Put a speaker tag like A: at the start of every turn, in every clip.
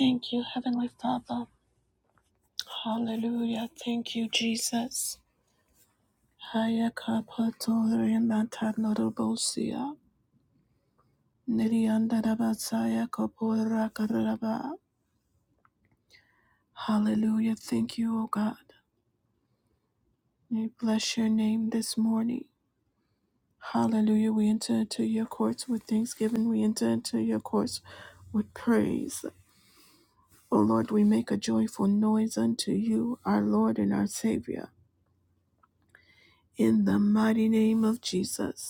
A: Thank you, Heavenly Father. Hallelujah. Thank you, Jesus. Haya kapatori nata norobosia. Nirianda rabasaya kapora karaba. Hallelujah. Thank you, O God. We bless your name this morning. Hallelujah. We enter into your courts with thanksgiving. We enter into your courts with praise. O Lord, we make a joyful noise unto you, our Lord and our Savior. In the mighty name of Jesus.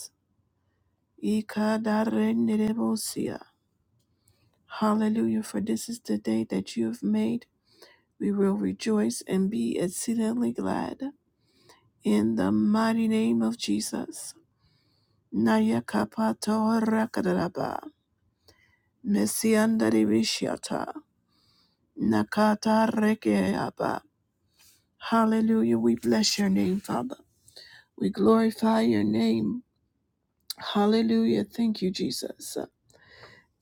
A: Ikadarendebosia. Hallelujah, for this is the day that you have made. We will rejoice and be exceedingly glad. In the mighty name of Jesus. Nayakapato Rakadaraba. Messiandaribishiata. Nakata Rekeaba. Hallelujah. We bless your name, Father. We glorify your name. Hallelujah. Thank you, Jesus.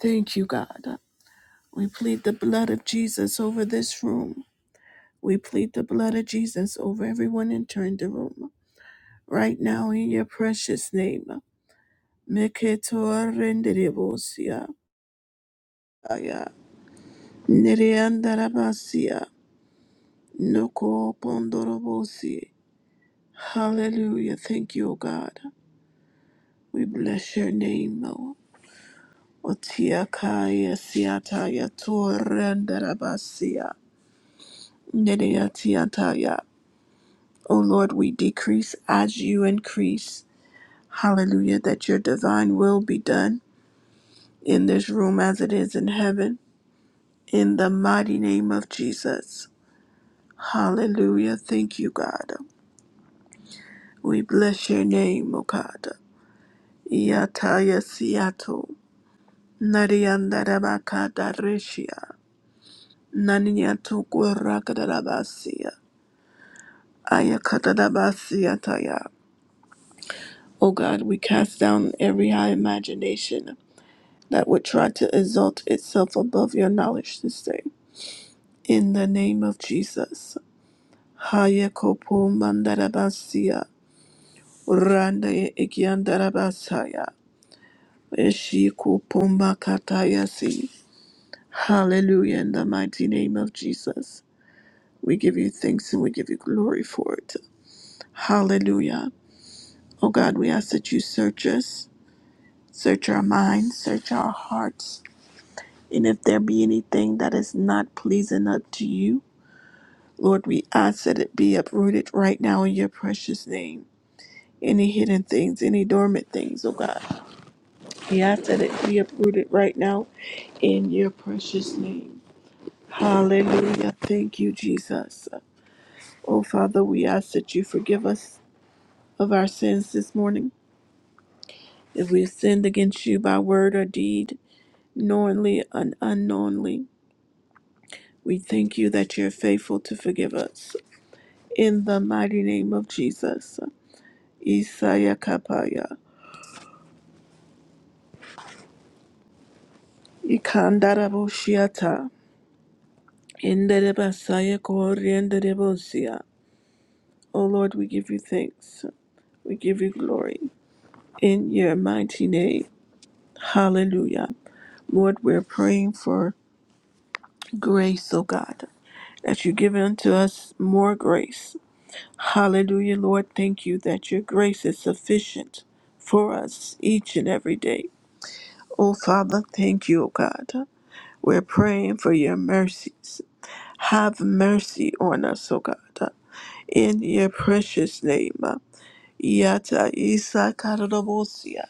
A: Thank you, God. We plead the blood of Jesus over this room. We plead the blood of Jesus over everyone entering the room. Right now, in your precious name. Meketorendedebosia. Aya. Nereandarabasia. Noko pondorobosi. Hallelujah. Thank you, O God. We bless your name, Lord. Otiakaya siataya torendarabasia. Nereatiataya. O Lord, we decrease as you increase. Hallelujah, that your divine will be done in this room as it is in heaven. In the mighty name of Jesus. Hallelujah. Thank you, God. We bless your name, O God. Yataya siato. Nariandarabakada reshia. Naniyatukurakadarabasia. Ayakadabasiataya. O God, we cast down every high imagination that would try to exalt itself above your knowledge this day. In the name of Jesus. Haya kopo mandarabasia. Randa ye ikiandarabasaya. Eshi kopo makatayasi. Hallelujah. In the mighty name of Jesus. We give you thanks and we give you glory for it. Hallelujah. Oh God, we ask that you search us, search our minds, search our hearts. And if there be anything that is not pleasing up to you, Lord, we ask that it be uprooted right now in your precious name. any hidden things, any dormant things, oh God. We ask that it be uprooted right now in your precious name. Hallelujah. Thank you, Jesus. Oh Father, we ask that you forgive us of our sins this morning. If we have sinned against you by word or deed, knowingly and unknowingly, we thank you that you're faithful to forgive us. In the mighty name of Jesus. Isaiah Kapaya. Ikandara Hinderebasaya koryenderebosia. O Lord, we give you thanks. We give you glory. In your mighty name. Hallelujah. Lord, we're praying for grace, O God, that you give unto us more grace. Hallelujah, Lord. Thank you that your grace is sufficient for us each and every day. O Father, thank you, O God. We're praying for your mercies. Have mercy on us, O God in your precious name. Yata isa kardobosia.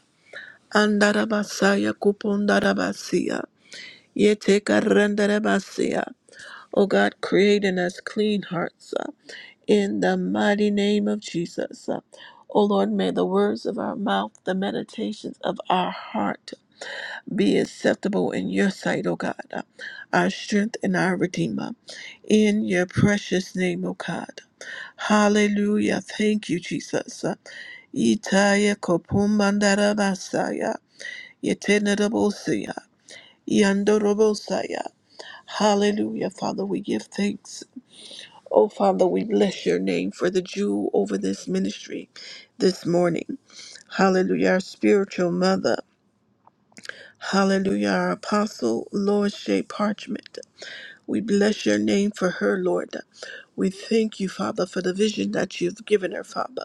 A: Andarabasaya kupondarabasia. Yete karandarabasia. O God, create in us clean hearts. uh, In the mighty name of Jesus. Uh, O Lord, may the words of our mouth, the meditations of our heart be acceptable in your sight, O God, uh, our strength and our redeemer. In your precious name, O God. Hallelujah. Thank you, Jesus. Uh, Itaya kopumbandara basaya. Yetenerabosia. Yandorobosaya. Hallelujah, Father, we give thanks. Oh, Father, we bless your name for the jewel over this ministry this morning. Hallelujah, our spiritual mother. Hallelujah, our apostle, Lord Shea Parchment. We bless your name for her, Lord. We thank you, Father, for the vision that you've given her, Father.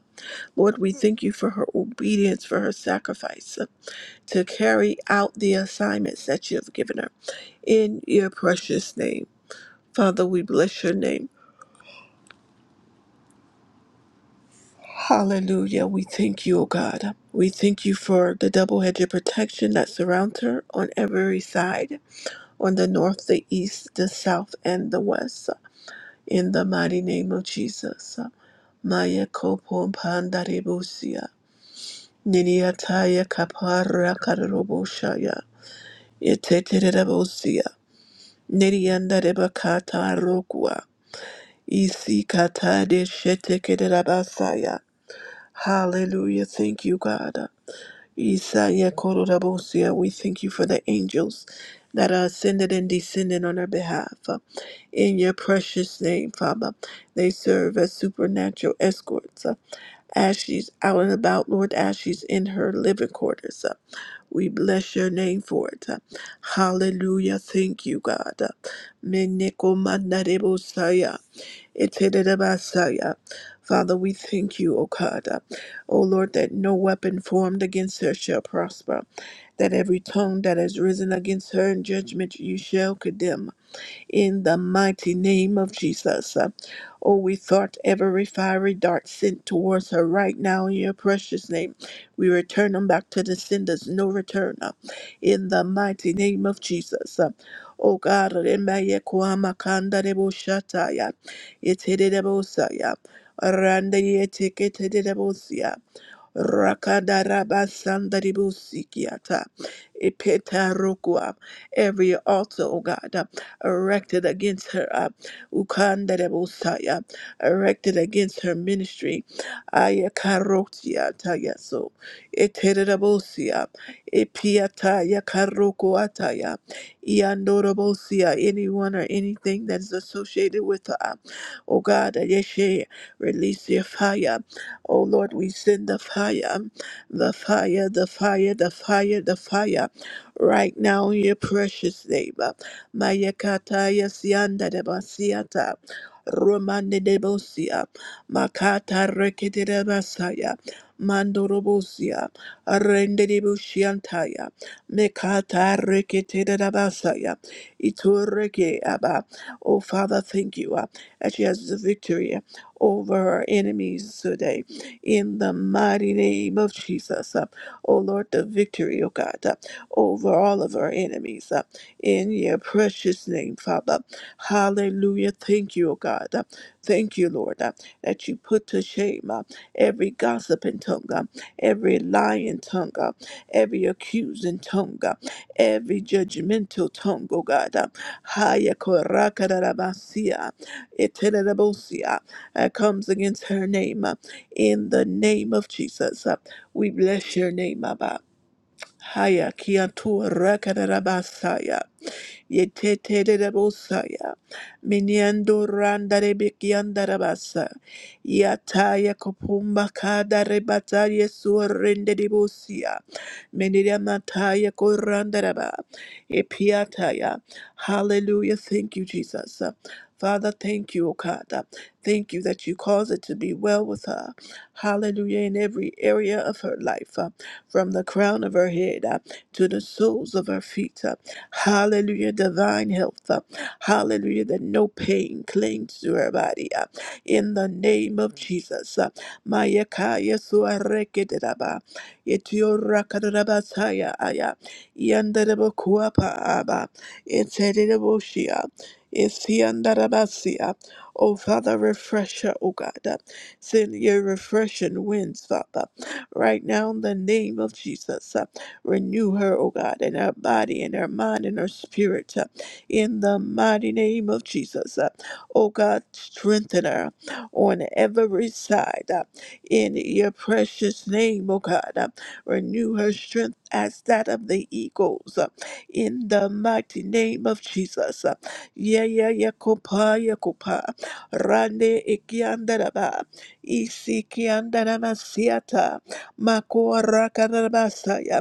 A: Lord, we thank you for her obedience, for her sacrifice. to carry out the assignments that you have given her. In your precious name, Father, we bless your name. Hallelujah. We thank you, O God. We thank you for the double edged protection that surrounds her on every side, on the north, the east, the south, and the west. In the mighty name of Jesus. Maya kopon pandarebusia. Niniataya kapara kararoboshaya. Yeteterebosia. Nerianda rebakata Isikatade shetekerabasaya. Hallelujah. Thank you, God. Isaya kororabosia. We thank you for the angels that are ascended and descended on our behalf. In your precious name, Father, they serve as supernatural escorts. As she's out and about, Lord, as she's in her living quarters. We bless your name for it. Hallelujah. Thank you, God. Meneko mandarebosaya. Itididabasaya. Father, we thank you, O God. O Lord, that no weapon formed against her shall prosper, that every tongue that has risen against her in judgment you shall condemn in the mighty name of Jesus. Uh, Oh, we thought every fiery dart sent towards her right now in your precious name. We return them back to the senders, no return. uh, In the mighty name of Jesus. Uh, Oh God, remaye kuama kanda debo shataya. Itedebosaya. Randa ye Rakadarabasandaribusikiata. Ipetarukua. Every altar, O God, uh, erected against her, uh, Ukandarabusaya, erected against her ministry. Ayakarotiata yaso. Iterabusia. Ipiata yakarokuataya. Iandorabusia. Anyone or anything that is associated with her. uh, O God, uh, Yeshe, release your fire. Oh Lord, we send the fire, the fire, the fire, the fire, the fire right now in your precious name. Mayakata yasianda de basiata. Romande de bosia. Makata rekete de basaya. Mandorobosia. Arende de bushiantaya. Mekata rekete de basaya. Itureke abba. Oh Father, thank you uh, that she has the victory over her enemies today in the mighty name of Jesus. Uh, oh Lord, the victory, oh God, uh, over all of our enemies uh, in your precious name, Father. Hallelujah. Thank you, oh God. Uh, thank you, Lord, uh, that you put to shame uh, every gossiping tongue, uh, every lying tongue, uh, every accusing tongue, uh, every judgmental tongue, oh God. Uh, Haya koraka da da basia, uh, comes against her name. uh, in the name of Jesus. We bless your name, Abba. Haya kiantu rakadabasaya yetetere bosaya miniando randa rebekianda rabasa yataya kopumba kada rebata yesu rende de dibosia meniria mataya koranda raba epiataya hallelujah thank you jesus Father, thank you, O God. Thank you that you cause it to be well with her. Hallelujah, in every area of her life, uh, from the crown of her head uh, to the soles of her feet. Hallelujah, divine health. uh, Hallelujah, that no pain clings to her body. uh, In the name of Jesus. uh, Mayakaya suareketeraba, etiorakadabasaya aya, yandarebokuapa aba, etereboshia, esiandarabasia. Oh, Father, refresh her, oh God. uh, Send your refreshing winds, Father, right now in the name of Jesus. uh, Renew her, oh God, in her body, in her mind, in her spirit, uh, in the mighty name of Jesus. Uh, Oh God, strengthen her on every side. uh, In your precious name, oh God, Uh, renew her strength as that of the eagles. uh, In the mighty name of Jesus. Uh, Yeah, yeah, yeah, kopa, yeah, kopa. Rande ikiandaraba, isi kiandarama siata, makoa rakarabasaya.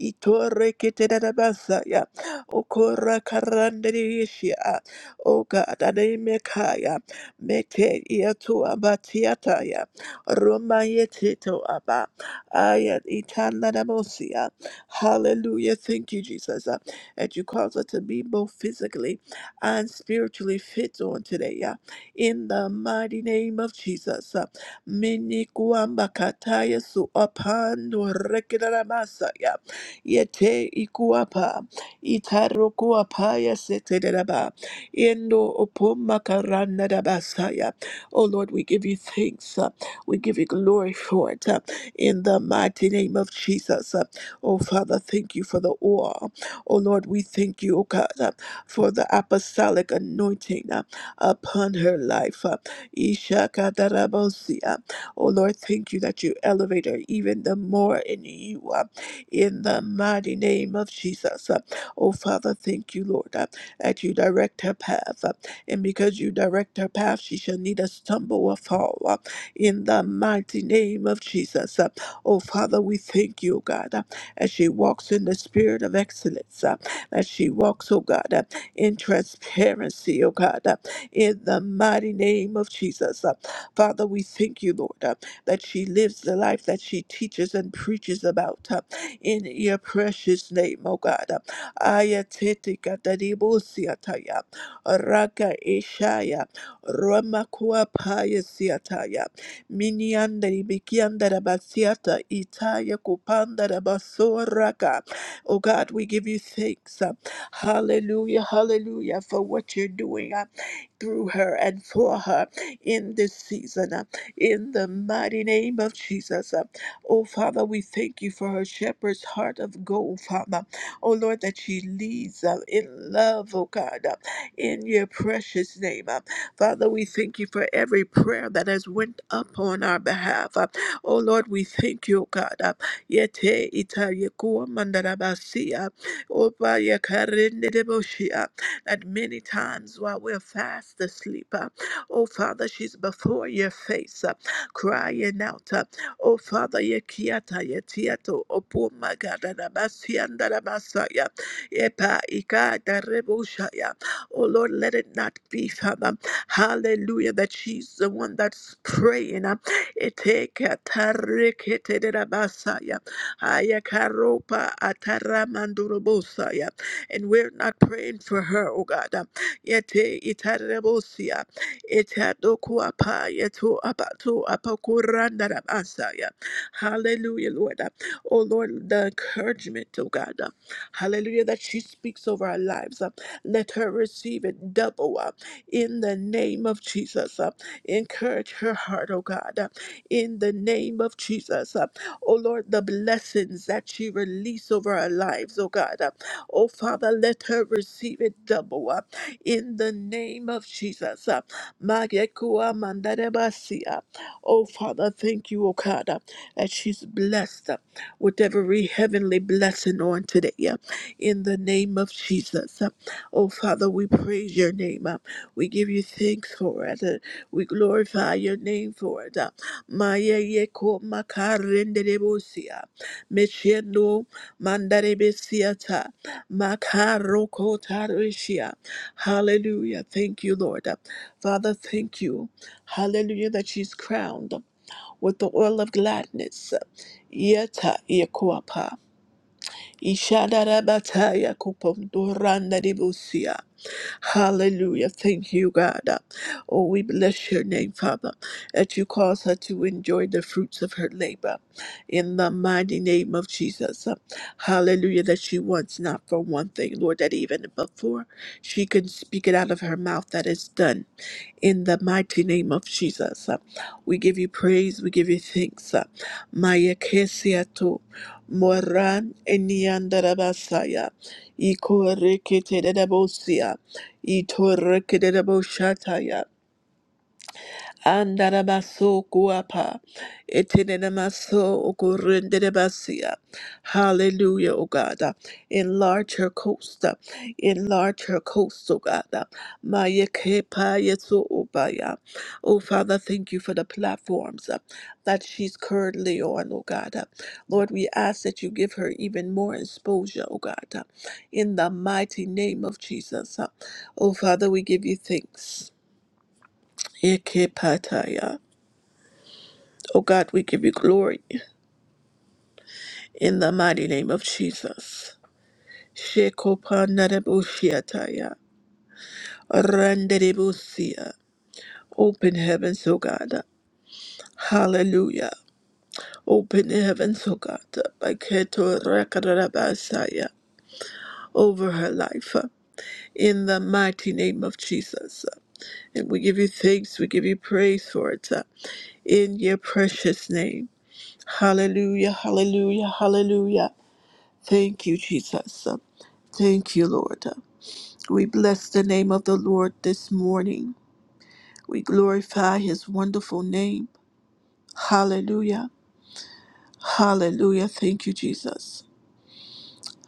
A: Itore keterabasaya. Okora karanderishia. O God, ademekaya. Mete iatu abatiataya. Roma yetito aba. Ayat itanadamosia. Hallelujah. Thank you, Jesus. Uh, That you cause us to be both physically and spiritually fit on today. uh, In the mighty name of Jesus. Uh, Minikuambakataya su apando rekidaramasa, yete ikuapa itarokuapa yasetereba endo opoma karana dabasaya. Oh Lord, we give you thanks. uh, We give you glory for it. uh, In the mighty name of Jesus. Uh, Oh Father, thank you for the oil. Oh Lord, we thank you, oh God, uh, for the apostolic anointing uh, upon her life. uh, Ishakatarabosia. Oh Lord, thank you that you elevate her even the more in you in the mighty name of Jesus. Uh, Oh, Father, thank you, Lord, uh, that you direct her path. uh, And because you direct her path, she shall neither stumble or fall uh, in the mighty name of Jesus. Uh, Oh, Father, we thank you, oh God, uh, as she walks in the spirit of excellence, uh, as she walks, oh God, uh, in transparency, oh God, uh, in the mighty name of Jesus. Uh, Father, we thank you, Lord, uh, that she lives the life that she teaches and preaches about. uh, in your precious name, O God. Ayatete kataribusiataya, raka ishaya, ramakua paya siataya, miniandari bikiandara basiata, itaya kupandara basoraka. Oh God, we give you thanks. Hallelujah, hallelujah, for what you're doing uh, through her and for her in this season. uh, In the mighty name of Jesus. Oh, Father, we thank you for her shepherd's heart of gold, Father. Oh, Lord, that she leads uh, in love, oh God, uh, in your precious name. uh. Father, we thank you for every prayer that has went up on our behalf. uh. Oh, Lord, we thank you, oh God. uh. Yete ita yekua mandarabasi, uh, opa yakarende deboshi, uh, That many times while we're fast asleep, uh, oh Father, she's before your face, uh, crying out. uh, Oh, Father, ye kiata, ye tiato, opo magada da basianda da basaya, ye pa ika da reboshaya. Oh, Lord, let it not be, Father. Hallelujah, that she's the one that's praying. uh, Ete kata rekete de da basaya, aya karopa And we're not praying for her, oh God. uh, Yete itarebosaya. Etendo kuapa yeto abato apakuranda rabasaya. Hallelujah, Lord. Oh Lord, the encouragement, oh God. uh, Hallelujah, that she speaks over our lives. uh, Let her receive it double up in the name of Jesus. uh, Encourage her heart, oh God, uh, in the name of Jesus. uh, Oh Lord, the blessings that she release over our lives, oh God. uh, Oh Father, let her receive it double up in the name of Jesus. Magekua mandarebasia. Oh, Father, thank you, O God, uh, that she's blessed uh, with every heavenly blessing on today. uh, In the name of Jesus. Uh, Oh, Father, we praise your name. uh, We give you thanks for it. uh, We glorify your name for it. uh, Mayeyeko makarenderebosia. Mechendo mandarebesiata. Makaroko tarishia. Hallelujah. Thank you, Lord. Father, thank you. Hallelujah, that she's crowned with the oil of gladness. Yeta Ishadarabataya kupomdoranda debusia. Hallelujah. Thank you, God. Oh, we bless your name, Father, that you cause her to enjoy the fruits of her labor. In the mighty name of Jesus. Hallelujah. That she wants not for one thing, Lord, that even before she can speak it out of her mouth, that is done. In the mighty name of Jesus. We give you praise. We give you thanks. Maya Kesia Moran Eniandarabasaya, Ikoreketerebosia, Itoreketereboshataya, Andarabaso guapa. Etenemaso okurrenderebasia. Hallelujah, O God. Enlarge her coast. Enlarge her coast, O God. Maya kepa yeso obaya. Oh Father, thank you for the platforms uh, that she's currently on, O God. Uh, Lord, we ask that you give her even more exposure, O God. uh, In the mighty name of Jesus. Uh, Oh Father, we give you thanks. Ekepataya. Oh God, we give you glory in the mighty name of Jesus. Shekopanadabushiataya, randedebusia. Open heavens, O God. Hallelujah. Open heavens, O God. Baketo rakarabasaya, Over her life. uh, In the mighty name of Jesus. And we give you thanks, we give you praise for it. uh, In your precious name. Hallelujah, hallelujah, hallelujah. Thank you, Jesus. Thank you, Lord. We bless the name of the Lord this morning. We glorify his wonderful name. Hallelujah. Hallelujah. Thank you, Jesus.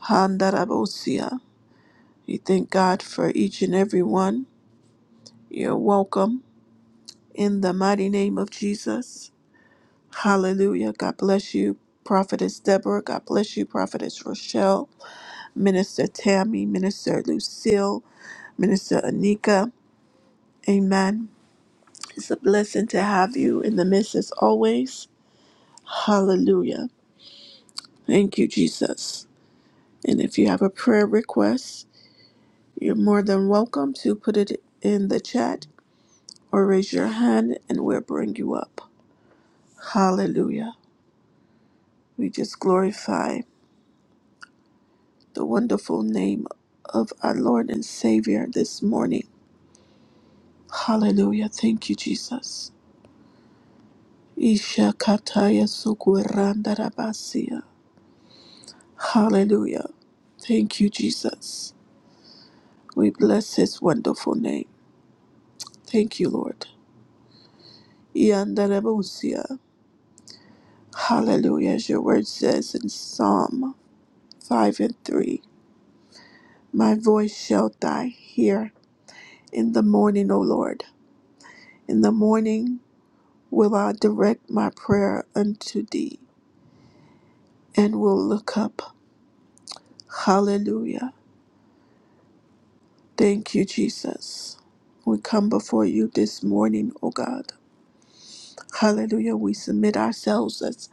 A: Handarabosia. We thank God for each and every one. You're welcome in the mighty name of Jesus. Hallelujah. God bless you, Prophetess Deborah. God bless you, Prophetess Rochelle, Minister Tammy, Minister Lucille, Minister Anika. Amen. It's a blessing to have you in the midst as always. Hallelujah. Thank you, Jesus. And if you have a prayer request, you're more than welcome to put it in the chat or raise your hand and we'll bring you up. Hallelujah. We just glorify the wonderful name of our Lord and Savior this morning. Hallelujah. Thank you, Jesus. Isha kataya sukuranda rabasia. Hallelujah. Thank you, Jesus. We bless his wonderful name. Thank you, Lord. Yandarebusia. Hallelujah. As your word says in Psalm 5 and 3, My voice shall die here in the morning, O Lord. In the morning will I direct my prayer unto thee and will look up. Hallelujah. Thank you, Jesus. We come before you this morning, O God. Hallelujah. We submit ourselves as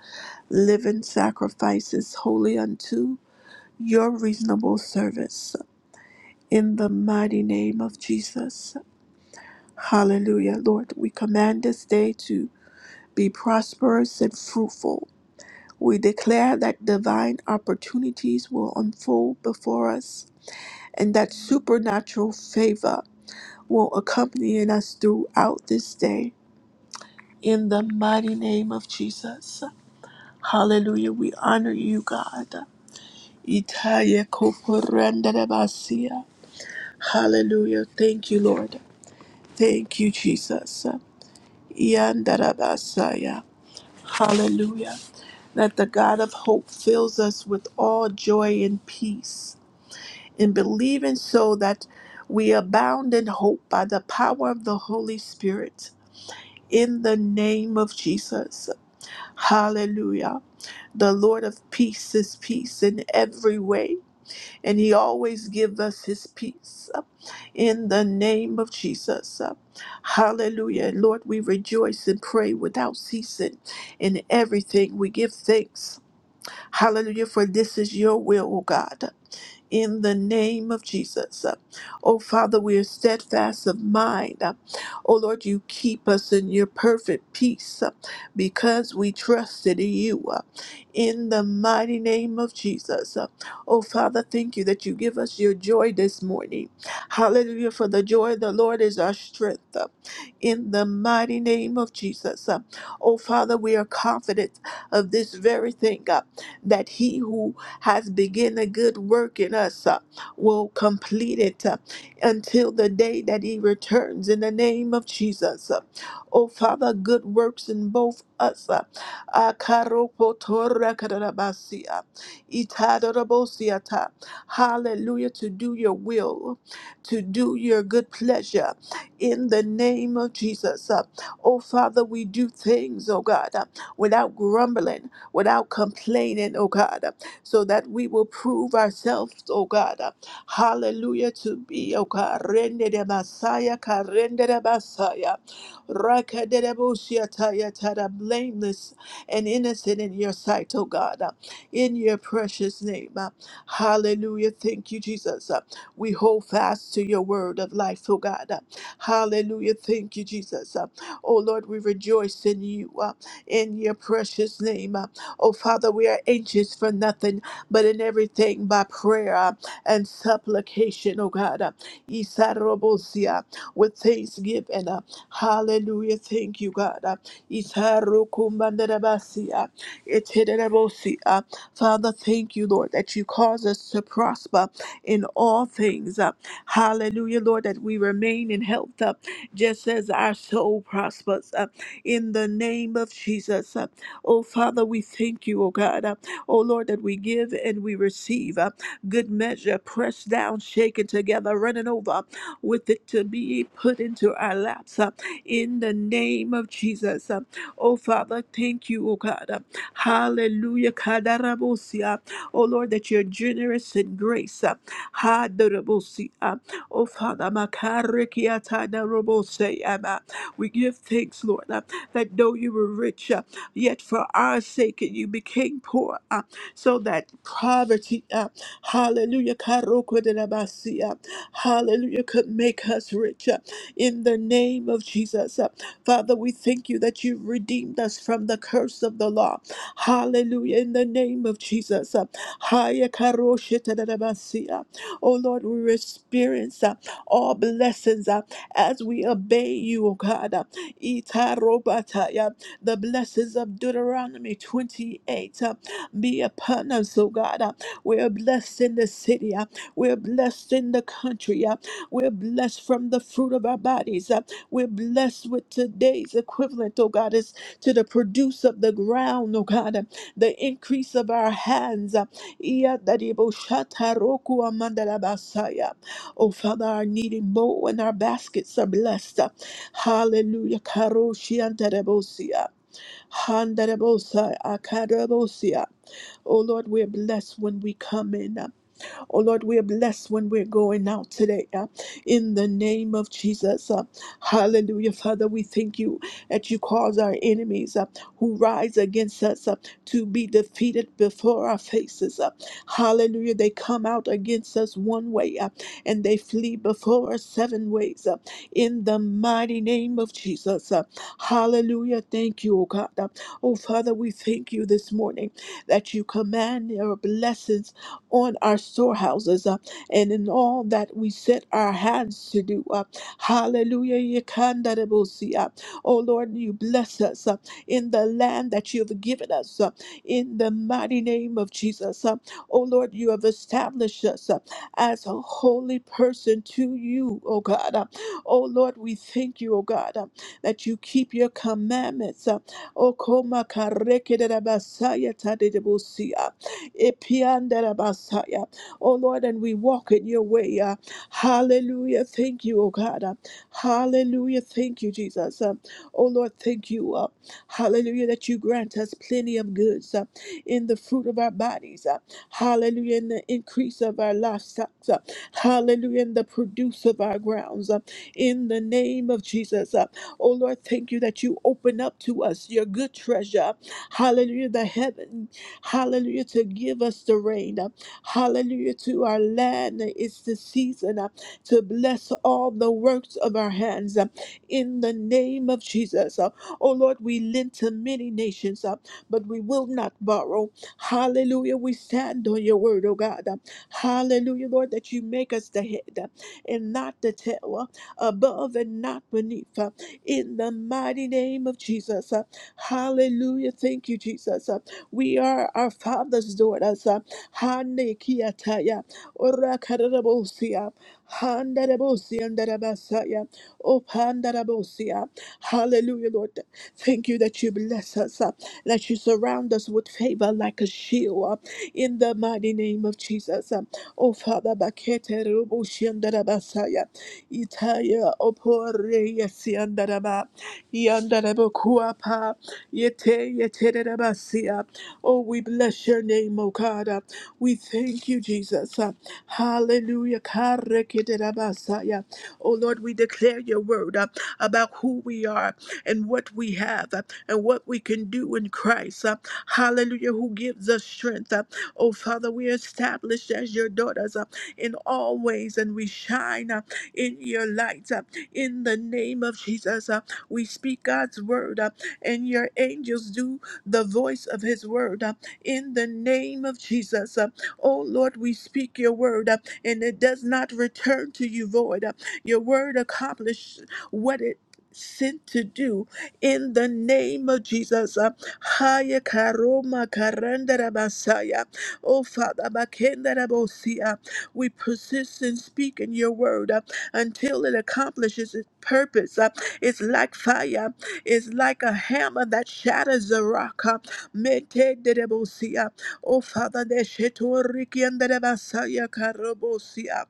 A: living sacrifices holy unto your reasonable service in the mighty name of Jesus. Hallelujah. Lord, we command this day to be prosperous and fruitful. We declare that divine opportunities will unfold before us and that supernatural favor will accompany us throughout this day. In the mighty name of Jesus. Hallelujah. We honor you, God. Itaye koporandarebasia. Hallelujah. Thank you, Lord. Thank you, Jesus. Yandarabasaya. Hallelujah. That the God of hope fills us with all joy and peace in believing so that we abound in hope by the power of the Holy Spirit. In the name of Jesus. Hallelujah. The Lord of peace is peace in every way. and he always gives us his peace uh, in the name of jesus uh, hallelujah And lord we rejoice and pray without ceasing in everything we give thanks hallelujah for this is your will O god in the name of Jesus. Uh, Oh, Father, we are steadfast of mind. Uh, Oh, Lord, you keep us in your perfect peace uh, because we trusted in you uh, in the mighty name of Jesus. Uh, Oh, Father, thank you that you give us your joy this morning. Hallelujah, for the joy of the Lord is our strength uh, in the mighty name of Jesus. Uh, Oh, Father, we are confident of this very thing God, that he who has begun a good work in us uh, will complete it uh, until the day that he returns in the name of Jesus. Uh, oh, Father, good works in both us. Uh, Akaropotorakarabasia, Itadorobosiata. Hallelujah, to do your will, to do your good pleasure in the name of Jesus. Uh, Oh, Father, we do things, oh God, uh, without grumbling, without complaining, oh God. uh so that we will prove ourselves, oh God. uh, Hallelujah to be, oh God. Rende de Messiah, Karende de Messiah. Raka de de Bosia Taya Tada, blameless and innocent in your sight, oh God. uh, In your precious name. uh, Hallelujah. Thank you, Jesus. uh, We hold fast to your word of life, oh God. uh, Hallelujah. Thank you, Jesus. uh, Oh Lord, we rejoice in you, uh, in your precious name. Oh, Father, we are anxious for nothing, but in everything by prayer uh, and supplication, oh God. uh, Isarobosia, With thanksgiving. uh, Hallelujah. Thank you, God. uh, Isarukumbandarabasia, Itinerebosia. Father, thank you, Lord, that you cause us to prosper in all things. uh, Hallelujah, Lord, that we remain in health, uh, just as our soul prospers. uh, In the name of Jesus. Oh, Father, we thank you, oh God. Uh, Oh, Lord, that we give and we receive uh, good measure, pressed down, shaken together, running over with it to be put into our laps uh, in the name of Jesus. Uh, Oh, Father, thank you, oh God. Uh, Hallelujah. Kadarabosia. Oh, Lord, that you're generous in grace. Uh, Hadarabosia. Oh, Father, makarikiatadaraboseama. we give thanks, Lord, uh, that though you were rich. uh, Yet for our sake you became poor, uh, so that poverty, uh, hallelujah, karokodelabasi, uh, hallelujah, could make us rich. uh, in the name of Jesus. Uh, Father, we thank you that you redeemed us from the curse of the law. Hallelujah. In the name of Jesus. Uh, Haya karoshitadadabasi, uh, Oh Lord, we experience uh, all blessings uh, as we obey you, O God. Uh, Itarobataya. The blessings of Deuteronomy 28 uh, be upon us, oh God. Uh, We're blessed in the city. uh, We're blessed in the country. uh, We're blessed from the fruit of our bodies. uh, We're blessed with today's equivalent, oh God, is to the produce of the ground, oh God, uh, the increase of our hands. uh, Iya daribo shata roku amandala basaya. Oh Father, our needy bowl and our baskets are blessed. uh, Hallelujah. Karoshi Handarabosa, akarabosia. Oh Lord, we're blessed when we come in. Oh Lord, we are blessed when we're going out today. uh, in the name of Jesus. uh, hallelujah. Father, we thank you that you cause our enemies uh, who rise against us uh, to be defeated before our faces. uh, hallelujah. They come out against us one way uh, and they flee before us seven ways. uh, in the mighty name of Jesus. uh, hallelujah. Thank you, oh God. uh, oh Father, we thank you this morning that you command your blessings on our storehouses uh, and in all that we set our hands to do. Uh, hallelujah. Yekandarabosi, uh, Oh Lord, you bless us uh, in the land that you have given us uh, in the mighty name of Jesus. Uh, oh Lord, you have established us uh, as a holy person to you, oh God. Uh, oh Lord, we thank you, oh God, uh, that you keep your commandments. Uh, oh, koma karekerabasaya tadebosia. Ipiandarabasaya. Oh Lord, and we walk in your way. uh, Hallelujah. Thank you, oh God. uh, Hallelujah. Thank you, Jesus. uh, Oh Lord, thank you. uh, Hallelujah, that you grant us plenty of goods uh, in the fruit of our bodies. uh, Hallelujah, in the increase of our livestock. uh, Hallelujah, in the produce of our grounds. uh, In the name of Jesus. uh, Oh Lord, thank you that you open up to us your good treasure. Hallelujah, the heaven. Hallelujah, to give us the rain. uh, Hallelujah, to our land. uh, It's the season uh, to bless all the works of our hands. uh, In the name of Jesus. Uh, Oh Lord, we lend to many nations, uh, but we will not borrow. Hallelujah, we stand on your word, oh God. Uh, Hallelujah, Lord, that you make us the head uh, and not the tail, uh, above and not beneath. uh, in the mighty name of Jesus. Uh, Hallelujah. Thank you, Jesus. We are our Father's daughters. uh, Hande kiataya, ora kararabosia, handarabosia, ndarabasaya, opandarabosia. Hallelujah, Lord. Thank you that you bless us, uh, that you surround us with favor like a shield uh, in the mighty name of Jesus. uh. Oh, Father, bakete rubushi, ndarabasaya, itaya, opore, yesi, ndaraba. Yandarebokuapa. Yete yeterebasia. Oh, we bless your name, O God. Uh, We thank you, Jesus. Uh, Hallelujah. Kareketerabasaya. Oh, Lord, we declare your word uh, about who we are and what we have uh, and what we can do in Christ. uh, Hallelujah, who gives us strength. uh. Oh, Father, we are established as your daughters uh, in all ways and we shine uh, in your light uh, in the name of Jesus. We speak God's word, uh, and your angels do the voice of his word uh, in the name of Jesus. Uh, oh Lord, we speak your word, uh, and it does not return to you void. Uh, your word accomplished what it Sent to do in the name of Jesus. Uh, Haya karoma karandara basaya. Oh Father, bakendara bosia. we persist in speaking your word uh, until it accomplishes its purpose. Uh, it's like fire. It's like a hammer that shatters the rock. uh, Metedebosia. Oh, Father, Neshetoriki and Debasaya Karabosia.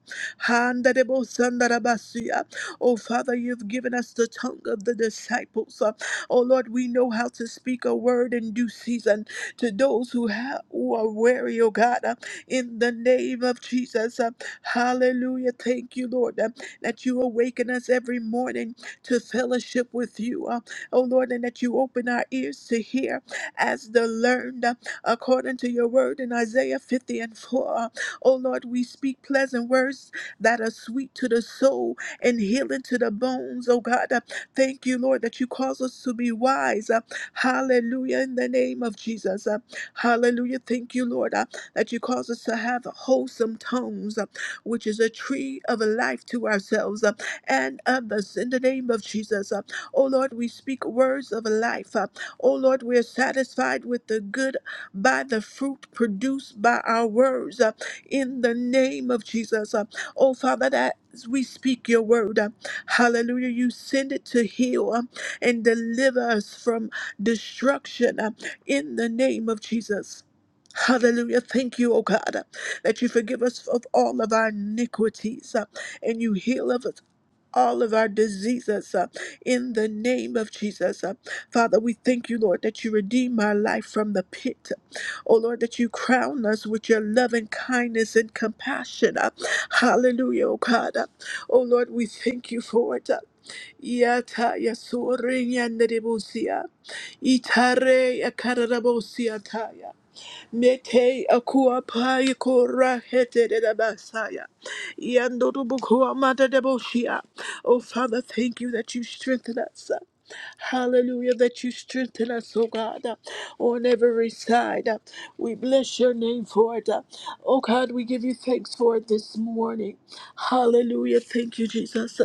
A: Handedebosandarabasia. Oh, Father, you've given us the tongue of the disciples. uh, Oh, Lord, we know how to speak a word in due season to those who, have, who are weary, oh God, uh, in the name of Jesus. uh, Hallelujah. Thank you, Lord, uh, that you awaken us every morning to fellowship with you, uh, oh Lord, and that you open our ears to hear as the learned, uh, according to your word in Isaiah 50 and 4. Uh, oh Lord, we speak pleasant words that are sweet to the soul and healing to the bones, oh God. Uh, thank you, Lord, that you cause us to be wise. Uh, hallelujah, in the name of Jesus. Uh, hallelujah. Thank you, Lord, uh, that you cause us to have wholesome tongues, uh, which is a tree of life to ourselves. uh, and others in the name of Jesus. Uh, Oh Lord, we speak words of life. Uh, Oh Lord, we are satisfied with the good by the fruit produced by our words uh, in the name of Jesus. Uh, Oh Father, that as we speak your word, uh, hallelujah, you send it to heal uh, and deliver us from destruction uh, in the name of Jesus. Hallelujah. Thank you, O God, uh, that you forgive us of all of our iniquities uh, and you heal us all of our diseases uh, in the name of Jesus. Uh, Father, we thank you, Lord, that you redeem our life from the pit. Oh, Lord, that you crown us with your love and kindness and compassion. Uh, hallelujah, oh God. Uh, oh, Lord, we thank you for it. Uh, Yata yasore nyanderebusia. Itare yakararabusia taya. Mete akua pai kora hete de la basaya. Yando bukua mata de boshia. Oh Father, thank you that you strengthen us. Hallelujah, that you strengthen us, oh God, on every side. We bless your name for it. Oh God, we give you thanks for it this morning. Hallelujah, thank you, Jesus.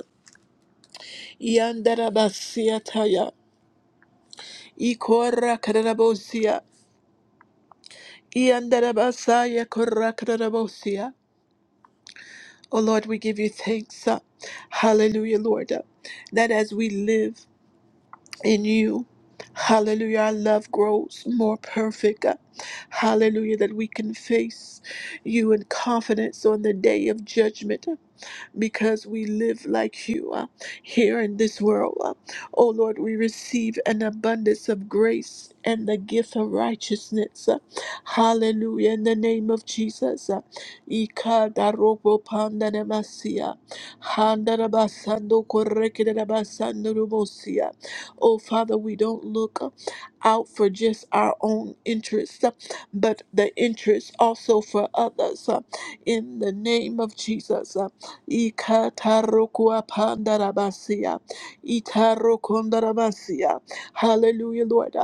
A: Yandara basia taya. Ikora kadara bosia. Yandara basaya kora kadara bosia. Oh Lord, we give you thanks. uh, Hallelujah, Lord. uh, That as we live in you, hallelujah, our love grows more perfect. uh, Hallelujah, that we can face you in confidence on the day of judgment because we live like you uh, here in this world. uh. Oh Lord, we receive an abundance of grace and the gift of righteousness. uh. Hallelujah. In the name of Jesus. uh. Ikadarobopandanamasya, handarabasandokorekedarabasandorubosia. Oh Father, we don't look uh, out for just our own interests, uh, but the interests also for others. uh, In the name of Jesus. uh. Ikatarukua pandarabasia. Itarukundarabasia. Hallelujah, Lord.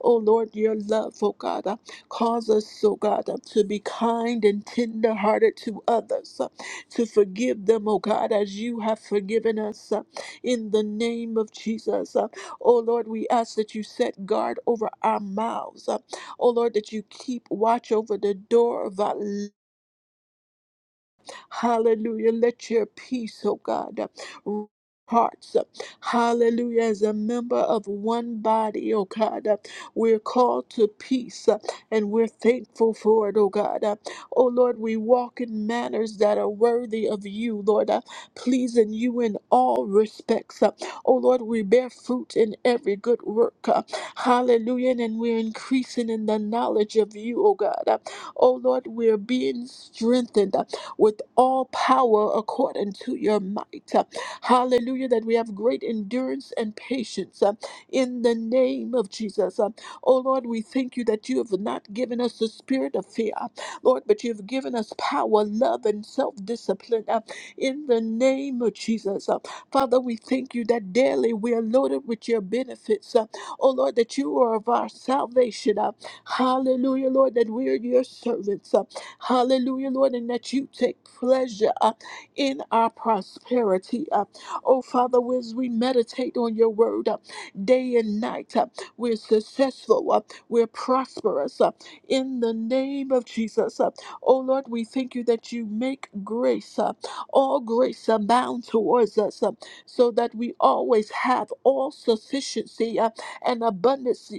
A: Oh Lord, your love, oh God, cause us, oh God, to be kind and tender-hearted to others, to forgive them, oh God, as you have forgiven us. In the name of Jesus, oh Lord, we ask that you set guard over our mouths. Oh Lord, that you keep watch over the door of our Hallelujah. Let your peace, oh God, uh, hearts. uh, Hallelujah. As a member of one body, oh God, uh, we're called to peace uh, and we're thankful for it, oh God. Uh, Oh Lord, we walk in manners that are worthy of you, Lord, uh, pleasing you in all respects. uh. Oh Lord, we bear fruit in every good work. uh, Hallelujah. And we're increasing in the knowledge of you, oh God. Uh, Oh Lord, we're being strengthened with all power according to your might. Uh, Hallelujah, that we have great endurance and patience uh, in the name of Jesus. Uh, Oh Lord, we thank you that you have not given us the spirit of fear, Lord, but you have given us power, love, and self discipline in the name of Jesus. Uh, Father, we thank you that daily we are loaded with your benefits. Uh, Oh Lord, that you are of our salvation. Uh, Hallelujah, Lord, that we are your servants. Uh, Hallelujah, Lord, and that you take pleasure uh, in our prosperity. Uh, oh, Father, as we meditate on your word uh, day and night, uh, we're successful, uh, we're prosperous uh, in the name of Jesus. Uh, oh, Lord, we thank you that you make grace, uh, all grace abound towards us, uh, so that we always have all sufficiency uh, and abundance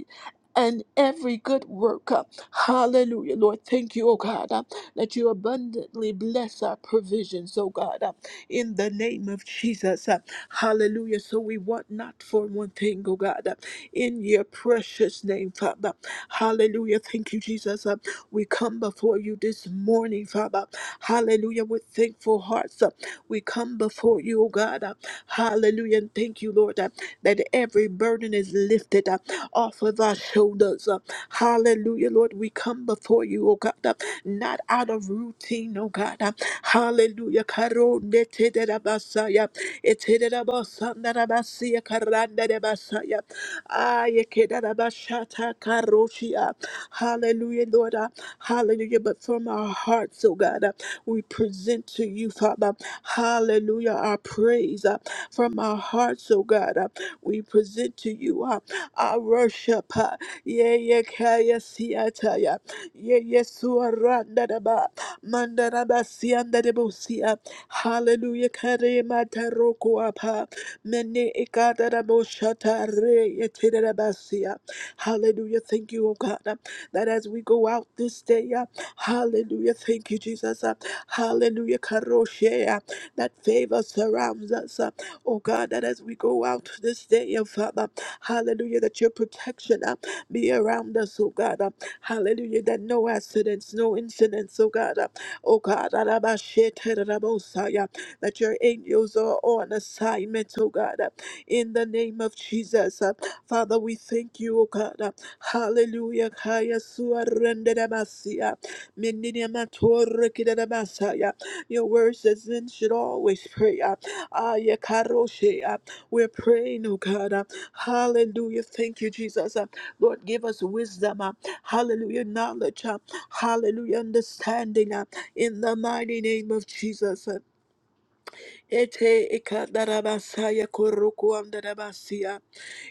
A: and every good work. Uh, Hallelujah, Lord. Thank you, oh God. uh, that you abundantly bless our provisions, oh God, uh, in the name of Jesus. uh, Hallelujah. So we want not for one thing, oh God, uh, in your precious name, Father. Hallelujah. Thank you, Jesus. Uh, We come before you this morning, Father. Hallelujah. With thankful hearts, uh, we come before you, oh God. Uh, Hallelujah. And thank you, Lord, uh, that every burden is lifted uh, off of our shoulders. Uh, Hallelujah, Lord. We come before you, oh God. uh, not out of routine, oh God. Hallelujah. Karonde tedera basaya. Etedera basanda rabasiya karanda de basaya. Aye kedera bashata karoshia. Hallelujah, Lord. Hallelujah. But from our hearts, oh God, we present to you, Father. Hallelujah. Our praise uh, from our hearts, oh God. uh, We present to you uh, our worship. uh, yeah, yeah, kaya, Ye Yesua Randadaba Mandaraba Siandadabosia Hallelujah Karema Tarokoapa Mene Ikadaraboshata Re Yetirabasia Hallelujah thank you O God uh, that as we go out this day uh, Hallelujah thank you Jesus uh, Hallelujah Karoshe uh, that favor surrounds us uh, Oh God that as we go out this day uh, Father Hallelujah that your protection uh, be around us, oh God. Hallelujah. That no accidents, no incidents, oh God. Uh, Oh God. Arabashetarabosaya, That your angels are on assignment, oh God. Uh, In the name of Jesus. Uh, Father, we thank you, oh God. Uh, Hallelujah. Kaya suarendedamasia, mendiniamatorikidadamasaya. Your word says men should always pray. Uh, Ah, yeah, Karoshe, uh, We're praying, oh God. Uh, Hallelujah. Thank you, Jesus. Uh, Lord, give us wisdom. Uh, Hallelujah. Knowledge. uh, Hallelujah. Understanding. uh, In the mighty name of Jesus. uh, Ete ikadarabasaya kurukuamdarabasia.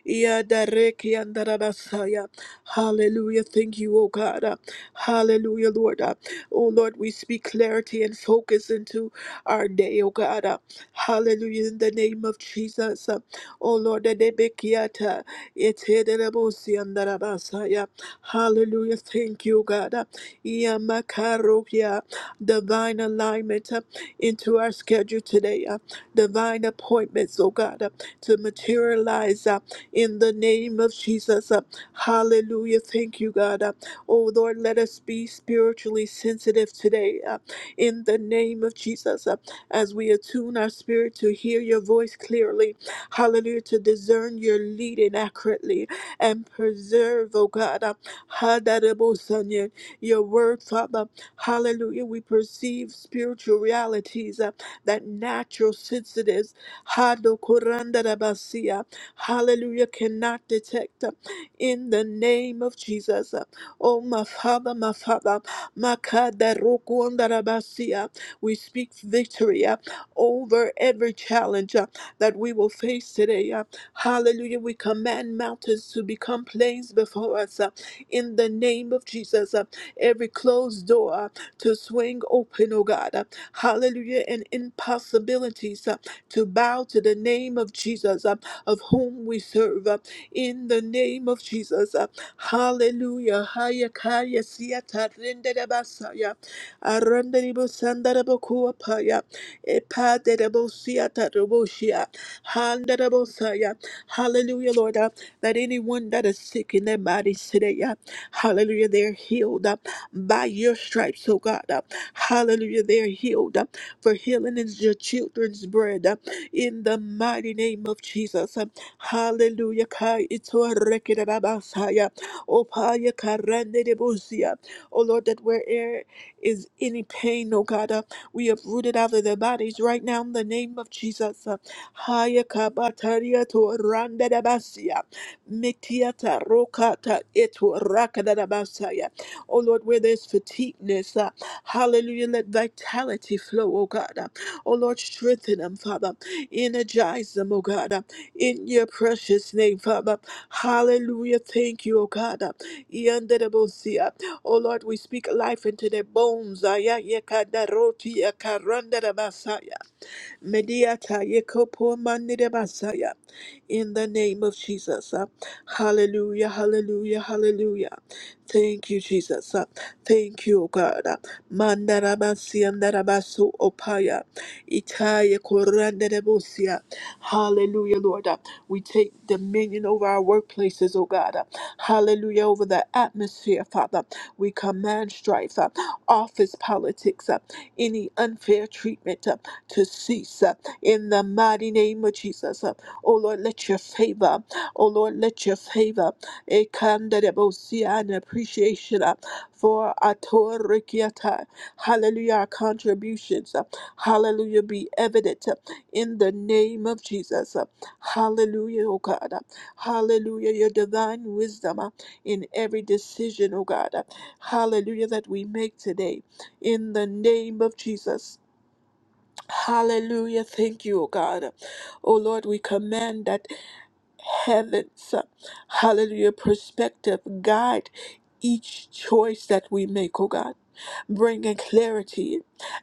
A: Yadareki andarabasaya. Hallelujah. Thank you, oh God. Uh, Hallelujah, Lord. Uh, Oh Lord, we speak clarity and focus into our day, oh God. Uh, Hallelujah. In the name of Jesus. Uh, Oh Lord, adebekiata, etederabosi andarabasaya. Hallelujah. Thank you, oh God. Uh, Yamakarokia. Divine alignment uh, into our schedule today. uh, Divine appointments, oh God, uh, to materialize in the name of Jesus. Uh, Hallelujah. Thank you, God. Uh, Oh, Lord, let us be spiritually sensitive today uh, in the name of Jesus uh, as we attune our spirit to hear your voice clearly. Hallelujah. To discern your leading accurately and preserve, oh God, uh, Hadarabosanya, your word, Father. Hallelujah. We perceive spiritual realities uh, that natural sensitives hallelujah, cannot detect uh, in the name of Jesus. Uh, Oh, my Father, my Father, Makadarokwandarabasia. we speak victory uh, over every challenge uh, that we will face today. uh, Hallelujah. We command mountains to become plains before us uh, in the name of Jesus. uh, Every closed door uh, to swing open, oh God. uh, Hallelujah. And impossibilities uh, to bow to the name of Jesus. Uh, of whom we serve uh, in the name of Jesus. uh, Hallelujah. Haya kaya siata rende de basaya. Aranda ribo sanda rebo kuwa paya. Epa de rebo siata rebo shia. Handa rebo saya. Hallelujah, Lord. uh, That anyone that is sick in their bodies today, uh, hallelujah, they're healed uh, by your stripes, oh God. uh, Hallelujah, they're healed. uh, For healing is your children's bread. uh, in the mighty name of Jesus. Hallelujah. Kai itoa reke da da basaya. Opaya karande de bosia. Oh Lord, that where is any pain, oh God, uh, we have rooted out of their bodies right now in the name of Jesus. Uh, Haya kabataria to randa da basia. Metiata rokata eto raka da da basaya. Oh Lord, where there's fatigueness, uh, hallelujah, let vitality flow, oh God. Uh, oh Lord, strengthen them, Father. Energize them, oh God, uh, in your precious name, Father. Hallelujah. Thank you, oh God. uh, Yandere-bo-sia. Oh Lord, we speak life into their bones. aya ye ka da Mediata yekopo manide basaya. In the name of Jesus. Uh, Hallelujah, hallelujah, hallelujah. Thank you, Jesus. Uh, Thank you, O God. Uh, Mandarabasi andarabasu opaya. Itaya koranderebosia. Hallelujah, Lord. Uh, We take dominion over our workplaces, O God. Uh, Hallelujah, over the atmosphere, Father. We command strife, uh, office politics, uh, any unfair treatment. uh, to cease uh, in the mighty name of Jesus. Uh, Oh Lord, let your favor, oh Lord, let your favor eh, come that it will see an appreciation uh, for our Torah Rikiata. Hallelujah, our contributions. uh, Hallelujah, be evident uh, in the name of Jesus. uh, Hallelujah, oh God. uh, Hallelujah, your divine wisdom uh, in every decision, oh God. uh, Hallelujah, that we make today in the name of Jesus. Hallelujah. Thank you, O God. O Lord, we command that heaven's uh, hallelujah perspective guide each choice that we make, O God, bringing clarity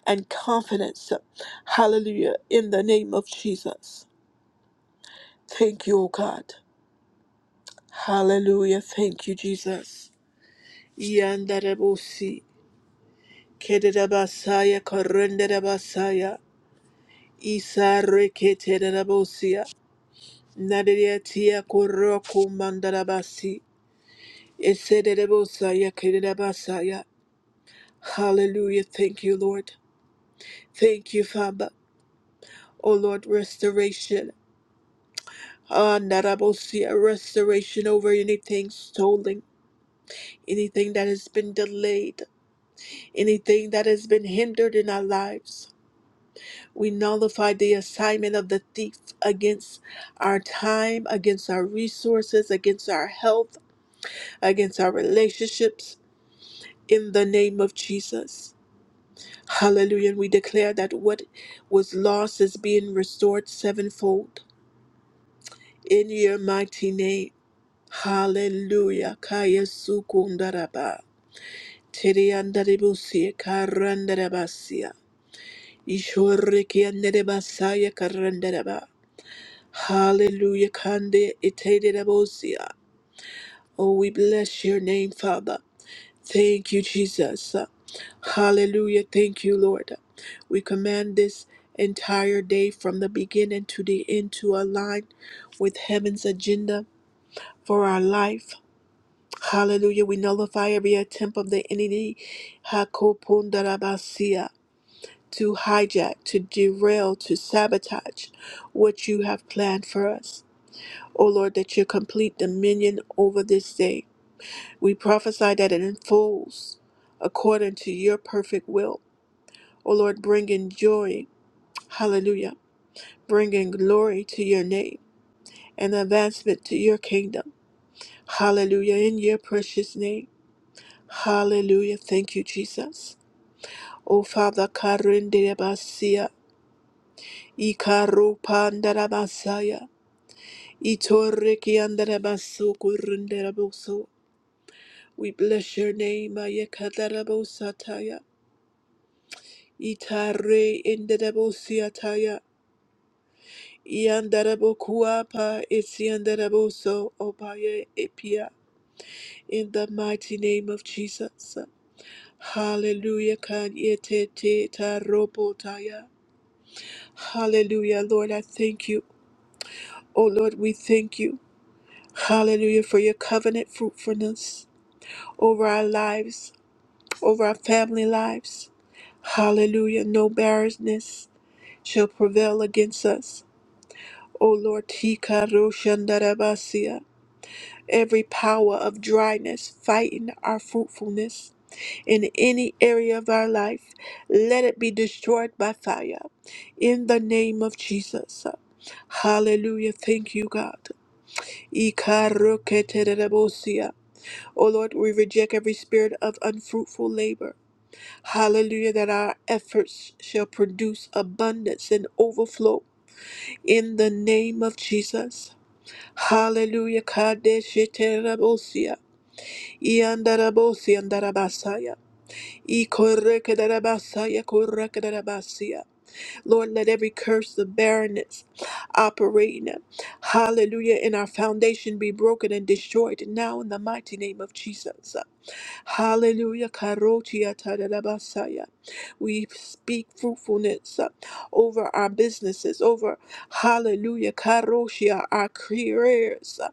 A: and confidence. uh, Hallelujah. In the name of Jesus. Thank you, O God. Hallelujah. Thank you, Jesus. Yandarebosi. Kededabasaya korendedabasaya. Isa Nadiriatia Koroku Mandarabasi. Eserebosaya Kirirabasaya. Hallelujah. Thank you, Lord. Thank you, Father. Oh Lord, restoration. Ah, Narabosia, restoration over anything stolen, anything that has been delayed, anything that has been hindered in our lives. We nullify the assignment of the thief against our time, against our resources, against our health, against our relationships, in the name of Jesus. Hallelujah. And we declare that what was lost is being restored sevenfold in your mighty name. Hallelujah. Kaya sukundaraba. Teriandaribusi karandarabasia. Ishoriki anderebasaya karandaraba. Hallelujah. Kande itederabosia. Oh, we bless your name, Father. Thank you, Jesus. Hallelujah. Thank you, Lord. We command this entire day from the beginning to the end to align with heaven's agenda for our life. Hallelujah. We nullify every attempt of the enemy Hakopondarabasia, to hijack, to derail, to sabotage what you have planned for us. O Lord, that you complete dominion over this day. We prophesy that it unfolds according to your perfect will. O Lord, bring in joy, hallelujah, bring in glory to your name and advancement to your kingdom, hallelujah, in your precious name, hallelujah. Thank you, Jesus. O Father, karinderebasia, ikarupandarabasaya, itorikiandarabasukurindereboso. we bless your name, Ayakadarabosataya. Itare enderabosiataya. Iandarabokuapa etiandaraboso opaye epia. In the mighty name of Jesus. Hallelujah. Kan yete te tarobotaya. Hallelujah. Lord, I thank you. Oh Lord, we thank you. Hallelujah for your covenant fruitfulness over our lives, over our family lives. Hallelujah. No barrenness shall prevail against us. O Lord, Tika Roshandarabasia, every power of dryness fighting our fruitfulness in any area of our life, let it be destroyed by fire in the name of Jesus. Hallelujah. Thank you, God. Ikaroketerebosia. O Lord, we reject every spirit of unfruitful labor. Hallelujah, that our efforts shall produce abundance and overflow in the name of Jesus. Hallelujah. Kadeshiterabosia. Iandarabosia and Darabasaya. Ikorekedarabasaya Lord, let every curse of barrenness operating, hallelujah, in our foundation be broken and destroyed now in the mighty name of Jesus. Hallelujah. Karotia tadadabasaya. We speak fruitfulness uh, over our businesses, over hallelujah. Karoshia, our careers. uh,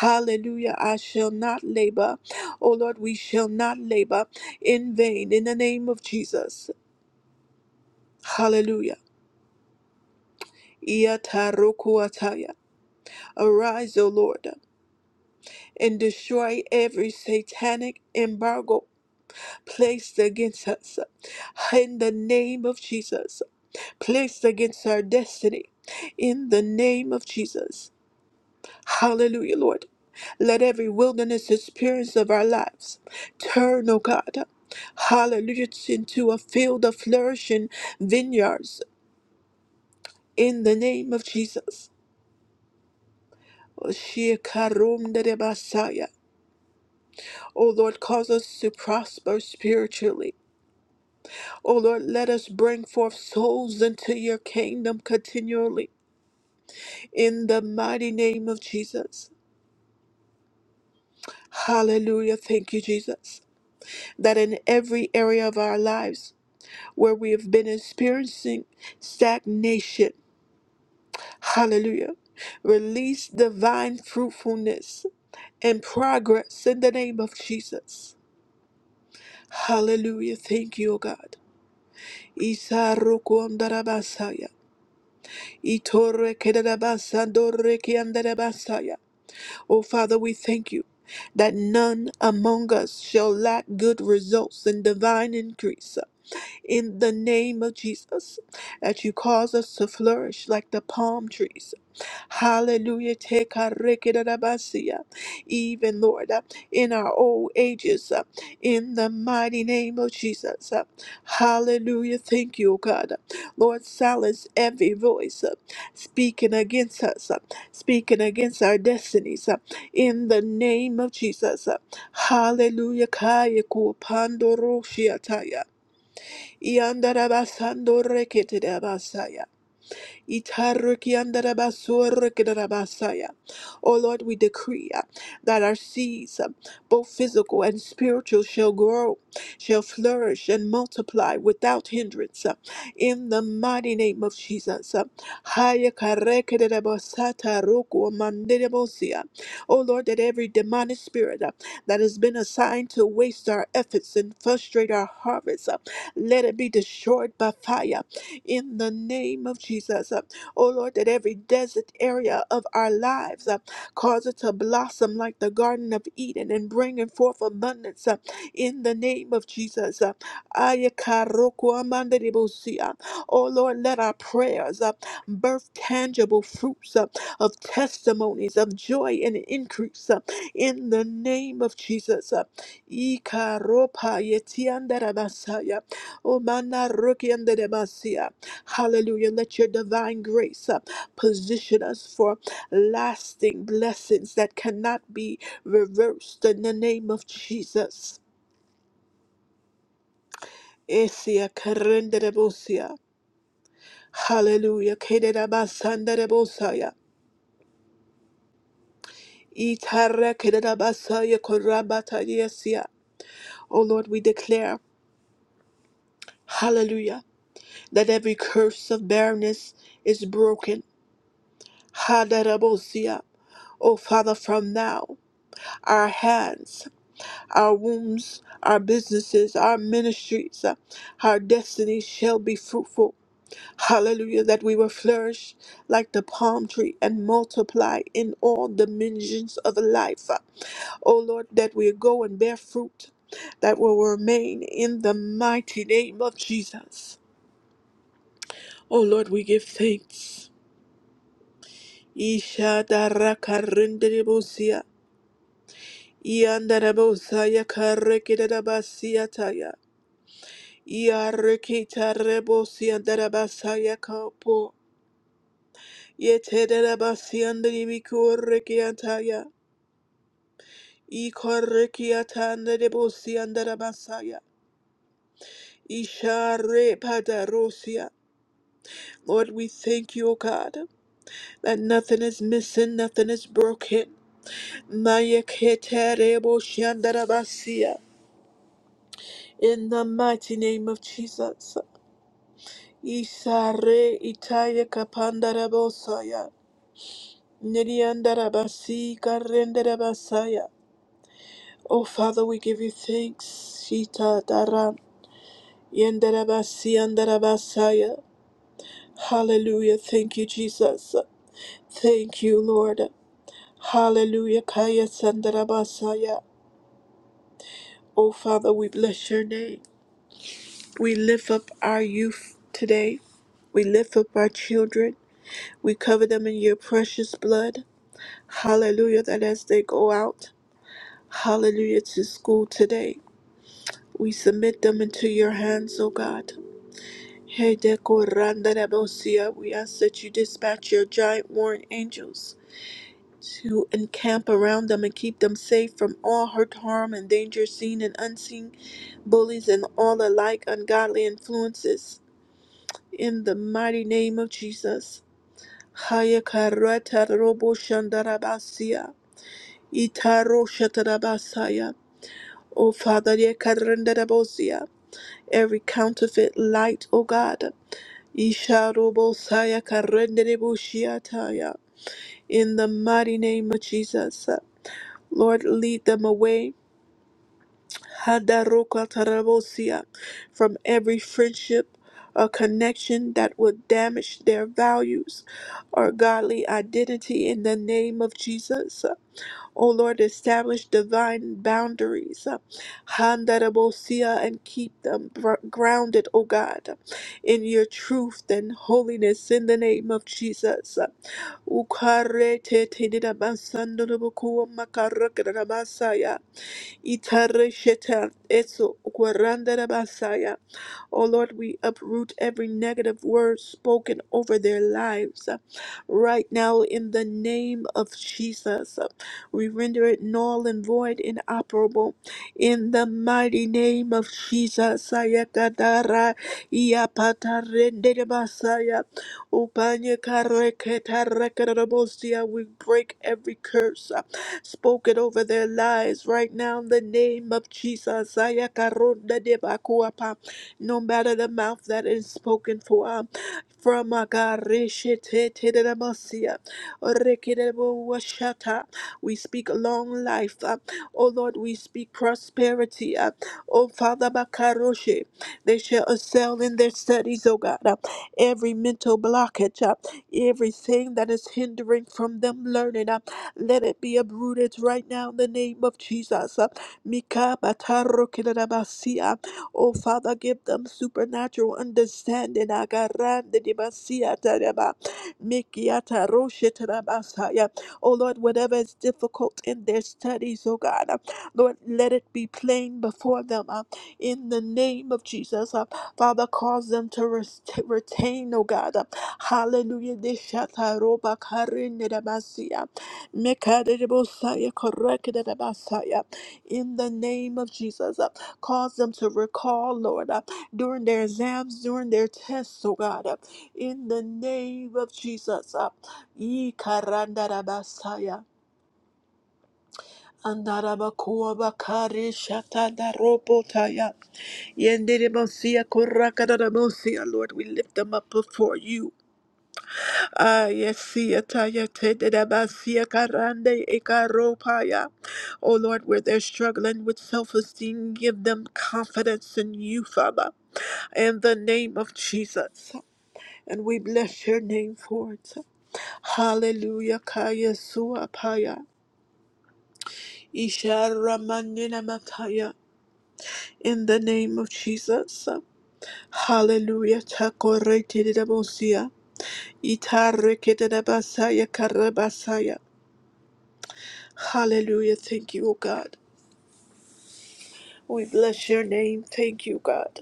A: Hallelujah. I shall not labor. Oh Lord, we shall not labor in vain in the name of Jesus. Hallelujah. Yatarukuataya. Arise, O Lord, and destroy every satanic embargo placed against us in the name of Jesus, placed against our destiny in the name of Jesus. Hallelujah, Lord. Let every wilderness experience of our lives turn, O God, hallelujah, into a field of flourishing vineyards in the name of Jesus. Oshikarum O Lord, cause us to prosper spiritually. O Lord, let us bring forth souls into your kingdom continually. In the mighty name of Jesus. Hallelujah. Thank you, Jesus. That in every area of our lives where we have been experiencing stagnation, hallelujah, release divine fruitfulness and progress in the name of Jesus. Hallelujah. Thank you, O God. Isa roku andarabasaya. Itore kedadabasandore kiandadabasaya. Oh, Father, we thank you that none among us shall lack good results and divine increase. In the name of Jesus, that you cause us to flourish like the palm trees Hallelujah. Take our rekedarabasia. Even, Lord, uh, in our old ages, uh, in the mighty name of Jesus. uh, Hallelujah. Thank you, God. Lord, silence every voice uh, speaking against us, uh, speaking against our destinies, uh, in the name of Jesus. uh, Hallelujah. Kaya ku pandoro shiataya. Yandarabasando Itarukyandarabasurukidarabasaya. Oh Lord, we decree uh, that our seeds, uh, both physical and spiritual, shall grow, shall flourish, and multiply without hindrance. uh, In the mighty name of Jesus. Uh, Hayakarekidarabasatarukuamandirebosia. Oh Lord, that every demonic spirit uh, that has been assigned to waste our efforts and frustrate our harvest, uh, let it be destroyed by fire in the name of Jesus. Uh, Oh Lord, that every desert area of our lives uh, cause it to blossom like the Garden of Eden and bringing forth abundance uh, in the name of Jesus. Uh, Ayakarokuamandiribusia. Oh Lord, let our prayers uh, birth tangible fruits uh, of testimonies of joy and increase uh, in the name of Jesus. Uh, Ikaropayetiandarabasaya. Omanarokiandarabasia. Hallelujah. Let your divine grace uh, position us for lasting blessings that cannot be reversed in the name of Jesus. Esia karenderebosia. Hallelujah. Kederabasandebosaya. Itara kederabasaya korabatadiesia. Oh Lord, we declare, hallelujah, that every curse of barrenness is broken. Haderebosia. Oh Father, from now, our hands. our wombs, our businesses, our ministries, uh, our destiny shall be fruitful. Hallelujah, that we will flourish like the palm tree and multiply in all dimensions of life. Uh, Oh Lord, that we go and bear fruit that will remain in the mighty name of Jesus. Oh Lord, we give thanks. Isha daraka rendere bosia. Iandarabosaya karekidabasiataya. Yarrikita rebosiandarabasaya kapo. Yetedarabasiandaribikurekiataya. Ikorrekiatandarebosiandarabasaya. Isharepaderosia. Lord, we thank you, O God, that nothing is missing, nothing is broken. Mayeketarebosiandarabasia. In the mighty name of Jesus. Isare itaya kapandarabosaya. Niryandarabasi karendarabasaya. Oh Father, we give you thanks. Shita dara yandarabasi andarabasaya. Hallelujah. Thank you, Jesus. Thank you, Lord. Hallelujah. Kaya sandarabasaya. Oh Father, we bless your name. We lift up our youth today. We lift up our children. We cover them in your precious blood. Hallelujah. That as they go out, hallelujah, to school today. We submit them into your hands, O God. Hey, Deco Randa Rabosia, we ask that you dispatch your giant warring angels to encamp around them and keep them safe from all hurt, harm, and danger, seen and unseen, bullies and all alike ungodly influences. In the mighty name of Jesus. Haya Karata Robo Shandarabasia, Itaro Shatarabasaya, O Father, Ye Karanda Rabosia, every counterfeit light, O God. Isharobosaya karendereboshiataya. In the mighty name of Jesus, Lord, lead them away Hadarokatarabosia, from every friendship or connection that would damage their values or godly identity in the name of Jesus. O Lord, establish divine boundaries, uh, Handarabosia, and keep them br- grounded, O God, in your truth and holiness in the name of Jesus. Ukaretetetirabasandorabokuamakarakaramasaya, itareshetan, eso, ukwarandarabasaya. Oh Lord, we uproot every negative word spoken over their lives uh, right now in the name of Jesus. Uh, We render it null and void, inoperable in the mighty name of Jesus. Ayakadara iapatarenderebasaya, upanyakareketarekerebosia. We break every curse uh, spoken over their lives right now in the name of Jesus. Ayakarondadebakuapa no matter the mouth that is spoken for. um, From uh, God, Reshiteteremosia, Orekeremowashata. we speak long life. uh, O Lord, we speak prosperity. uh, O Father Bakaroshe, they shall excel in their studies, O God. uh, Every mental blockage, uh, everything that is hindering from them learning, uh, let it be uprooted right now in the name of Jesus. uh, Mika Oh, Father, give them supernatural understanding. Akarande di basia taraba, mikiata roshe tarabasaya. Oh, Lord, whatever is difficult in their studies, oh God, uh, Lord, let it be plain before them uh, in the name of Jesus. uh, Father, cause them to res- to retain, oh God. uh, Hallelujah. Di shata roba karinde da basia, mikade di bosaya, koreke da basaya. In the name of Jesus. uh, Cause them to recall, Lord, uh, during their exams, during their tests, oh God, uh, in the name of Jesus. Uh, Ikarandarabasaya, andarabakuabakari shatandarobotaya, yenderebosia, korakadarabosia, Lord, we lift them up before you. Ayesia taya tededabasia karande ekaropaya. Oh Lord, where they're struggling with self esteem, give them confidence in you, Father, in the name of Jesus. And we bless your name for it. Hallelujah. Kaya suapaya. Isha ramanina mataya. In the name of Jesus. Hallelujah. Takorete dedabosia. Itarekete debasaya karabasaya. Hallelujah. Thank you, O God. We bless your name. Thank you, God.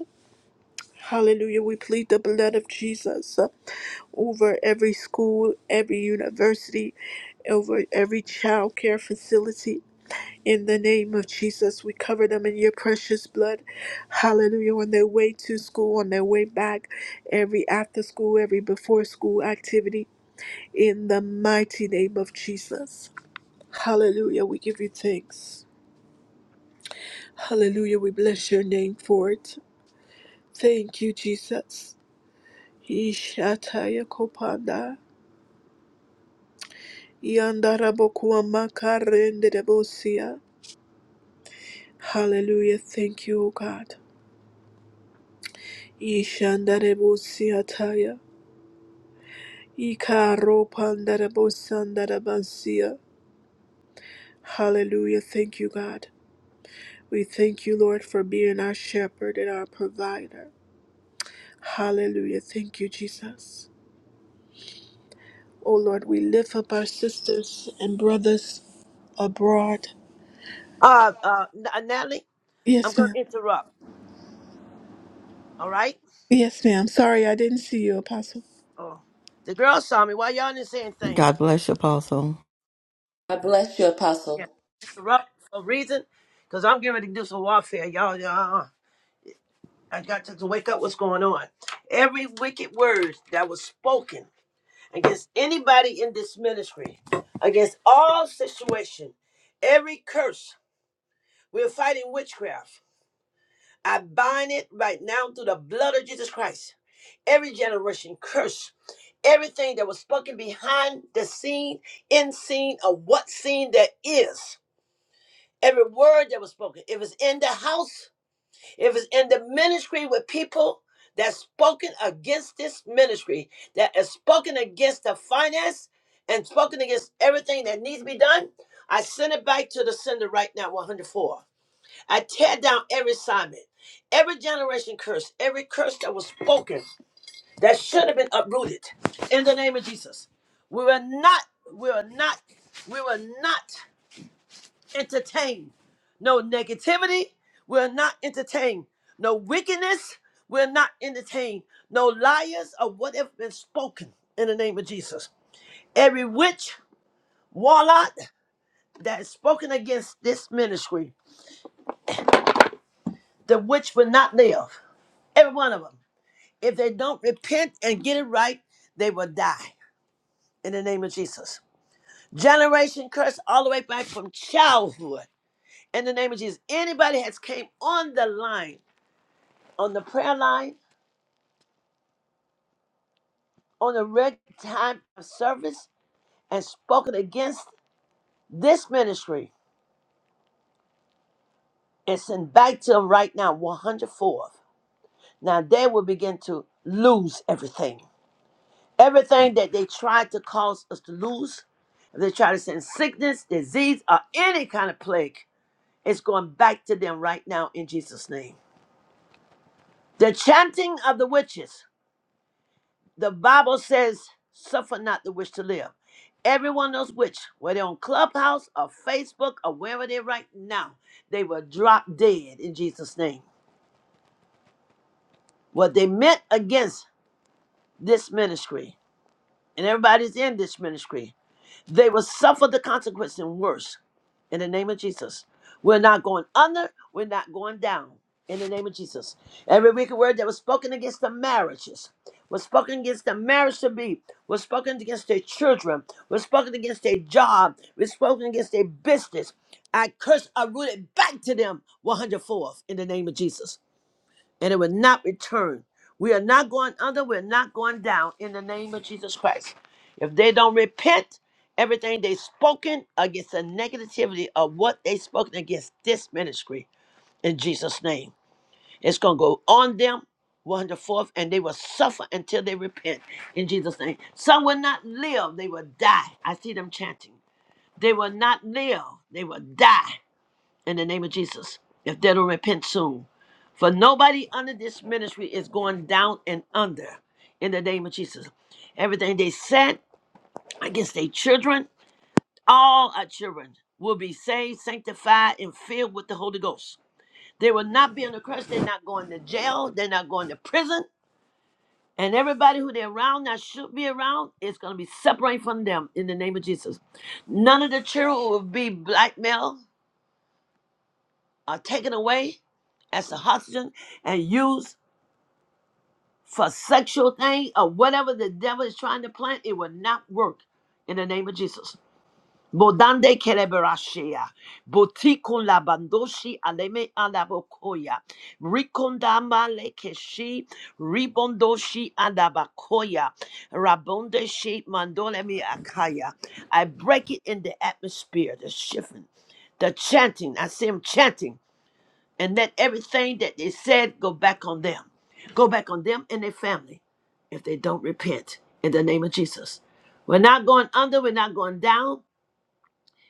A: Hallelujah. We plead the blood of Jesus uh, over every school, every university, over every child care facility. In the name of Jesus, we cover them in your precious blood. Hallelujah. On their way to school, on their way back, every after school, every before school activity. In the mighty name of Jesus. Hallelujah. We give you thanks. Hallelujah. We bless your name for it. Thank you, Jesus. Ishataya kopanda. Yandarabokuwa makarendedebosia. Hallelujah. Thank you, O God. Ishandarebosia taya. Ikaropandarabosandarabansia. Hallelujah. Thank you, God. We thank you, Lord, for being our shepherd and our provider. Hallelujah. Thank you, Jesus. Oh Lord, we lift up our sisters and brothers abroad.
B: Uh, uh, N- uh, Natalie, I'm
A: Yes,
B: gonna
A: ma'am.
B: interrupt. All right.
A: Yes, ma'am. Sorry, I didn't see you, Apostle.
B: Oh, the girls saw me. Why y'all didn't say anything?
C: God bless you, Apostle.
D: I bless you,
B: Yeah.
D: Apostle.
B: Interrupt for a reason, cause I'm getting ready to do some warfare. Y'all, y'all, I got to, to wake up. What's going on? Every wicked word that was spoken against anybody in this ministry, against all situation, every curse. We're fighting witchcraft. I bind it right now through the blood of Jesus Christ. Every generation curse. Everything that was spoken behind the scene, in scene, or what scene that is. Every word that was spoken. If it's in the house, if it's in the ministry with people that's spoken against this ministry, that is spoken against the finance and spoken against everything that needs to be done, I send it back to the sender right now, 104. I tear down every assignment, every generation curse, every curse that was spoken that should have been uprooted in the name of Jesus. We will not, we will not, we will not entertain no negativity. We'll not entertain no wickedness. We'll not entertain no liars or whatever been spoken in the name of Jesus. Every witch, warlock that is spoken against this ministry, the witch will not live. Every one of them. If they don't repent and get it right, they will die in the name of Jesus. Generation curse all the way back from childhood. In the name of Jesus, anybody has came on the line, on the prayer line, on the red time of service, and spoken against this ministry, it's in back to them right now, 104th. Now they will begin to lose everything. Everything that they tried to cause us to lose, if they try to send sickness, disease, or any kind of plague, it's going back to them right now in Jesus' name. The chanting of the witches. The Bible says, suffer not the wish to live. Everyone knows which, whether on Clubhouse or Facebook or wherever they're right now, they will drop dead in Jesus' name. What they meant against this ministry, and everybody's in this ministry, They will suffer the consequence and worse. In the name of Jesus. We're not going under. We're not going down. In the name of Jesus. Every wicked word that was spoken against the marriages was spoken against the marriage to be, was spoken against their children, was spoken against their job, was spoken against their business. I curse, I root it back to them one hundredfold. in the name of Jesus and it will not return. We are not going under, we're not going down in the name of Jesus Christ. If they don't repent, everything they spoken against the negativity of what they spoken against this ministry in Jesus' name. It's gonna go on them. 104th, and they will suffer until they repent in Jesus' name. Some will not live, they will die. I see them chanting. They will not live, they will die in the name of Jesus if they don't repent soon. For nobody under this ministry is going down and under in the name of Jesus. Everything they said against their children, all our children will be saved, sanctified, and filled with the Holy Ghost. They will not be under curse. They're not going to jail. They're not going to prison. And everybody who they're around that should be around is going to be separated from them in the name of Jesus. None of the children will be blackmailed. are taken away as a hostage and used for sexual thing or whatever the devil is trying to plant, it will not work in the name of Jesus. Bodande kereberashia, botiku labandoshi aleme alabokoya, rikondama lekeshi, ribondoshi alabakoya, rabonde shi mandolemi akaya. I break it in the atmosphere, the shifting, the chanting. I see him chanting and let everything that they said go back on them. Go back on them and their family if they don't repent in the name of Jesus. We're not going under, we're not going down,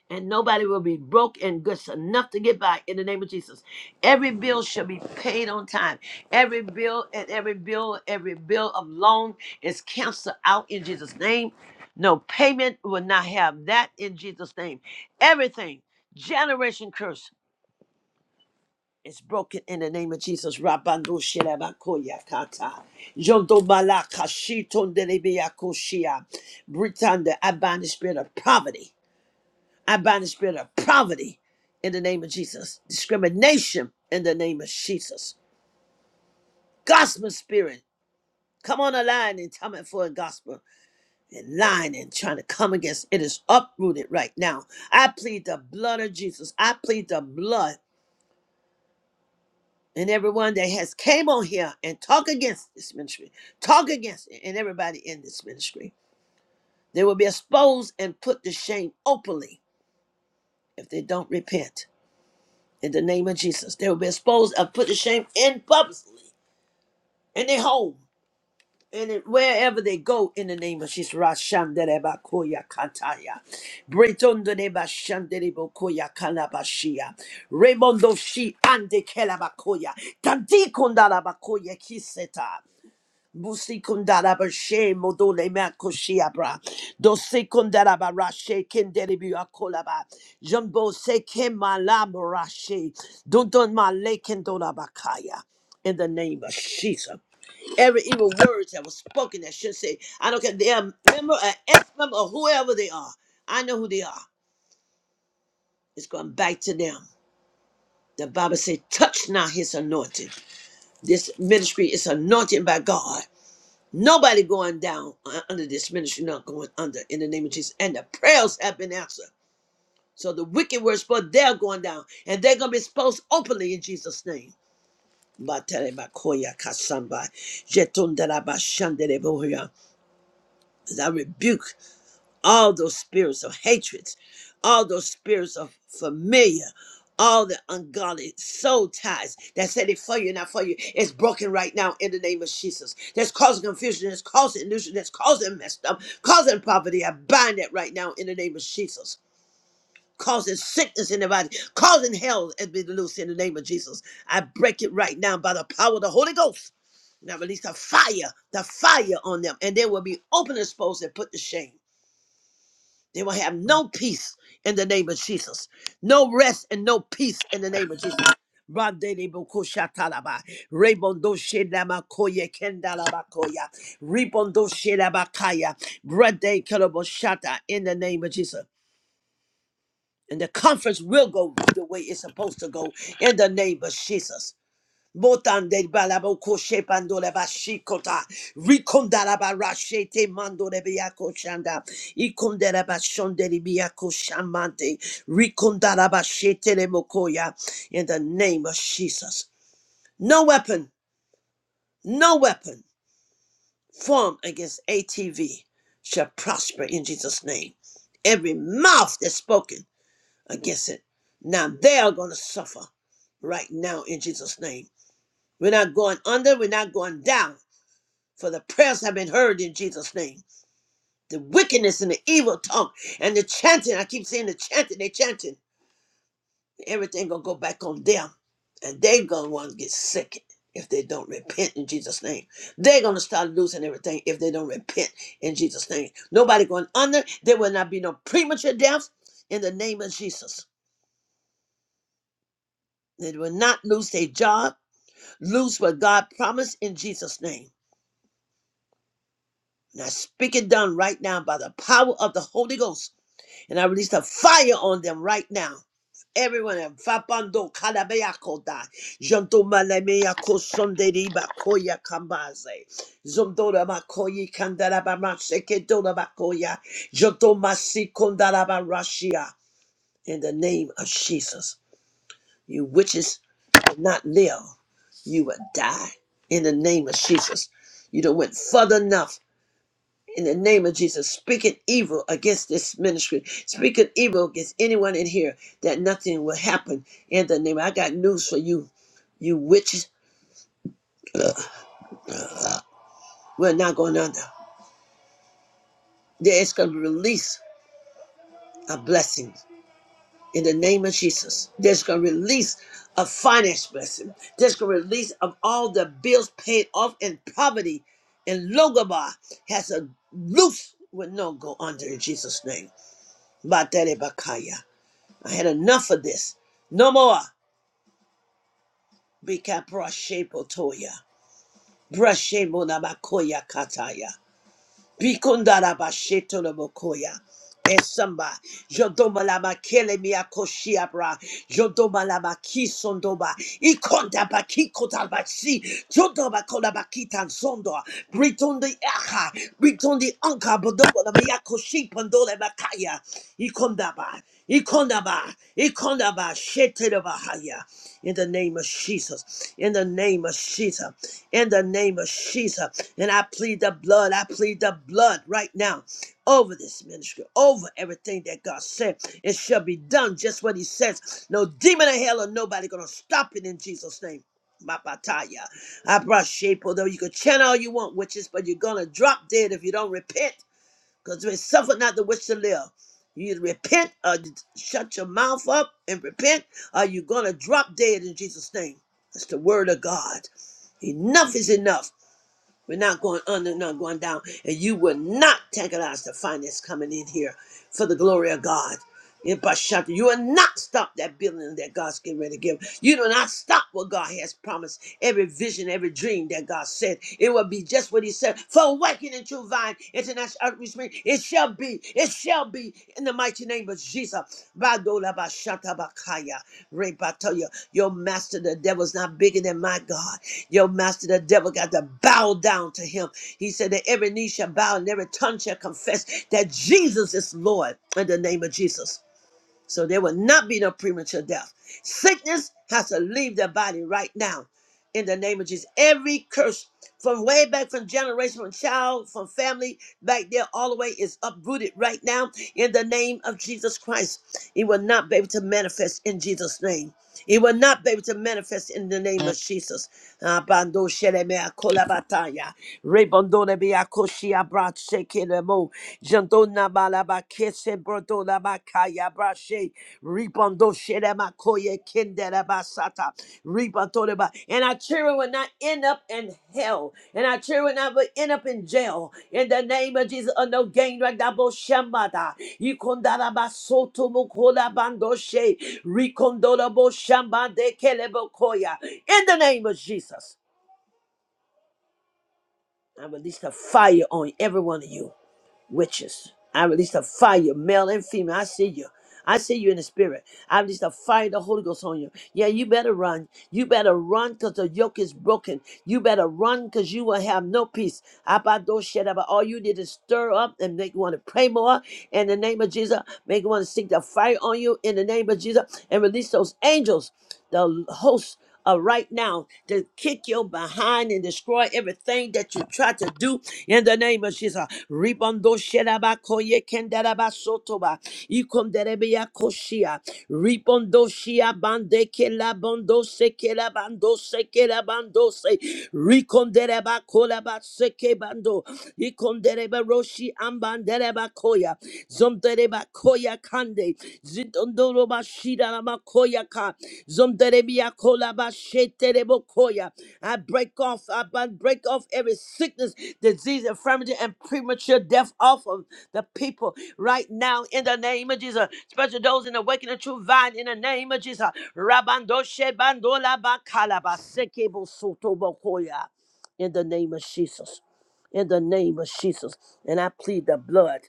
B: and nobody will be broke and good enough to get by in the name of Jesus. Every bill shall be paid on time. Every bill and every bill, every bill of loan is canceled out in Jesus' name. No payment will not have that in Jesus' name. Everything, generation curse. It's broken in the name of Jesus. Rabando shelabakoya kata. Jondo malaka shiton delebeyakoshia. Britanda, I bind the spirit of poverty. I bind the spirit of poverty in the name of Jesus. Discrimination in the name of Jesus. Gospel spirit. Come on a line and tell me for a gospel and lying and trying to come against it is uprooted right now. I plead the blood of Jesus. I plead the blood. and everyone that has came on here and talk against this ministry, talk against it, and everybody in this ministry. They will be exposed and put to shame openly if they don't repent in the name of Jesus. They will be exposed and put to shame in publicly in their home and in, wherever they go in the name of Jesus. Rashanderebakoya kataya. Bretondonebashanderebokoya kalabashia. Remondoshi ande kelabakoya. Tandikondalabakoya kiseta. Musikundara bashe modole makoshiabra. Dosikundara barashe kenderebu akolaba. Jumbo se kemala morashe. Dundun male kendora bakaya. In the name of Jesus. Every evil words that was spoken that should say, I don't care if they are a member, an ex-member, or whoever they are. I know who they are. It's going back to them. The Bible says, touch not his anointing. This ministry is anointed by God. Nobody going down uh, under this ministry, not going under in the name of Jesus. And the prayers have been answered. So the wicked were exposed, they're going down. And they're going to be exposed openly in Jesus' name. Batele bakoya kasamba, jetun daraba shandere bohuya. I rebuke all those spirits of hatred, all those spirits of familiar, all the ungodly soul ties that said it for you, not for you, it's broken right now in the name of Jesus. That's causing confusion, that's causing illusion, that's causing messed up, causing poverty. I bind that right now in the name of Jesus. Causing sickness in the body, causing hell and be loose in the name of Jesus. I break it right now by the power of the Holy Ghost. And I release the fire, the fire on them, and they will be open, exposed, and put to shame. They will have no peace in the name of Jesus. No rest and no peace in the name of Jesus. Randele boko shatalaba, rebondo shelama koye kendalaba koya, rebondo shelaba kaya, brande kelebo shata in the name of Jesus. And the conference will go the way it's supposed to go in the name of Jesus. Motande balabo koshe pandole bashikota. Rikondara barashete mandole biyako shanda. Ikondara bashondere biyako shamante. Rikondara bashete le mokoya. In the name of Jesus. No weapon, no weapon formed against ATV shall prosper in Jesus' name. Every mouth that's spoken against it. Now they are going to suffer right now in Jesus' name. We're not going under, we're not going down. for the prayers have been heard in Jesus' name. The wickedness and the evil tongue and the chanting, I keep saying the chanting, they chanting. Everything gonna go back on them. And they gonna want to get sick if they don't repent in Jesus' name. They're gonna start losing everything if they don't repent in Jesus' name. Nobody going under. There will not be no premature death in the name of Jesus. They will not lose their job, lose what God promised in Jesus' name. Now speak it done right now by the power of the Holy Ghost And I release a fire on them right now. Everyone, Vapando Kalabeakota, Janto Malameako Sonderiba Koya Kambaze, Zondora Makoyi Kandalaba Masekedora Bakoya, Janto Masi Kondalaba Rashia. In the name of Jesus, you witches will not live, you will die. In the name of Jesus, you don't went further enough in the name of Jesus, speaking evil against this ministry, speaking evil against anyone in here, that nothing will happen in the name. I got news for you, you witches. We're not going under. There is going to be release of blessings in the name of Jesus. There's going to release a finance blessing. There's going to release of all the bills paid off in poverty. And Logobar has a loose will no go under in Jesus' name. Batere Bakaya. I had enough of this. No more. Bika brashebo toya. Brashebo nabakoya kataya. Bikundara basheto nabokoya. Esamba, jodoma lama kele mi akoshia bra, jodoma lama kisondoba, ikonda baki kota basi, jodoma kola baki tansondo, britondi aha, britondi anka bodobo lama yakoshi pandole makaya, ikondaba. Ikondaba, Ikondaba, Shetelabahaya. In the name of Jesus, in the name of Jesus, in the name of Jesus. And I plead the blood, I plead the blood right now over this ministry, over everything that God said. It shall be done just what He says. No demon in hell or nobody gonna stop it in Jesus' name. Mapataya. I brought shape, although you can chant all you want, witches, but you're gonna drop dead if you don't repent because we suffer not the wish to live. You either repent or you shut your mouth up and repent, or you're going to drop dead in Jesus' name. That's the word of God. Enough is enough. We're not going under, not going down. And you will not antagonize the finance coming in here for the glory of God. In Bashanta, You will not stop that building that God's getting ready to give. You do not stop what God has promised. Every vision, every dream that God said, it will be just what He said. For awakening true vine, international outreach meeting, it shall be, it shall be in the mighty name of Jesus. Badola Bashanta Bakaya, Rebatoya. Your master, the devil's not bigger than my God. Your master, the devil, got to bow down to him. He said that every knee shall bow and every tongue shall confess that Jesus is Lord in the name of Jesus. So there will not be no premature death. Sickness has to leave their body right now in the name of Jesus. Every curse from way back from generation, from child, from family, back there, all the way is uprooted right now in the name of Jesus Christ. It will not be able to manifest in Jesus' name. It will not be able to manifest in the name Mm. of Jesus. Ah, bando shelemea kolabataya. Rebondo lebea koshia brache kelemo. Jando nabala ba kese shelema koye kendele basata. Atoreba. And our children will not end up in hell. And our children will not end up in jail. In the name of Jesus, on no gang like that bo shambada. Yikondara basoto mukola bandoshe. Rikondora bo shambade kelebo koya. In the name of Jesus, I release the fire on every one of you witches. I release the fire, male and female. I see you. I see you in the spirit. I release the fire of the Holy Ghost on you. Yeah, you better run. You better run because the yoke is broken. You better run because you will have no peace. Abado shedaba. All you did is stir up and make you want to pray more in the name of Jesus. Make you want to seek the fire on you in the name of Jesus and release those angels, the hosts uh, right now to kick your behind and destroy everything that you try to do in the name of Jesus. Ribondo sheraba koye kendaraba Ribondo shia bande kela bondo seke se. Rikondereba kolaba seke bando. Zomtere bakoya kande. Zitondoro bashira makoya ka. Zomtere biakola bashetere bokoya. I break off, I bu- break off every sickness, disease, infirmity, and premature death off of the people right now in the name of Jesus. Especially those in the waking of true vine in the name of Jesus. Rabando shebandola bakala baseke bosoto bokoya. In the name of Jesus in the name of Jesus. And I plead the blood.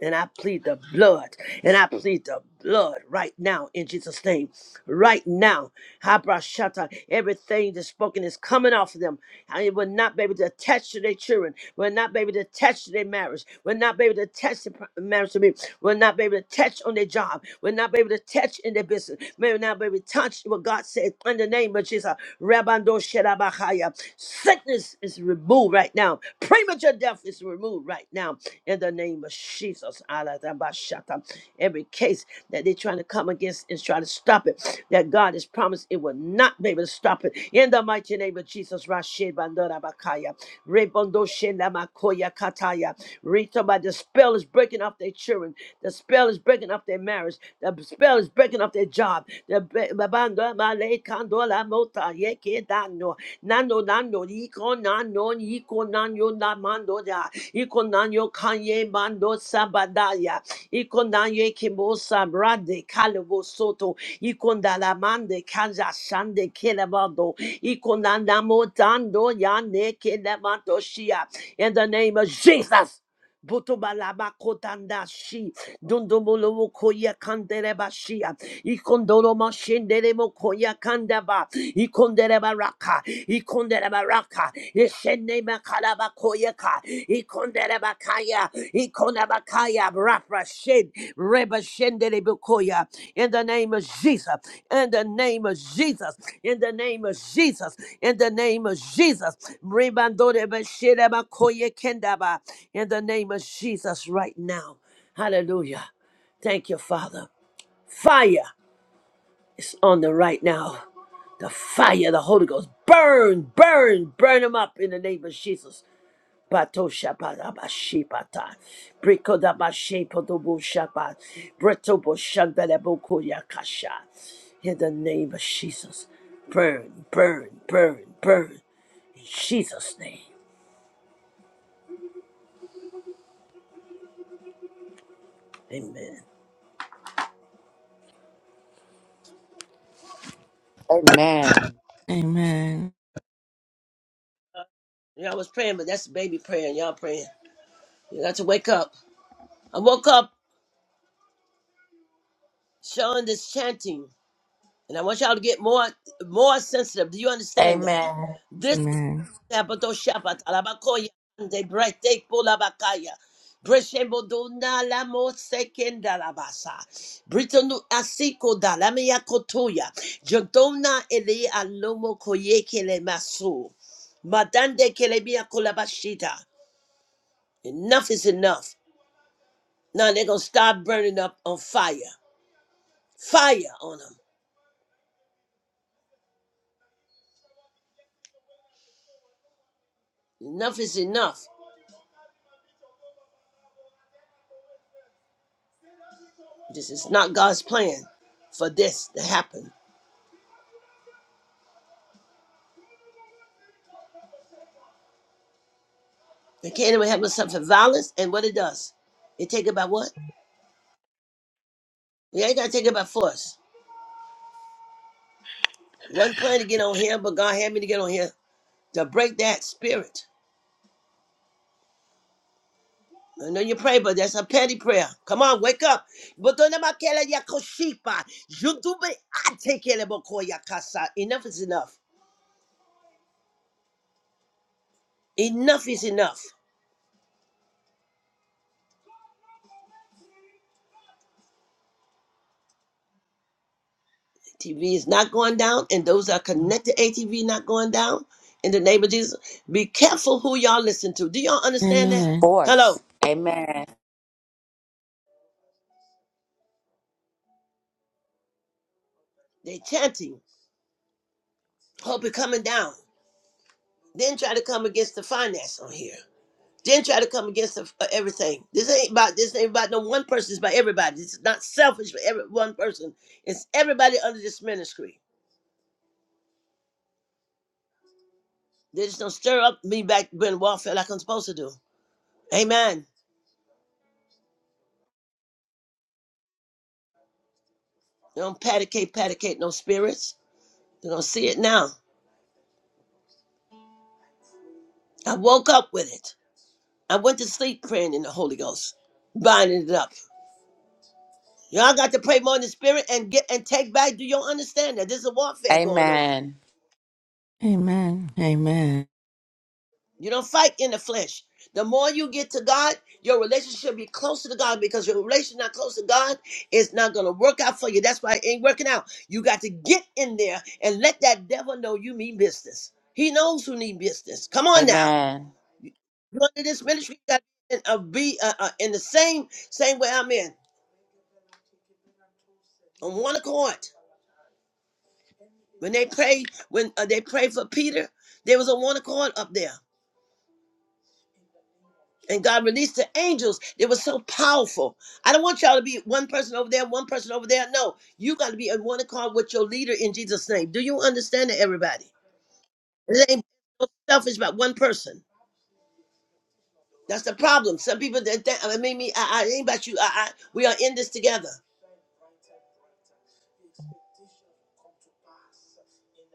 B: And I plead the blood. And I plead the blood right now in Jesus' name. Right now. Habrashata. Everything that's spoken is coming off of them. And it will not be able to attach to their children. Will not be able to attach to their marriage. Will not be able to attach to pr- marriage to me. Will not be able to touch on their job. Will not be able to touch in their business. May not be able to touch what God said in the name of Jesus. Rabando Shedabahaya. Sickness is removed right now. Premature death is removed right now. In the name of Jesus. Aladabashata. Every case that they're trying to come against and try to stop it, that God has promised it will not be able to stop it. In the mighty name of Jesus. Rashid Bandorabakaya. Rebondo Shenamakoya Kataya. Rita, by the spell is breaking up their children. The spell is breaking up their marriage. The spell is breaking up their job. The be- babando, male, kando, la, mota, ye, ke, da, no. Nano, iko, nano, iko, nano, na, mando, da. Iko, nano, kanye, mando, sabadaya. Iko, nano, kimo, sabrade, kalebo, soto. Iko, ndala, kaja, shande, kelebando. Iko, nana, motando, yane, kelemando, shia. In the name of Jesus. Botobalaba kotandashi. Dundomolomo koya kanderebashia. Ikondoroma shenderemo koya kandaba. Ikondereba raka. Ikondereba raka. Ishenema kalaba koyaka. Ikondereba kaya. Ikondereba Yabrafrashin, Rebashenderebukoya. In the name of Jesus, in the name of Jesus, in the name of Jesus, in the name of Jesus, Rebandorebasheremakoye Kendaba. in the name of Jesus, right now. Hallelujah. Thank you, Father. Fire is on the right now. The fire, the Holy Ghost. Burn, burn, burn them up in the name of Jesus. Pato shaparabashipata. Brikodabashepodobushapa. kasha. In the name of Jesus. Burn, burn, burn, burn. In Jesus' name. Amen.
D: Amen.
C: Amen.
B: Y'all was praying, but that's baby praying. Y'all praying. You got to wake up. I woke up showing this chanting, and I want y'all to get more more sensitive. Do you understand that?
D: Amen.
B: This.
C: Amen.
B: Sabato Shabbat, Alabakoya, and the Brete Polabakaya. Breshembo dona sekenda la Britonu asiko da la kotoya. Jodona ele alomo koyeke le maso. Madande kelebia kolabashita. Enough is enough. Now they're gonna start burning up on fire. Fire on them. Enough is enough. This is not God's plan for this to happen. The kingdom of heaven suffer violence, and what it does, it take it by what? You ain't gotta take it by force. One plan to get on here, but God had me to get on here to break that spirit. I know you pray, but that's a petty prayer. Come on, wake up. Botonamakele yakoshipa. Judube atekele bokoya kasa. Enough is enough. Enough is enough. TV is not going down, and those that are connected ATV not going down. In the name of Jesus, be careful who y'all listen to. Do y'all understand that?
C: Amen.
D: Force.
B: Hello,
D: Amen.
B: they chanting. Hope it coming down. Then try to come against the finance on here. Then try to come against the, uh, everything. This ain't about this ain't about no one person. It's about everybody. It's not selfish for every one person. It's everybody under this ministry. They just don't stir up me back when warfare like I'm supposed to do. Amen. They don't paticate, paticate no spirits. They are gonna see it now. I woke up with it. I went to sleep praying in the Holy Ghost, binding it up. Y'all got to pray more in the spirit and get and take back to your understanding. There's a warfare going on.
D: Amen.
C: Amen. Amen.
B: You don't fight in the flesh. The more you get to God, your relationship be closer to God because your relationship not close to God it's not gonna work out for you. That's why it ain't working out. You got to get in there and let that devil know you mean business. He knows who need business. Come on now.
D: Amen.
B: You under this ministry, you got to be, uh, be uh, uh, in the same same way I'm in on one accord. When they pray, when uh, they pray for Peter, there was a one accord up there. and God released the angels. They were so powerful. I don't want y'all to be one person over there, one person over there. No, you got to be in one accord with your leader in Jesus' name. Do you understand that, everybody? It ain't so selfish about one person. That's the problem. Some people that think, I mean, me, I, I it ain't about you. I, I, we are in this together.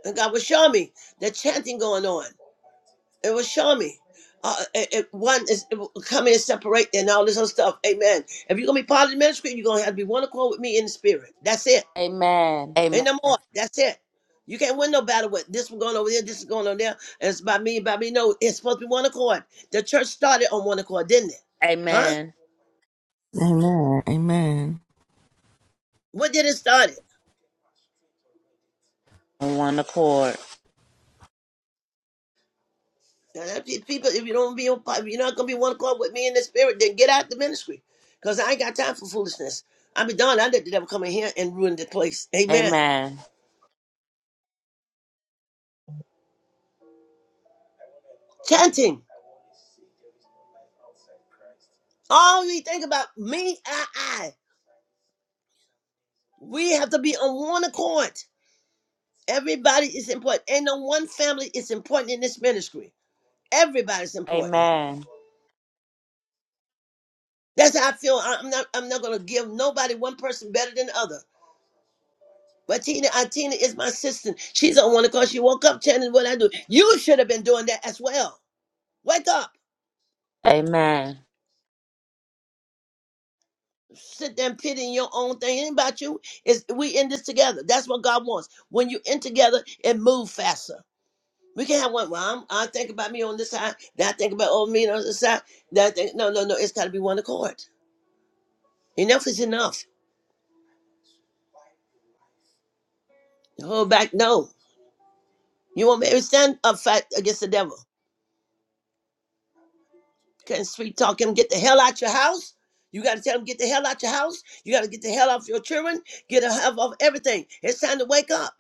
B: And God was showing me the chanting going on. It was showing me. Uh, it, it- one is it will come in and separate and all this other stuff. Amen. If you're gonna be part of the ministry, you're gonna have to be one accord with me in the spirit. That's it.
D: Amen.
B: Ain't
D: Amen.
B: no more. That's it. You can't win no battle with this one going over there, this is going on there, and it's by me, by me. No, it's supposed to be one accord. The church started on one accord, didn't it? Huh?
D: Amen.
C: Amen. Amen.
B: What did it start? it?
D: On one accord.
B: Uh, pe- People, if you don't be, on- if you're not gonna be one accord with me in the spirit, then get out the ministry, cause I ain't got time for foolishness. I be done. I let the devil come in here and ruin the place. Amen.
D: Amen.
B: Chanting. All we think about me, I, I. We have to be on one accord. Everybody is important. Ain't no one family is important in this ministry. Everybody's important.
D: Amen.
B: That's how I feel. I- I'm not. I'm not gonna give nobody one person better than the other. But Tina, uh, Tina is my sister. She's on one because she woke up chanting what I do. You should have been doing that as well. Wake up.
D: Amen.
B: Sit there and pity your own thing. It ain't about you. Is we in this together. That's what God wants. When you in together, it move faster. We can't have one. Well, I'm, I think about me on this side. Then I think about old me on the other side. Then I think, no, no, no. It's got to be one accord. Enough is enough. Hold back. No. You won't be able to stand up fight against the devil. Can't sweet talk him. Get the hell out your house. You got to tell him get the hell out your house. You got to get the hell off your children. Get the hell off everything. It's time to wake up.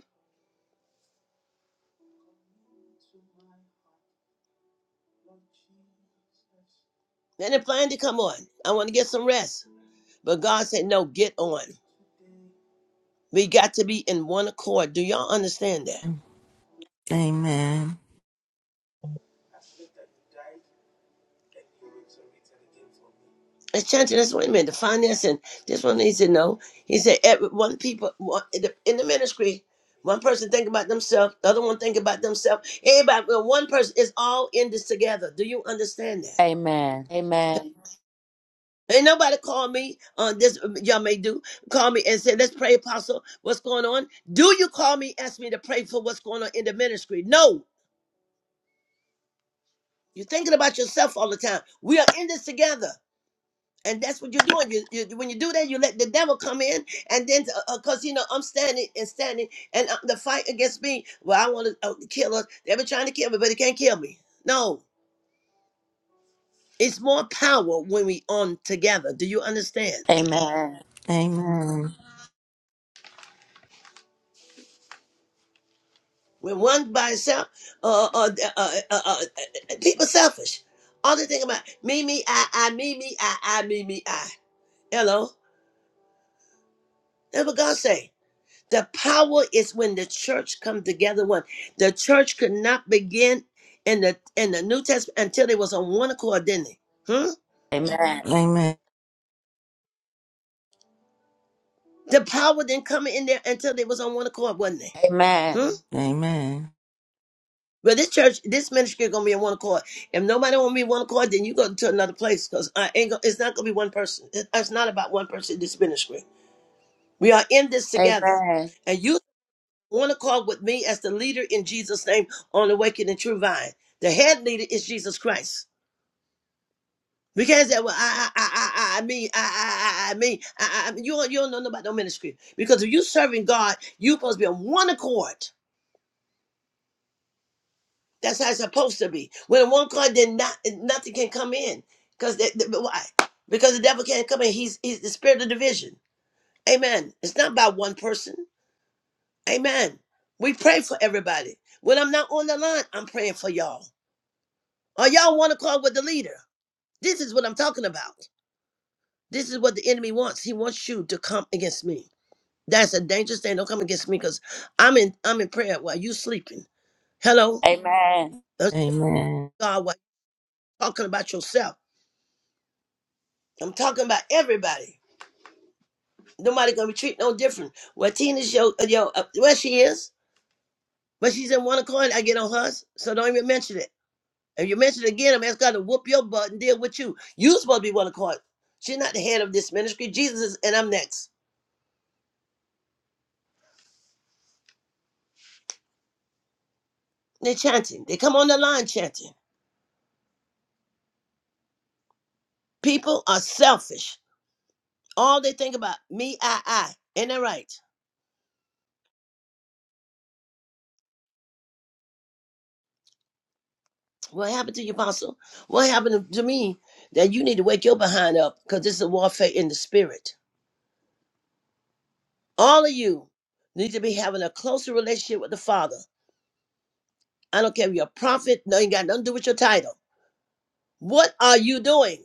B: Then it plan to come on. I want to get some rest. But God said, no, get on. We got to be in one accord. Do y'all understand that?
C: Amen.
B: It's church. That's what he meant. The finance and this one. He said no. He said every one people one, in, the, in the ministry, one person think about themselves, the other one think about themselves. Everybody, well, one person is all in this together. Do you understand that?
D: Amen. Amen.
B: Ain't nobody call me on this. Y'all may do call me and say, "Let's pray, Apostle. What's going on?" Do you call me? Ask me to pray for what's going on in the ministry? No. You're thinking about yourself all the time. We are in this together. and that's what you're doing. You, you when you do that, you let the devil come in, and then because uh, uh, you know I'm standing and standing, and uh, the fight against me. Well, I want to uh, kill us. They've been trying to kill me, but they can't kill me. No, it's more power when we on together. Do you understand?
D: Amen.
C: Amen. Amen.
B: When one by itself, uh, uh, uh, uh, uh, uh, uh, uh, people selfish. All they think about me, me, I, I, me, me, I, I, me, me, I. Hello, that's what God say. The power is when the church come together. One, the church could not begin in the in the New Testament until they was on one accord, didn't they? Hmm?
D: Amen. Amen.
C: Amen.
B: The power didn't come in there until they was on one accord, wasn't they?
D: Amen.
B: Hmm? But this church, this ministry gonna be on one accord. If nobody want to be one accord, then you go to another place because I ain't. Gonna, it's not gonna be one person. It- It's not about one person. This ministry, we are in this together,
D: Amen.
B: and you want to call with me as the leader in Jesus' name on awakening true vine. The head leader is Jesus Christ. Because uh, well, I, I, I, I I mean, I, I, I I mean, I, I, I- you, don't- you don't know about no ministry. Because if you serving God, you supposed to be on one accord. That's how it's supposed to be. When one accord, then not, nothing can come in. Because why? Because the devil can't come in. He's he's the spirit of division. Amen. It's not about one person. Amen. We pray for everybody. When I'm not on the line, I'm praying for y'all. Are y'all one accord with the leader. This is what I'm talking about. This is what the enemy wants. He wants you to come against me. That's a dangerous thing. Don't come against me because I'm in I'm in prayer while you sleeping. Hello?
D: Amen.
C: Amen.
B: That's
C: Amen.
B: God while you talking about yourself. I'm talking about everybody. Nobody gonna be treated no different. Well, Tina's yo yo uh, where she is, but she's in one accord. I get on hers, so don't even mention it. If you mention it again, I'm asking God to whoop your butt and deal with you. You supposed to be one accord. She's not the head of this ministry. Jesus is, and I'm next. They're chanting. They come on the line chanting. People are selfish. All they think about me, I, I. Ain't that right? What happened to you, Apostle? What happened to me that you need to wake your behind up? Because this is a warfare in the spirit. All of you need to be having a closer relationship with the Father. I don't care if you're a prophet, no, you got nothing to do with your title. What are you doing?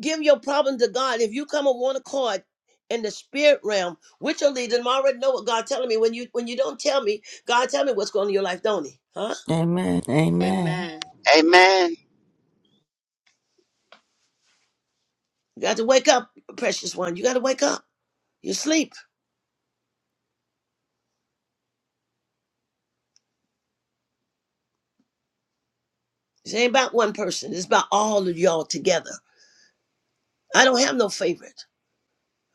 B: Give your problem to God. If you come on one accord in the spirit realm with your leader, and I already know what God telling me. When you when you don't tell me, God tell me what's going on in your life, don't he? Huh?
C: Amen.
D: Amen. Amen.
B: You got to wake up, precious one. You got to wake up. You sleep. This ain't about one person. It's about all of y'all together. I don't have no favorite.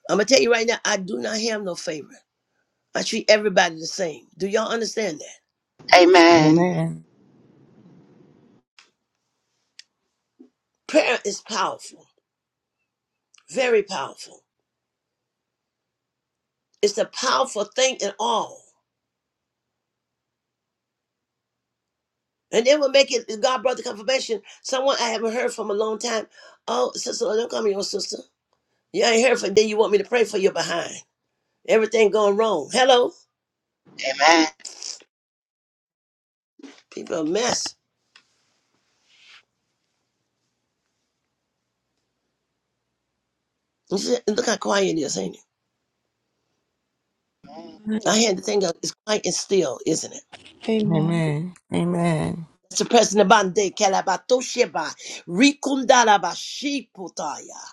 B: I'm gonna tell you right now, I do not have no favorite. I treat everybody the same. Do y'all understand that?
D: Amen. Amen.
C: Amen.
B: Prayer is powerful, very powerful. It's a powerful thing in all. And then will make it God brought the confirmation. Someone I haven't heard from a long time. Oh, sister, don't call me your sister. You ain't heard from then you want me to pray for your behind. Everything going wrong. Hello? People are a mess. You see- Look how quiet it is, ain't it? I had to think of it's quiet and still, isn't it?
C: Amen.
A: Amen.
C: Amen. Amen. Amen. Amen.
B: Mr. President Bande Kalabatosheba Rikundalabashiputaya.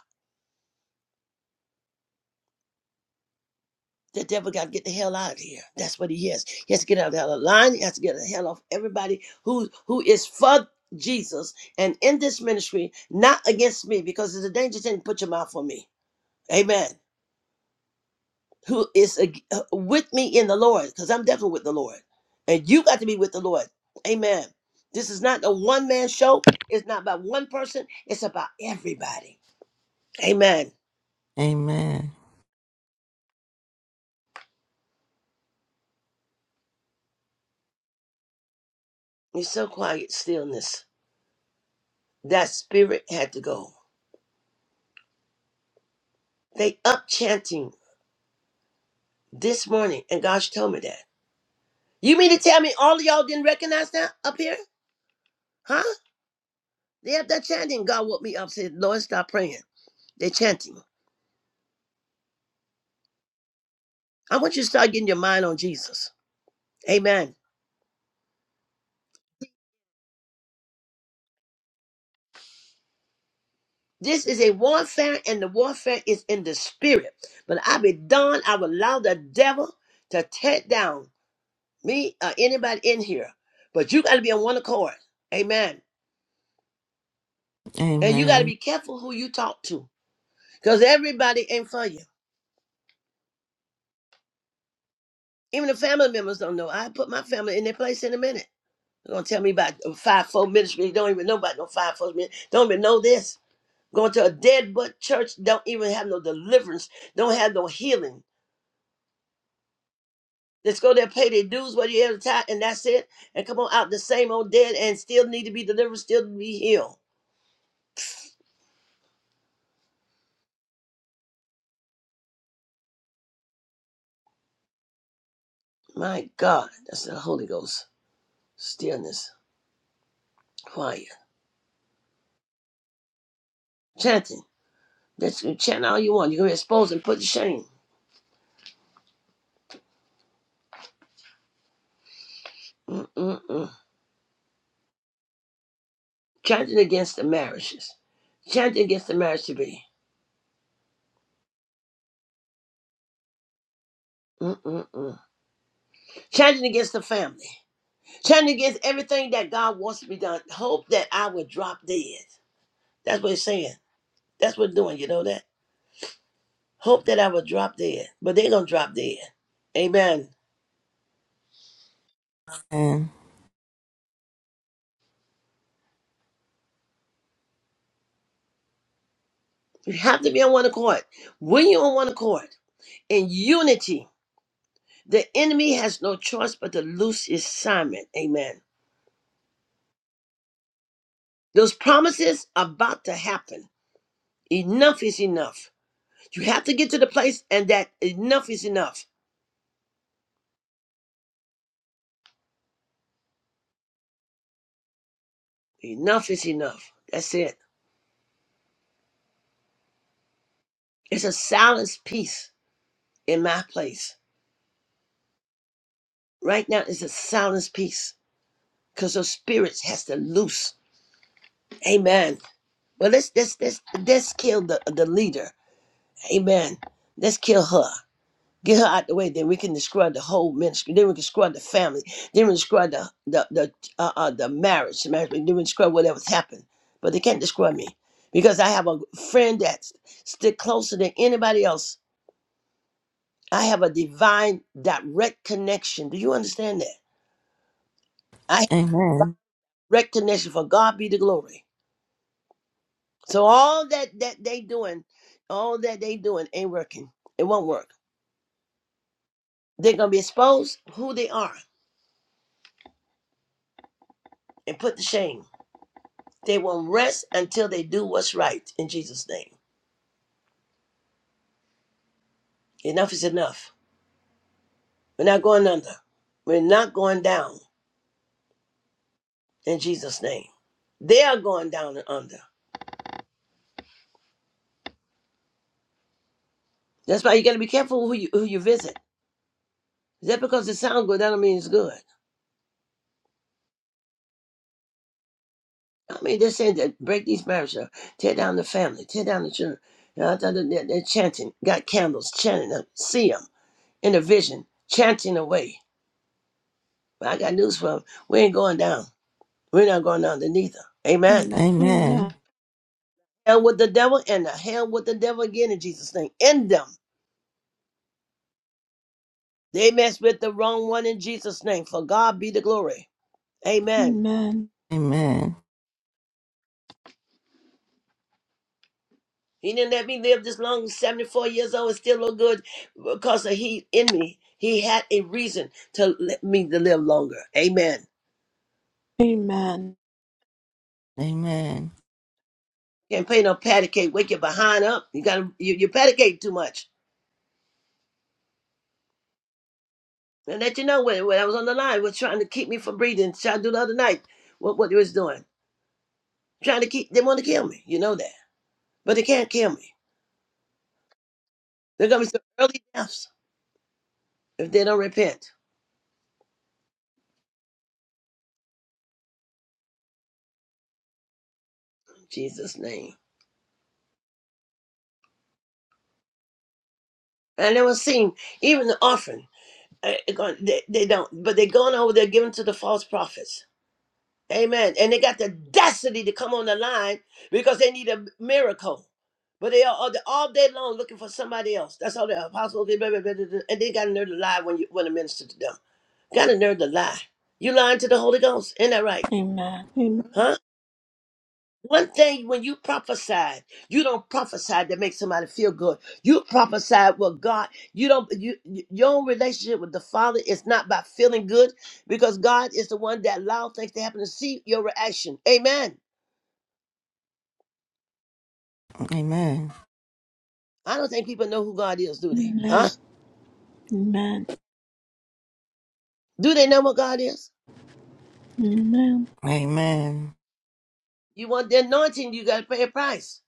B: The devil got to get the hell out of here. That's what he is. He has to get out of the hell of line. He has to get the hell off everybody who who is for Jesus and in this ministry, not against me, because it's a dangerous thing to put your mouth on me. Amen. Who is ag- uh, with me in the Lord? Because I'm definitely with the Lord, and you got to be with the Lord. Amen. This is not a one man show. It's not about one person. It's about everybody. Amen.
C: Amen. Amen.
B: You're so quiet, stillness. That spirit had to go. They up chanting this morning, and gosh told me that. You mean to tell me all of y'all didn't recognize that up here? Huh? They up that chanting. God woke me up, said, Lord, stop praying. They're chanting. I want you to start getting your mind on Jesus. Amen. This is a warfare, and the warfare is in the spirit. But I be done. I will allow the devil to tear down me or anybody in here. But you got to be on one accord. Amen. And
C: Amen.
B: you got to be careful who you talk to because everybody ain't for you. Even the family members don't know. I put my family in their place in a minute. They're going to tell me about uh, five four ministry. Don't even know about no five four ministry. Don't even know this. Going to a dead butt church. Don't even have no deliverance. Don't have no healing. Just go there, pay their dues, what you have to time, and that's it. And come on out the same old dead and still need to be delivered, still be healed. My God, that's the Holy Ghost. Stillness, quiet, chanting. That's you chant all you want. You can expose and put to shame. Mm-mm-mm. Chanting against the marriages. Chanting against the marriage to be. Mm-mm-mm. Chanting against the family. Chanting against everything that God wants to be done. Hope that I would drop dead. That's what it's saying. That's what it's doing. You know that? Hope that I would drop dead. But they're going to drop dead. Amen. You have to be on one accord. When you're on one accord, in unity, the enemy has no choice but to loose his assignment. Amen. Those promises are about to happen. Enough is enough. You have to get to the place and that enough is enough. Enough is enough. That's it. It's a silence peace in my place. Right now it's a silence peace. Cause those spirits has to loose. Amen. Well let's let's let's let's kill the the leader. Amen. Let's kill her. Get her out the way, then we can destroy the whole ministry. Then we can destroy the family. Then we destroy the the the uh, uh, the marriage. the marriage. Then we destroy whatever's happened. But they can't destroy me because I have a friend that stick closer than anybody else. I have a divine direct connection. Do you understand that? I have direct connection for God be the glory. So all that that they doing, all that they doing ain't working. It won't work. They're gonna be exposed who they are and put to shame. They won't rest until they do what's right in Jesus' name. Enough is enough. We're not going under. We're not going down in Jesus' name. They are going down and under. That's why you got to be careful who you, who you visit. Just because it sounds good, that don't mean it's good. I mean, they're saying that break these marriages up, tear down the family, tear down the children. You know, they're, they're they're chanting, got candles, chanting them, see them in a vision, chanting away. But I got news for them. We ain't going down. We're not going down under neither. Amen.
A: Amen. Amen.
B: hell with the devil and the hell with the devil again in Jesus' name. End them. They mess with the wrong one in Jesus' name. For God be the glory. Amen.
A: Amen.
B: He didn't let me live this long, 74 years old, and still look good because of He in me. He had a reason to let me to live longer. Amen.
A: Amen.
C: Amen.
B: Can't pay no patty cake. Wake your behind up. You got you, you patty cake too much. And let you know when, when I was on the line, was trying to keep me from breathing. Trying to do the other night what what they was doing. Trying to keep. They want to kill me. You know that, but they can't kill me. There gonna be some early deaths if they don't repent. In Jesus' name. And it was seen, even the offering uh, it gon- they, they don't, but they're going over there giving to the false prophets. Amen. And they got the audacity to come on the line because they need a miracle. But they are all, all day long looking for somebody else. That's all the apostles, they blah, blah, blah, blah, blah. and they got a nerve to lie when you when a minister to them. Got a nerve to lie. You lying to the Holy Ghost. Ain't that right?
A: Amen.
B: huh? One thing when you prophesy, you don't prophesy to make somebody feel good. You prophesy what God. You don't. You you- your own relationship with the Father is not by feeling good, because God is the one that allows things to happen to see your reaction. Amen.
C: Amen. Amen.
B: I don't think people know who God is, do they? Huh?
A: Amen. Amen.
B: Do they know what God is?
A: Amen.
B: You want the anointing, you got to pay a price.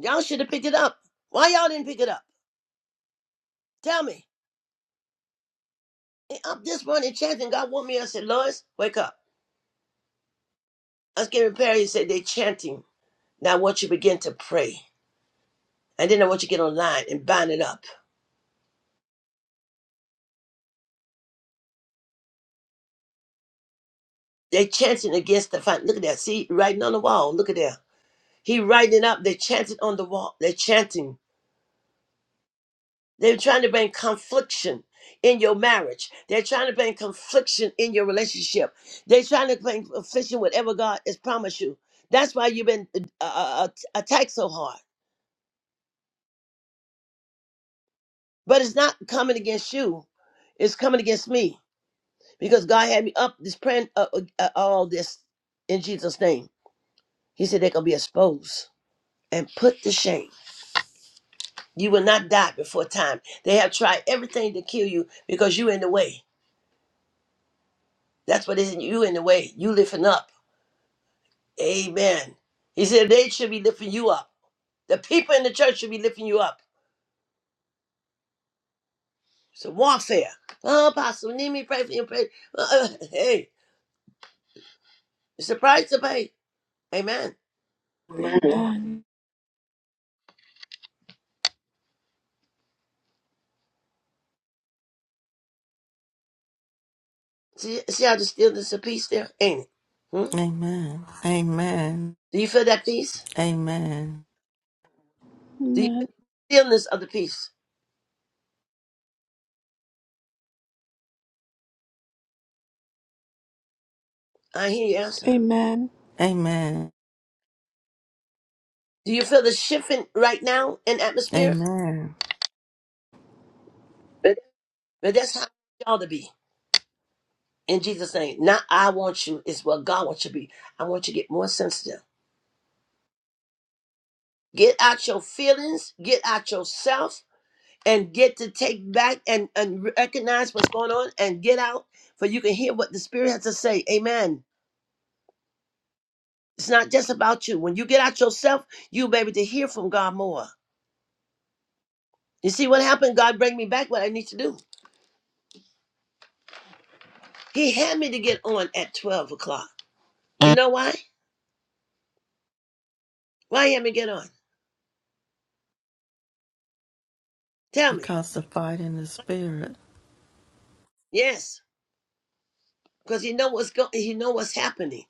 B: Y'all should have picked it up. Why y'all didn't pick it up? Tell me. And Up this morning chanting, God woke me. up. I said, Lois, wake up. I was getting prepared. He said, they chanting. Now I want you to begin to pray. And then I want you to get online and bind it up. They're chanting against the fight. Look at that. See, writing on the wall. Look at that. He writing it up. They're chanting on the wall. They're chanting. They're trying to bring confliction in your marriage. They're trying to bring confliction in your relationship. They're trying to bring confliction whatever God has promised you. That's why you've been uh, uh, uh, attacked so hard. But it's not coming against you. It's coming against me. because God had me up this praying uh, uh, uh, all this in Jesus' name. He said they're gonna be exposed and put to shame. You will not die before time. They have tried everything to kill you because you in the way. That's what it is. You in the way. You lifting up. Amen. He said they should be lifting you up. The people in the church should be lifting you up. It's a warfare. Oh, Apostle, need me to pray for you. Pray. Uh, uh, hey, it's a price to pay. Amen.
A: Amen.
B: See, see how the stillness of peace there, ain't it? Hmm?
C: Amen. Amen.
B: Do you feel that peace?
C: Amen.
B: Do you feel the stillness of the peace? I hear you
A: Amen.
B: answer.
A: Amen. Amen.
C: Amen.
B: Do you feel the shifting right now in atmosphere?
C: Amen.
B: But that's how y'all to be. In Jesus' name. Not I want you, it's what God wants you to be. I want you to get more sensitive. Get out your feelings, get out yourself, and get to take back and, and recognize what's going on and get out for you can hear what the Spirit has to say. Amen. It's not just about you. When you get out yourself, you'll be able to hear from God more. You see what happened? God bring me back what I need to do. He had me to get on at 12 o'clock. You know why? Why he had me get on? Tell me.
C: Because the fight in the spirit.
B: Yes. Because he know what's going he know what's happening.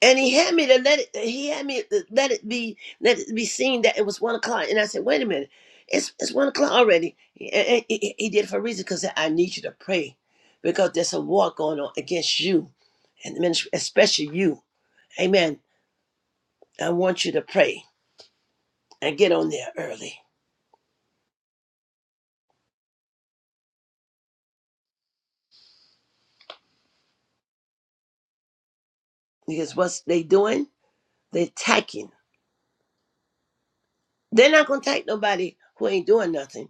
B: And he had me to let it he had me to let it be let it be seen that it was one o'clock. And I said, wait a minute, it's it's one o'clock already. And he, he did it for a reason because I need you to pray. Because there's a war going on against you and minis- especially you. Amen. I want you to pray and get on there early. Because what's they doing? They're attacking. They're not gonna attack nobody who ain't doing nothing.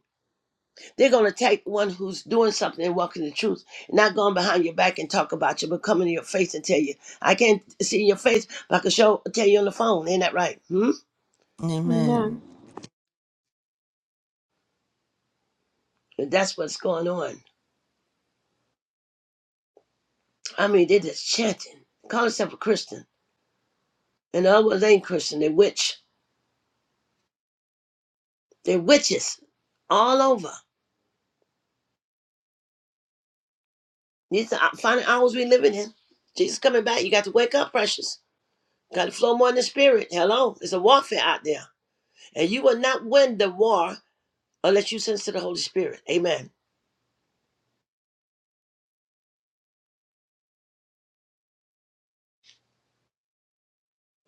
B: They're gonna attack the one who's doing something and walking the truth, not going behind your back and talk about you, but coming in your face and tell you, I can't see your face, but I can show tell you on the phone. Ain't that right? Hmm?
A: Amen.
C: Amen.
B: That's what's going on. I mean, they're just chanting. Call themselves a Christian. And the other ones ain't Christian, they are witch. They're witches all over. These are uh, final hours we living in. Jesus coming back. You got to wake up, precious. Got to flow more in the spirit. Hello. There's a warfare out there. And you will not win the war unless you sense to the Holy Spirit. Amen.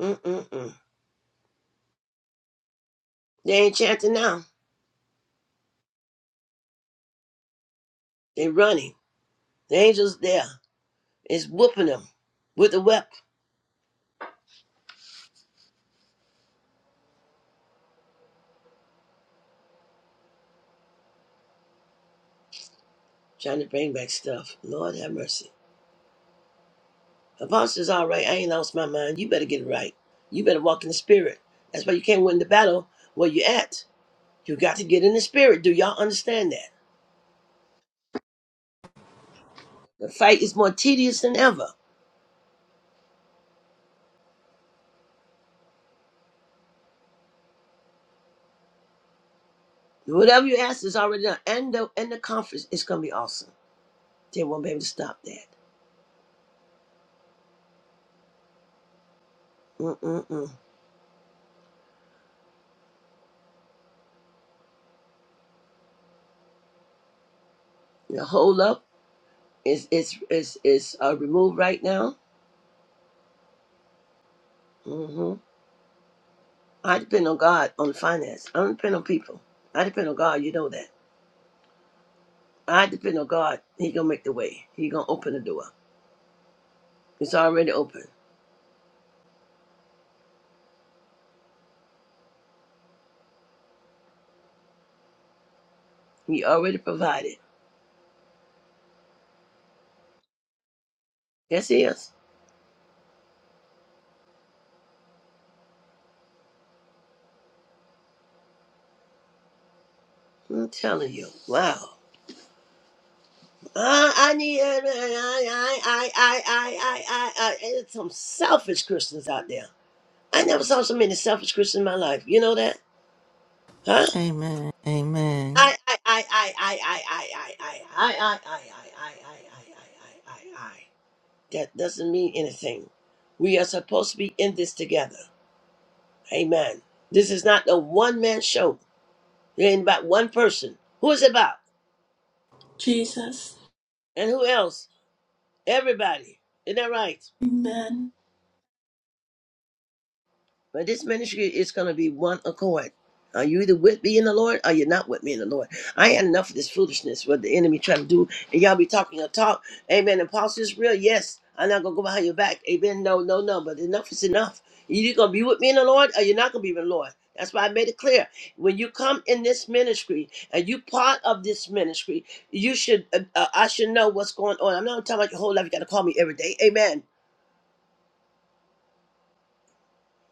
B: Mm-mm-mm. They ain't chanting now. They running. The angels there is whooping them with the whip, trying to bring back stuff. Lord have mercy. Apostles, all right. I ain't lost my mind. You better get it right. You better walk in the Spirit. That's why you can't win the battle where you at. You got to get in the Spirit. Do y'all understand that? The fight is more tedious than ever. Whatever you ask is already done. And the, and the conference is going to be awesome. They won't be able to stop that. Mm-mm-mm. The hold up is is is is uh, removed right now. hmm I depend on God on finance. I don't depend on people. I depend on God. You know that. I depend on God. He gonna make the way. He gonna open the door. It's already open. He already provided. Yes, he is. I'm telling you. Wow. I, I need. I I I I I I I. it's some selfish Christians out there. I never saw so many selfish Christians in my life. You know that, huh?
C: Amen. Amen.
B: I I I I I I I I I I I I I I I I I I. That doesn't mean anything. We are supposed to be in this together. Amen. This is not a one man show. It ain't about one person. Who is it about?
A: Jesus.
B: And who else? Everybody. Isn't that right?
A: Amen.
B: But this ministry is going to be one accord. Are you either with me in the Lord or you're not with me in the Lord? I had enough of this foolishness, what the enemy trying to do. And y'all be talking your talk. Amen. Apostle is real. Yes. I'm not going to go behind your back. Amen. No, no, no. But enough is enough. you either going to be with me in the Lord or you're not going to be with the Lord. That's why I made it clear. When you come in this ministry and you part of this ministry, you should, uh, uh, I should know what's going on. I'm not talking about your whole life. You got to call me every day. Amen.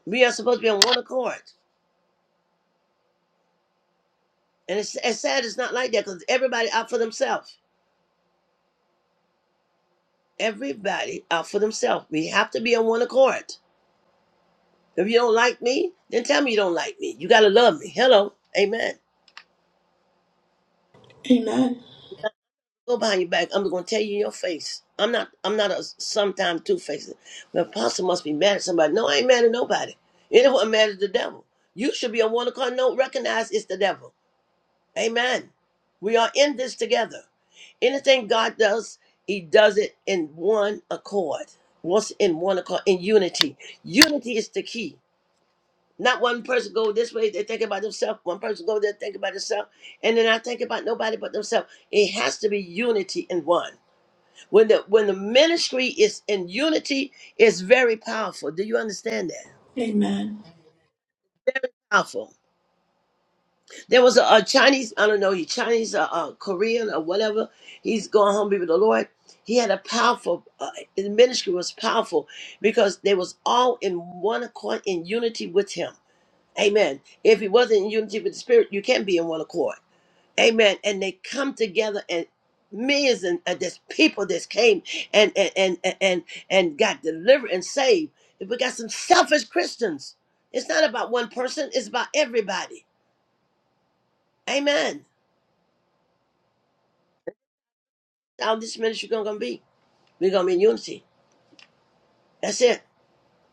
B: We are supposed to be on one accord. And it's, it's sad it's not like that because everybody out for themselves. Everybody out for themselves. We have to be on one accord. If you don't like me, then tell me you don't like me. You gotta love me. Hello. Amen.
A: Amen.
B: Go behind your back. I'm gonna tell you in your face. I'm not I'm not a sometime two faced. The apostle must be mad at somebody. No, I ain't mad at nobody. Anyone mad at the devil. You should be on one accord. No, recognize it's the devil. Amen. We are in this together. Anything God does, He does it in one accord. Once in one accord, in unity. Unity is the key. Not one person go this way, they think about themselves. One person go there, think about themselves, and then I think about nobody but themselves. It has to be unity in one. When the when the ministry is in unity, it's very powerful. Do you understand that?
A: Amen.
B: Powerful. There was a, a Chinese, I don't know, he Chinese, uh, uh, Korean, or whatever. He's going home to be with the Lord. He had a powerful, uh, his ministry was powerful because they was all in one accord, in unity with him. Amen. If he wasn't in unity with the Spirit, you can't be in one accord. Amen. And they come together and millions and uh, there's people that came and and and and and and got delivered and saved. We got some selfish Christians. It's not about one person. It's about everybody. Amen. how this ministry gonna, gonna be. We're gonna be in unity. That's it.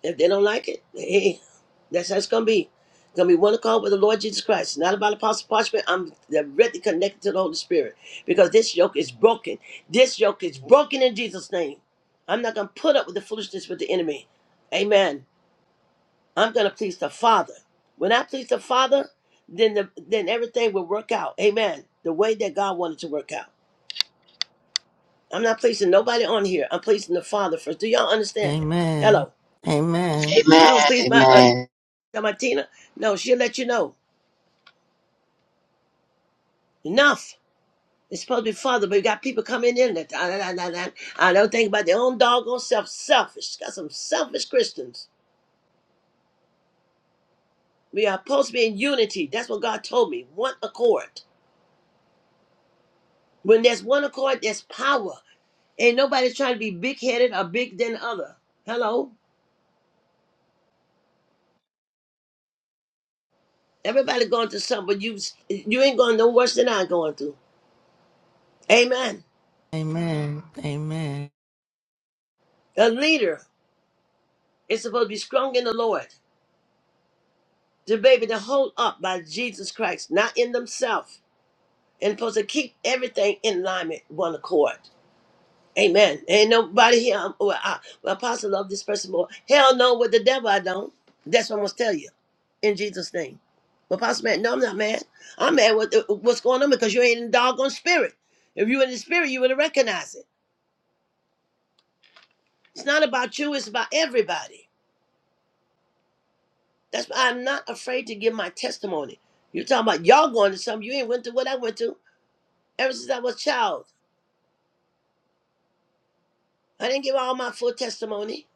B: If they don't like it, hey, that's how it's gonna be. It's gonna be one accord with the Lord Jesus Christ. It's not about apostle parchment. I'm directly connected to the Holy Spirit because this yoke is broken. This yoke is broken in Jesus' name. I'm not gonna put up with the foolishness with the enemy. Amen. I'm gonna please the Father. When I please the Father, then the, then everything will work out. Amen. The way that God wanted to work out. I'm not pleasing nobody on here. I'm pleasing the Father first. Do y'all understand that?
C: Amen.
B: Hello.
C: Amen.
B: I don't please my uh
D: Amen.
B: my Tina. No, she'll let you know. Enough. It's supposed to be Father, but you got people coming in that ah, nah, nah, nah, nah. I don't think about their own doggone self. Selfish. Got some selfish Christians. We are supposed to be in unity. That's what God told me. One accord. When there's one accord, there's power. Ain't nobody trying to be big headed or big than other. Hello. Everybody going through something, but you you ain't going no worse than I'm going through. Amen.
C: Amen. Amen.
B: A leader is supposed to be strong in the Lord, to be able to hold up by Jesus Christ, not in themselves, and supposed to keep everything in alignment, one accord. Amen. Ain't nobody here. um, Well, I, well, Apostle love this person more. Hell no, with the devil I don't. That's what I'm gonna tell you, in Jesus' name. Well, Apostle man, no, I'm not mad. I'm mad with uh, what's going on because you ain't in the doggone spirit. If you in the spirit, you would have recognized it. It's not about you. It's about everybody. That's why I'm not afraid to give my testimony. you talking about y'all going to something. You ain't went to what I went to ever since I was a child. I didn't give all my full testimony.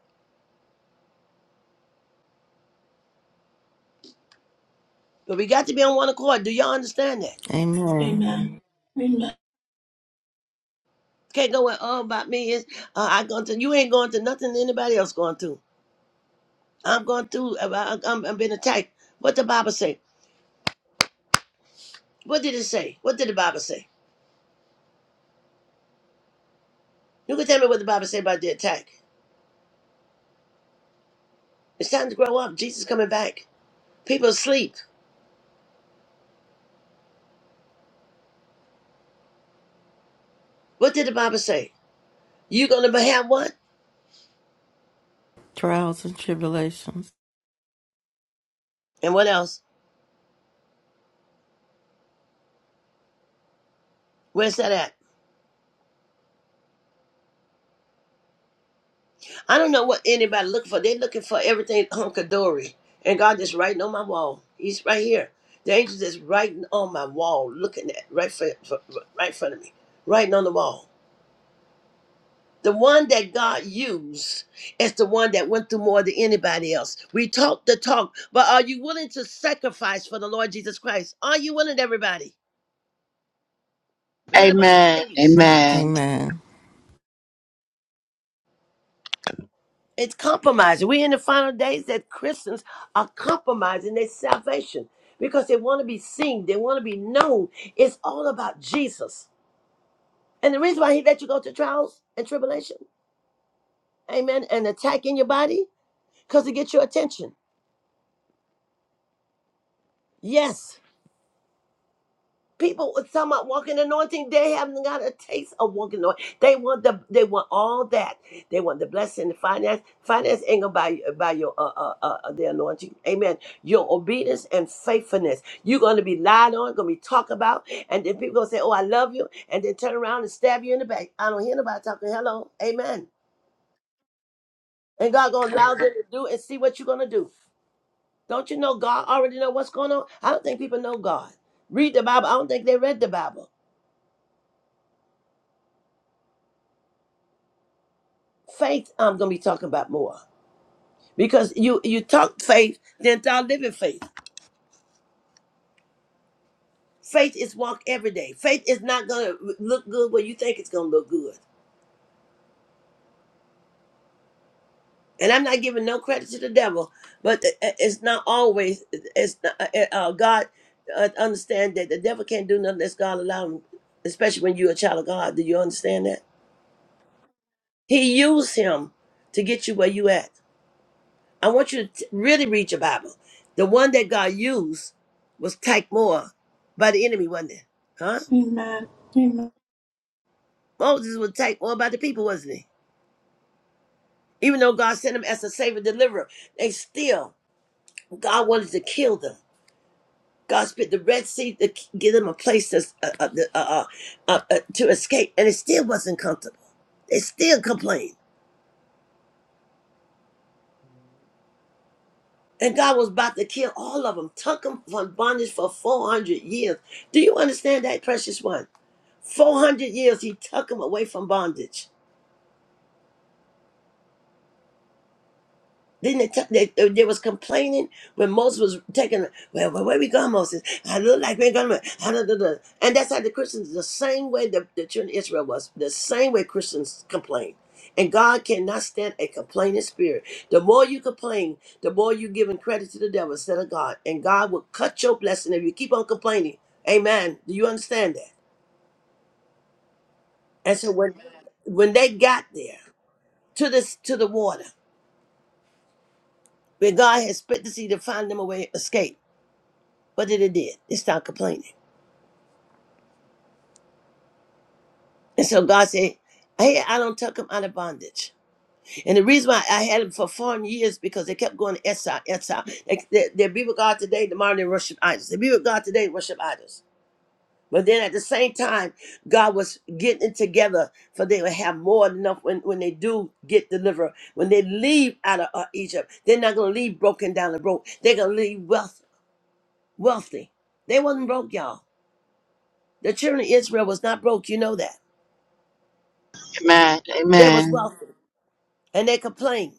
B: But we got to be on one accord. Do y'all understand that?
C: Amen.
A: Amen. Amen. Amen.
B: Can't go with all about me is uh, I going to you ain't going to nothing anybody else going through. I'm going through uh, I, I'm, I'm being attacked. What the Bible say? What did it say? What did the Bible say? You can tell me what the Bible say about the attack. It's time to grow up. Jesus coming back. People asleep. What did the Bible say? You gonna have what?
C: Trials and tribulations.
B: And what else? Where's that at? I don't know what anybody looking for. They're looking for everything hunkadory. And God is writing on my wall. He's right here. The angel is writing on my wall, looking at right for, for- right in front of me, writing on the wall. The one that God used is the one that went through more than anybody else. We talk the talk, but are you willing to sacrifice for the Lord Jesus Christ? Are you willing, everybody?
D: Amen.
B: We got a bunch of babies.
C: Amen.
D: Amen.
B: It's compromising. We're in the final days that Christians are compromising their salvation because they want to be seen, they want to be known. It's all about Jesus. And the reason why he let you go to trials and tribulation, amen, and attack in your body, because to get your attention. Yes. People were talking about walking anointing. They haven't got a taste of walking anointing. They want the they want all that. They want the blessing, the finance. Finance ain't gonna buy you buy your uh, uh, uh uh, the anointing. Amen. Your obedience and faithfulness. You're gonna be lied on, gonna be talked about, and then people gonna say, "Oh, I love you," and then turn around and stab you in the back. I don't hear nobody talking. Hello, Amen. And God gonna allow them to do and see what you're gonna do. Don't you know God already know what's going on? I don't think people know God. Read the Bible. I don't think they read the Bible. faith i'm going to be talking about more because you you talk faith then start living faith faith is walk every day faith is not going to look good where you think it's going to look good and i'm not giving no credit to the devil but it- it- it's not always it's not, uh, uh, god uh, understand that the devil can't do nothing unless god allow him especially when you're a child of god do you understand that he used him to get you where you at I want you to t- really read your Bible. The one that God used was attacked more by the enemy, wasn't it? Huh?
A: Amen.
B: Moses was attacked more by the people, wasn't he? Even though God sent him as a savior deliverer, they still, God wanted to kill them. God spit the Red Sea to k- give them a place to, s- uh, uh, the- uh, uh, uh, uh, to escape, and it still wasn't comfortable. They still complained. And God was about to kill all of them, took them from bondage for 400 years. Do you understand that, precious one? 400 years he took them away from bondage. Then they, t- they, they they was complaining when Moses was taken. Well, well, where we going, Moses? I look like we're going. to And that's how the Christians, the same way the, the children of Israel was, the same way Christians complain. And God cannot stand a complaining spirit. The more you complain, the more you giving credit to the devil instead of God. And God will cut your blessing if you keep on complaining. Amen. Do you understand that? And so when when they got there to this to the water. where God had split the sea to find them a way to escape. What did it did? It stopped complaining. And so God said, Hey, I don't tuck them out of bondage. And the reason why I had them for foreign years because they kept going to exile, exile. They, they, they be with God today, tomorrow they worship idols. They be with God today, worship idols. But then at the same time, God was getting it together for they would have more than enough when, when they do get delivered. When they leave out of uh, Egypt, they're not going to leave broken down and broke. They're going to leave wealth, wealthy. They wasn't broke, y'all. The children of Israel was not broke. You know that.
D: Amen.
B: They was
D: Amen.
B: wealthy. And they complained.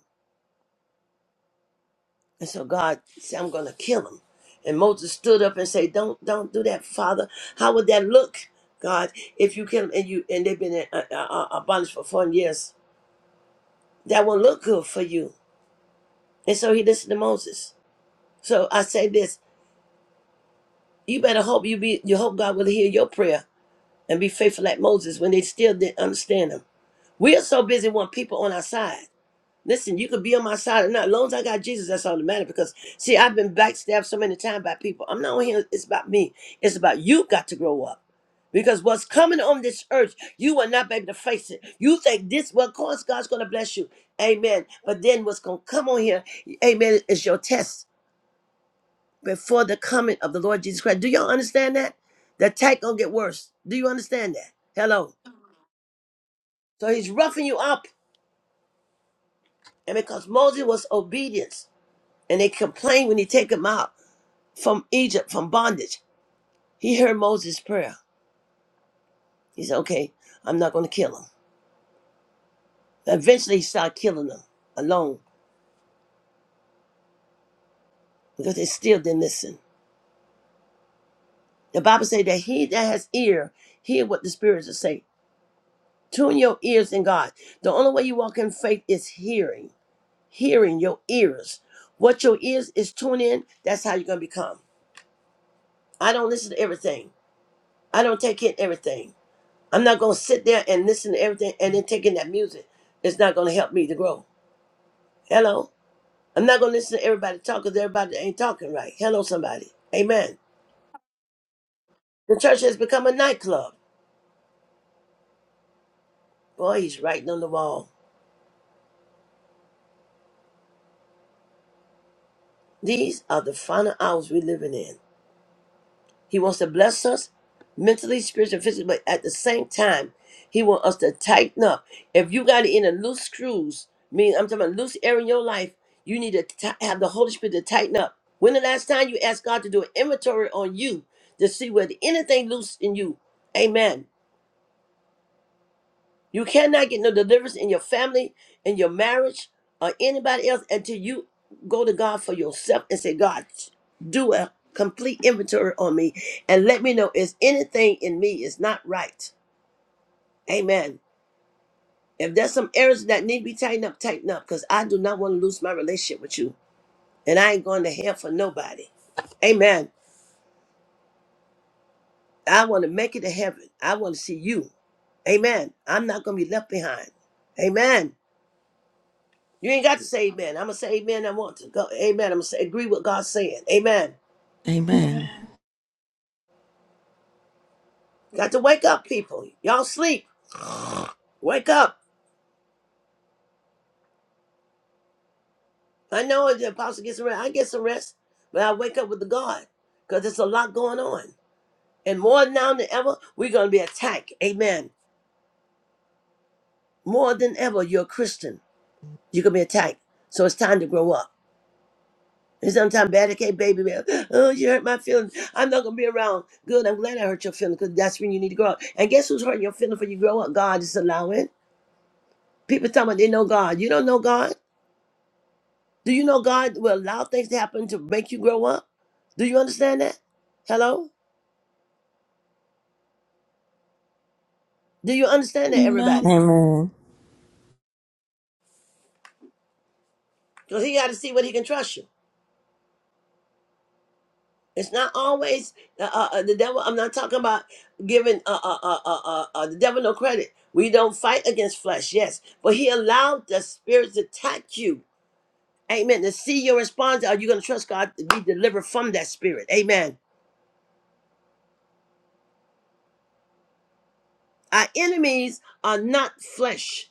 B: And so God said, I'm going to kill them. And Moses stood up and said, don't, don't do that, Father. How would that look, God, if you kill them and, you, and they've been in uh, uh, uh, bondage for 400 years? That won't look good for you. And so he listened to Moses. So I say this, you better hope you be, you hope God will hear your prayer and be faithful like Moses when they still didn't understand him. We are so busy wanting people on our side. Listen, you could be on my side or not. As long as I got Jesus, that's all that matters. Because see, I've been backstabbed so many times by people. I'm not on here. It's about me. It's about you. Got to grow up. Because what's coming on this earth, you will not be able to face it. You think this, well, of course, God's going to bless you. Amen. But then what's going to come on here, amen, is your test before the coming of the Lord Jesus Christ. Do y'all understand that? The attack going to get worse. Do you understand that? Hello. So he's roughing you up. And because Moses was obedient and they complained when he take him out, from Egypt, from bondage. He heard Moses' prayer. He said, okay, I'm not going to kill him. Eventually, he started killing them alone because they still didn't listen. The Bible says that he that has ear, hear what the spirits are saying. Tune your ears in God. The only way you walk in faith is hearing, hearing your ears. What your ears is tuned in, that's how you're going to become. I don't listen to everything. I don't take in everything. I'm not going to sit there and listen to everything and then take in that music. It's not going to help me to grow. Hello? I'm not going to listen to everybody talk because everybody ain't talking right. Hello, somebody. Amen. The church has become a nightclub. Boy, he's writing on the wall. These are the final hours we're living in. He wants to bless us mentally, spiritually, physically, but at the same time, he wants us to tighten up. If you got it in loose screws, mean I'm talking about loose air in your life, you need to ti- have the Holy Spirit to tighten up. When the last time you asked God to do an inventory on you to see whether anything loose in you, amen, You cannot get no deliverance in your family, in your marriage, or anybody else until you go to God for yourself and say, God, do a complete inventory on me and let me know is anything in me is not right. Amen. If there's some areas that need to be tightened up, tighten up, because I do not want to lose my relationship with you. And I ain't going to hell for nobody. Amen. I want to make it to heaven. I want to see you. Amen. I'm not going to be left behind. Amen. You ain't got to say amen. I'm gonna say amen. I want to go. Amen. I'm gonna say, agree with God saying. Amen.
C: Amen.
A: Amen.
B: Got to wake up, people. Y'all sleep. Wake up. I know the apostle gets some rest. I get some rest, but I wake up with the God because there's a lot going on. And more now than ever, we're gonna be attacked. Amen. More than ever, you're a Christian. You're gonna be attacked. So it's time to grow up. And sometimes bad okay, baby, man. Oh, you hurt my feelings. I'm not gonna be around. Good, I'm glad I hurt your feelings, because that's when you need to grow up. And guess who's hurting your feelings when you grow up? God is allowing. People talking about they know God. You don't know God. Do you know God will allow things to happen to make you grow up? Do you understand that? Hello? Do you understand that,
A: Amen.
B: everybody?
C: Amen.
B: Because he got to see what he can trust you. It's not always uh, uh, uh, the devil. I'm not talking about giving uh, uh, uh, uh, uh, uh, the devil no credit. We don't fight against flesh, yes. But he allowed the spirits to attack you. Amen. To see your response, are you going to trust God to be delivered from that spirit? Amen. Our enemies are not flesh.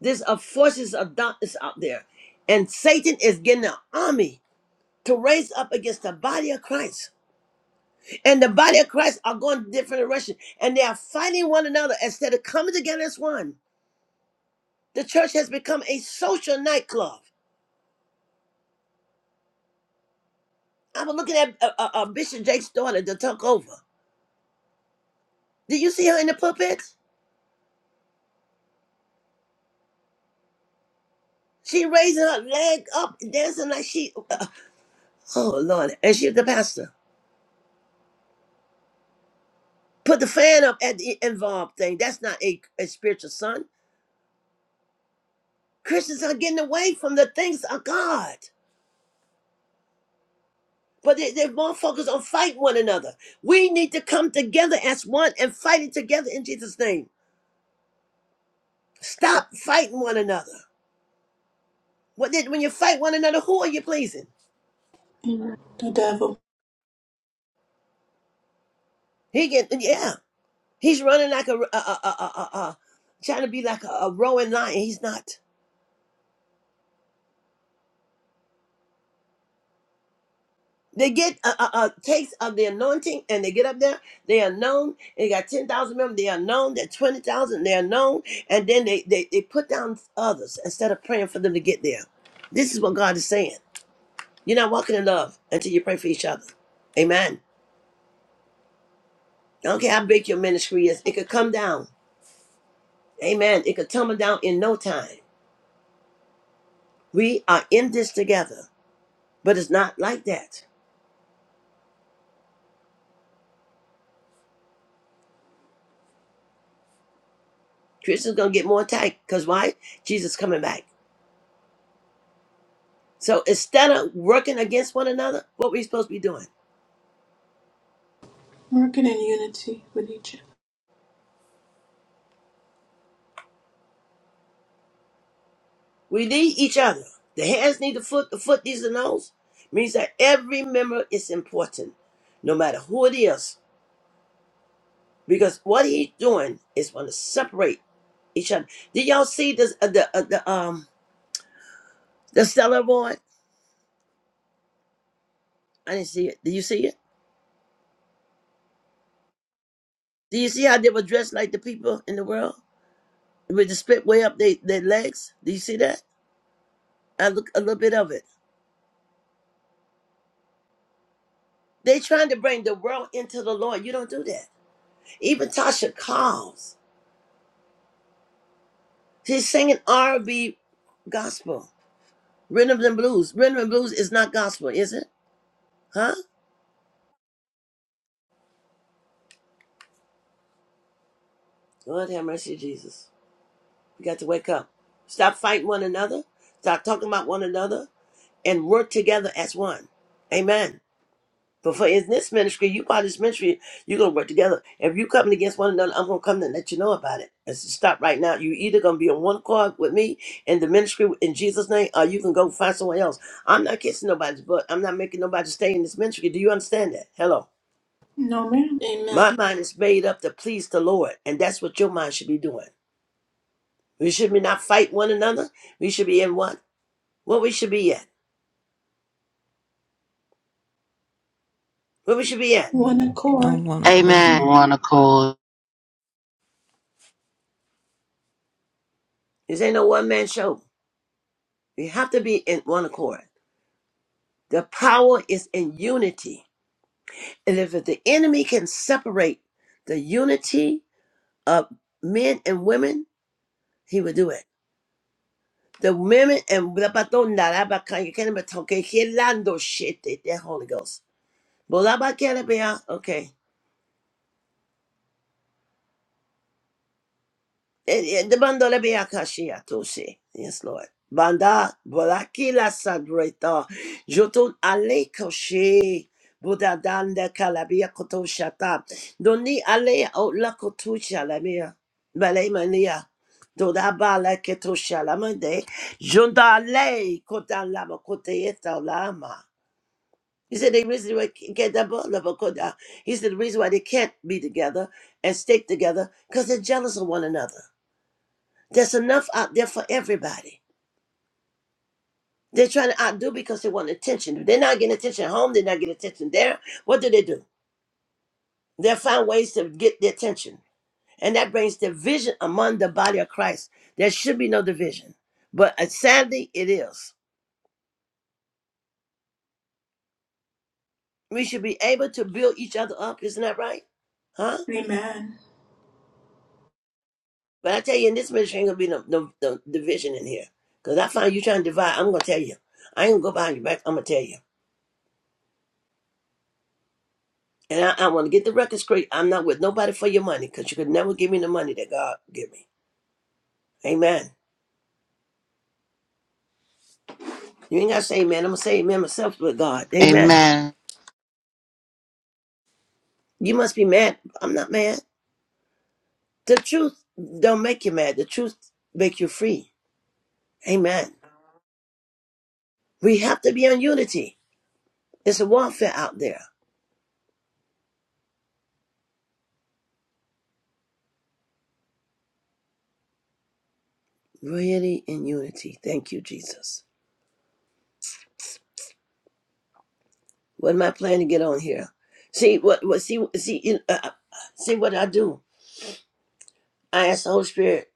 B: There's a forces of darkness out there. And Satan is getting an army to raise up against the body of Christ. And the body of Christ are going different directions. And they are fighting one another instead of coming together as one. The church has become a social nightclub. I was looking at uh, uh, uh, Bishop Jake's daughter to talk over. Did you see her in the pulpit? She raising her leg up, dancing like she. uh, uh, oh Lord! And she's the pastor. Put the fan up at the involved thing. That's not a, a spiritual son. Christians are getting away from the things of God. But they, they're more focused on fighting one another. We need to come together as one and fight it together in Jesus' name. Stop fighting one another. What did, when you fight one another, who are you pleasing?
A: Amen. The devil.
B: He get yeah. He's running like a, a, a, a, a, a- a- trying to be like a, a roaring lion. He's not. They get a, a, a taste of the anointing and they get up there. They are known. They got 10,000 members. They are known. They're 20,000. They are known. And then they, they, they put down others instead of praying for them to get there. This is what God is saying. You're not walking in love until you pray for each other. Amen. I don't care how big your ministry is, it could come down. Amen. It could tumble down in no time. We are in this together, but it's not like that. Christians gonna get more attacked because why? Jesus coming back. So instead of working against one another, what we supposed to be doing?
A: Working in unity with each other.
B: We need each other. The hands need the foot, the foot needs the nose. Means that every member is important, no matter who it is. Because what he's doing is want to separate each other. Did y'all see this, uh, the, uh, the, um, the stellar board? I didn't see it. Do you see it? Do you see how they were dressed like the people in the world? With the split way up they, their legs? Do you see that? I look a little bit of it. They trying to bring the world into the Lord. You don't do that. Even Tasha Cobbs, she's singing R&B gospel, rhythm and blues. Rhythm and blues is not gospel, is it? Huh? Lord have mercy, Jesus. We got to wake up. Stop fighting one another. Stop talking about one another and work together as one. Amen. But for in this ministry, you part of this ministry, you're gonna work together. If you coming against one another, I'm gonna come and let you know about it. And stop right now. You either gonna be on one accord with me in the ministry in Jesus' name, or you can go find someone else. I'm not kissing nobody's butt. I'm not making nobody stay in this ministry. Do you understand that? Hello.
A: No man. Amen.
B: My mind is made up to please the Lord, and that's what your mind should be doing. We should be not fight one another. We should be in what? What we should be at. What we should be at.
A: One
C: Don't
A: accord.
C: want to call
D: Amen.
C: you.
D: Monocle.
B: This ain't no one man show. We have to be in one accord. The power is in unity. And if the enemy can separate the unity of men and women, he will do it. The women and you can't even talk. Okay, Holy Ghost. Okay. Eh, eh, the bandola be akashia toshi. Yes, Lord. Banda bolakila sabreta. Jotun ale koshi. Buddha danda kalabia kotoshata. Doni ale outla koto shalamia. Bale mania. Doda bala ketosha shalamande. Jonda le kotan lama koteyeta lama. He said the reason why get the ball of a koda. He said the reason why they can't be together and stick together because they're jealous of one another. There's enough out there for everybody. They're trying to outdo because they want attention. If they're not getting attention at home, they're not getting attention there. What do they do? They find ways to get the attention. And that brings division among the body of Christ. There should be no division. But uh, sadly, it is. We should be able to build each other up. Isn't that right? Huh?
A: Amen.
B: But I tell you, in this ministry, ain't going to be no, no, no division in here. Because I find you trying to divide, I'm going to tell you. I ain't going to go behind your back. I'm going to tell you. And I, I want to get the record straight. I'm not with nobody for your money because you could never give me the money that God give me. Amen. You ain't got to say amen. I'm going to say amen myself with God. Amen.
D: Amen.
B: You must be mad. I'm not mad. The truth don't make you mad. The truth make you free. Amen. We have to be in unity. It's a warfare out there. Really in unity. Thank you, Jesus. What am I planning to get on here? See what? What? See? See? you know, Uh, uh, see what I do? I ask the Holy Spirit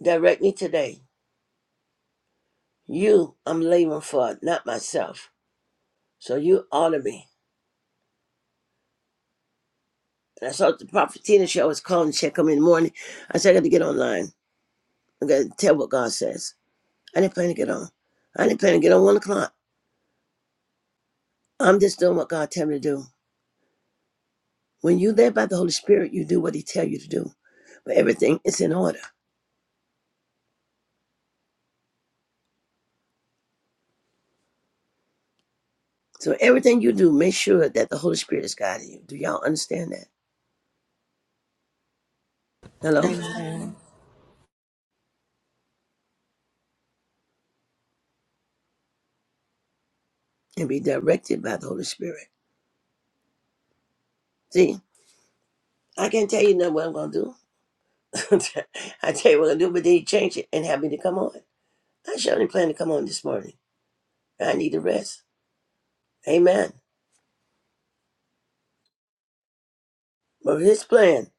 B: direct me today You, I'm laboring for, not myself. So you honor me. And I saw the Prophet Tina show. I was calling to check on me in the morning. I said, I got to get online. I got to tell what God says. I didn't plan to get on. I didn't plan to get on one o'clock. I'm just doing what God tell me to do. When you led by the Holy Spirit, you do what He tell you to do. But everything is in order. So everything you do, make sure that the Holy Spirit is guiding you. Do y'all understand that? Hello?
A: Amen.
C: Amen.
B: And be directed by the Holy Spirit. See, I can't tell you nothing what I'm going to do. I tell you what I do, but then he changed it and had me to come on. I surely plan to come on this morning. I need to rest. Amen. But his plan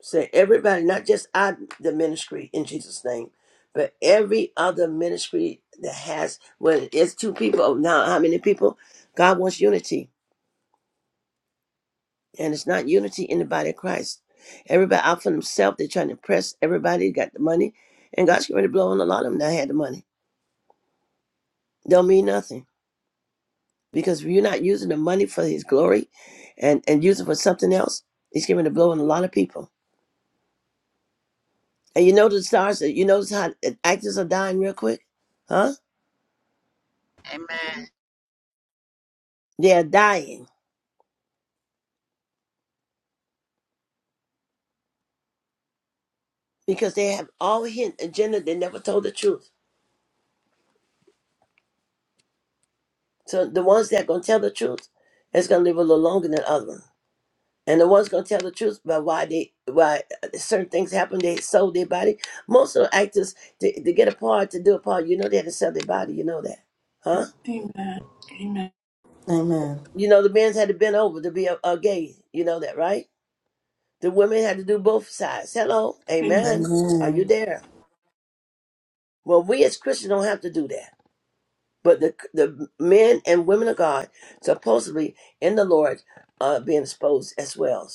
B: said everybody, not just I, the ministry in Jesus' name, but every other ministry that has, when it's two people, oh, now how many people? God wants unity. And it's not unity in the body of Christ. Everybody out for themselves, they're trying to press everybody, got the money. And God's going to blow on a lot of them that had the money. Don't mean nothing. because if you're not using the money for his glory and and using it for something else he's giving a blow on a lot of people and you know the stars you notice how actors are dying real quick huh
D: Amen.
B: they're dying because they have all hidden agenda they never told the truth so the ones that are going to tell the truth it's going to live a little longer than the other ones and the ones going to tell the truth about why they why certain things happen they sold their body most of the actors to, to get a part to do a part you know they had to sell their body you know that huh
A: Amen. Amen.
C: Amen.
B: You know, the men's had to bend over to be a, a gay. You know that, right? The women had to do both sides. Hello, amen. Are you
C: Amen.
B: there? Well, we as Christians don't have to do that. But the the men and women of God, supposedly in the Lord, are being exposed as well.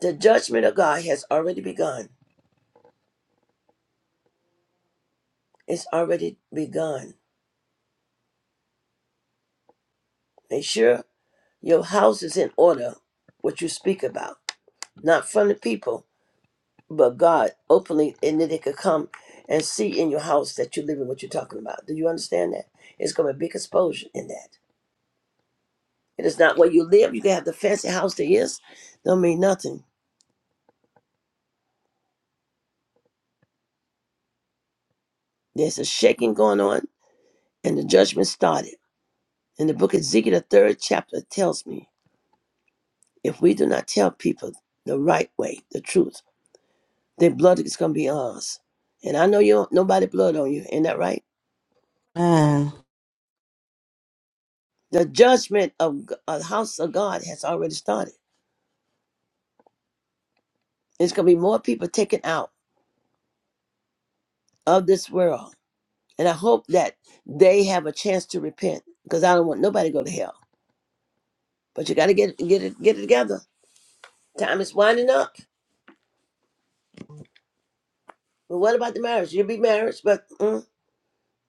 B: The judgment of God has already begun. It's already begun. Make sure your house is in order. What you speak about, not from the people, but God openly, and then they could come and see in your house that you live in what you're talking about. Do you understand that? It's going to be a big exposure in that. It is not where you live. You can have the fancy house there is, don't mean nothing. There's a shaking going on, and the judgment started. In the book of Ezekiel, the third chapter tells me if we do not tell people the right way, the truth, their blood is going to be ours. And I know you don't, nobody blood on you. Ain't that right?
C: Amen.
B: The judgment of G- uh, the house of God has already started. There's going to be more people taken out of this world. And I hope that they have a chance to repent because I don't want nobody to go to hell. But you got to get get it get it together. Time is winding up. But what about the marriage? You'll be married, but mm,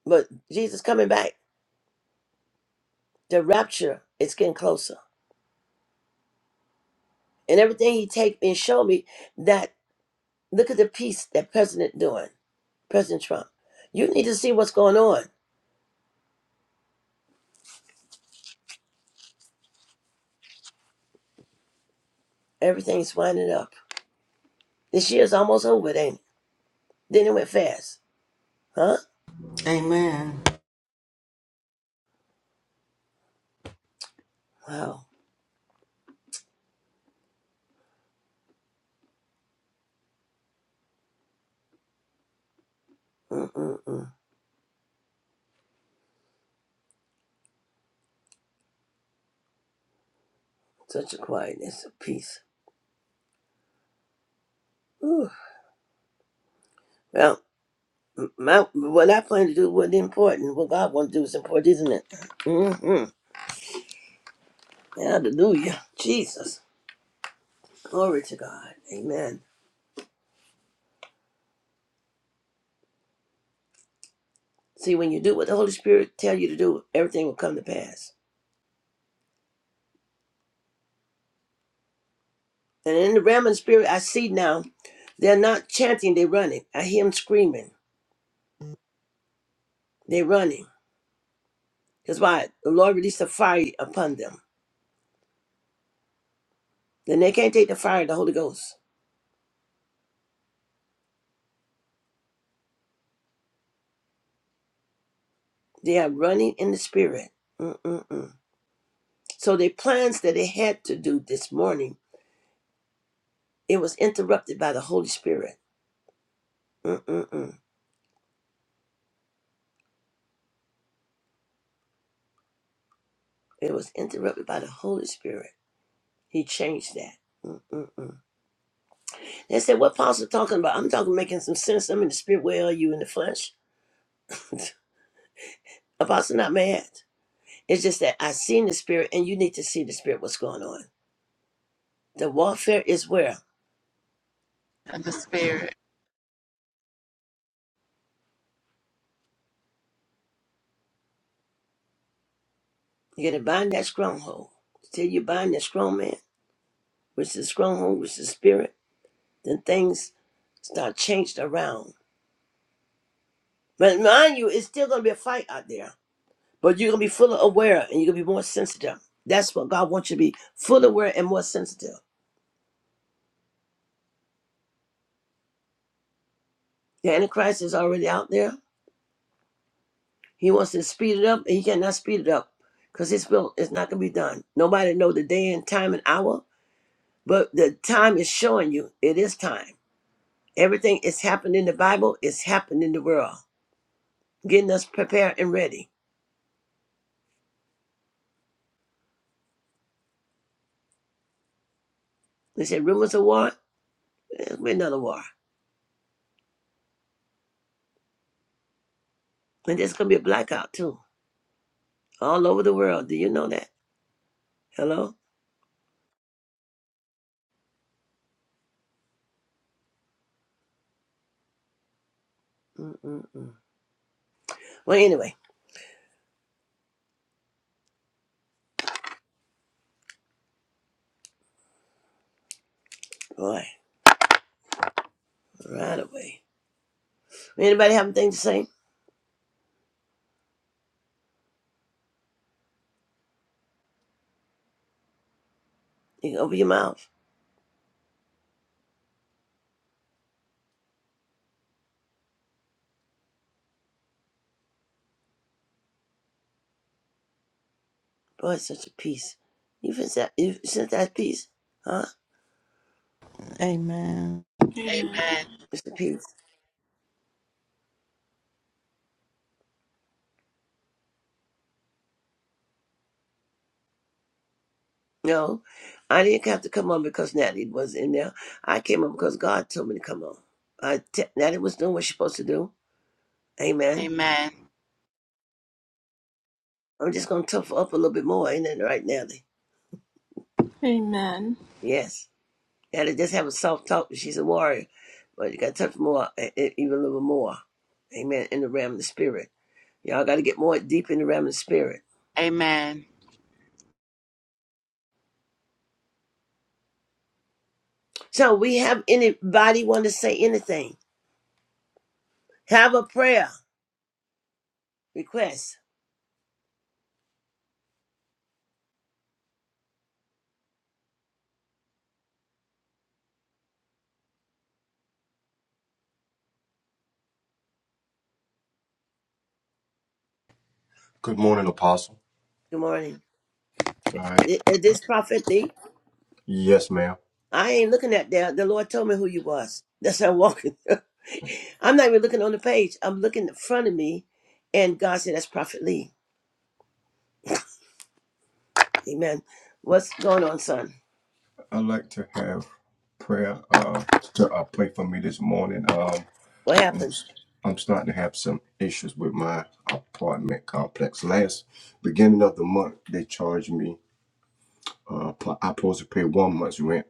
B: but Jesus coming back. The rapture is getting closer. And everything he take and show me that look at the peace that President doing, President Trump. You need to see what's going on. Everything's winding up. This year's almost over, it ain't it? Then it went fast. Huh?
C: Amen.
B: Wow. Mm-mm-mm. Such a quietness, a peace. Whew. Well, m- my, what I plan to do wasn't important. What God wants to do is important, isn't it? Mm-hmm. Hallelujah. Jesus. Glory to God. Amen. See, when you do what the Holy Spirit tell you to do, everything will come to pass. And in the realm of the spirit, I see now, they're not chanting, they're running. I hear them screaming. They're running. That's why the Lord released a fire upon them. Then they can't take the fire of the Holy Ghost. They are running in the spirit. Mm-mm-mm. So their plans that they had to do this morning, it was interrupted by the Holy Spirit. Mm-mm-mm. It was interrupted by the Holy Spirit. He changed that. Mm-mm-mm. They said, what Apostle talking about? I'm talking making some sense. I'm in the spirit. Where are you in the flesh? Apostle not mad. It's just that I seen the spirit and you need to see the spirit what's going on. The warfare is where?
D: Of the Spirit.
B: You gotta bind that stronghold. Till you bind that strong man, which is stronghold, which is spirit, then things start changed around But mind you, it's still going to be a fight out there. But you're going to be fully aware and you're going to be more sensitive. That's what God wants you to be fully aware and more sensitive. The Antichrist is already out there. He wants to speed it up, and he cannot speed it up because his will is not going to be done. Nobody know the day and time and hour, but the time is showing you it is time. Everything is happening in the Bible, it's happening in the world, getting us prepared and ready. They said rumors of war, there's gonna be another war. And there's going to be a blackout too, all over the world. Do you know that? Hello? Mm-mm-mm. Well, anyway, boy, right away. Anybody have anything to say? You can open your mouth. Boy, it's such a peace. You sent that, you sent that piece? Huh?
C: Amen.
A: Amen.
D: Amen.
B: It's a peace. No, I didn't have to come on because Natalie was in there. I came on because God told me to come on. I t- Natalie was doing what she's supposed to do. Amen.
D: Amen.
B: I'm just going to tough her up a little bit more, ain't it, right, Natalie?
A: Amen.
B: Yes. Gotta just have a soft talk. She's a warrior, but you gotta touch more, e- e- even a little more. Amen. In the realm of the spirit, y'all gotta get more deep in the realm of the spirit.
D: Amen.
B: So, we have anybody want to say anything? Have a prayer request.
E: Good morning, Apostle.
B: Good morning.
E: All right.
B: Is this prophet me?
E: Yes, ma'am.
B: I ain't looking at that. The Lord told me who you was. That's how I'm walking. I'm not even looking on the page. I'm looking in front of me, and God said, "That's Prophet Lee." Amen. What's going on, son?
E: I'd like to have prayer uh, to uh, pray for me this morning. Um,
B: What
E: I'm,
B: happened?
E: st- I'm starting to have some issues with my apartment complex. Last beginning of the month, they charged me. Uh, pl- I supposed to pay one month's rent,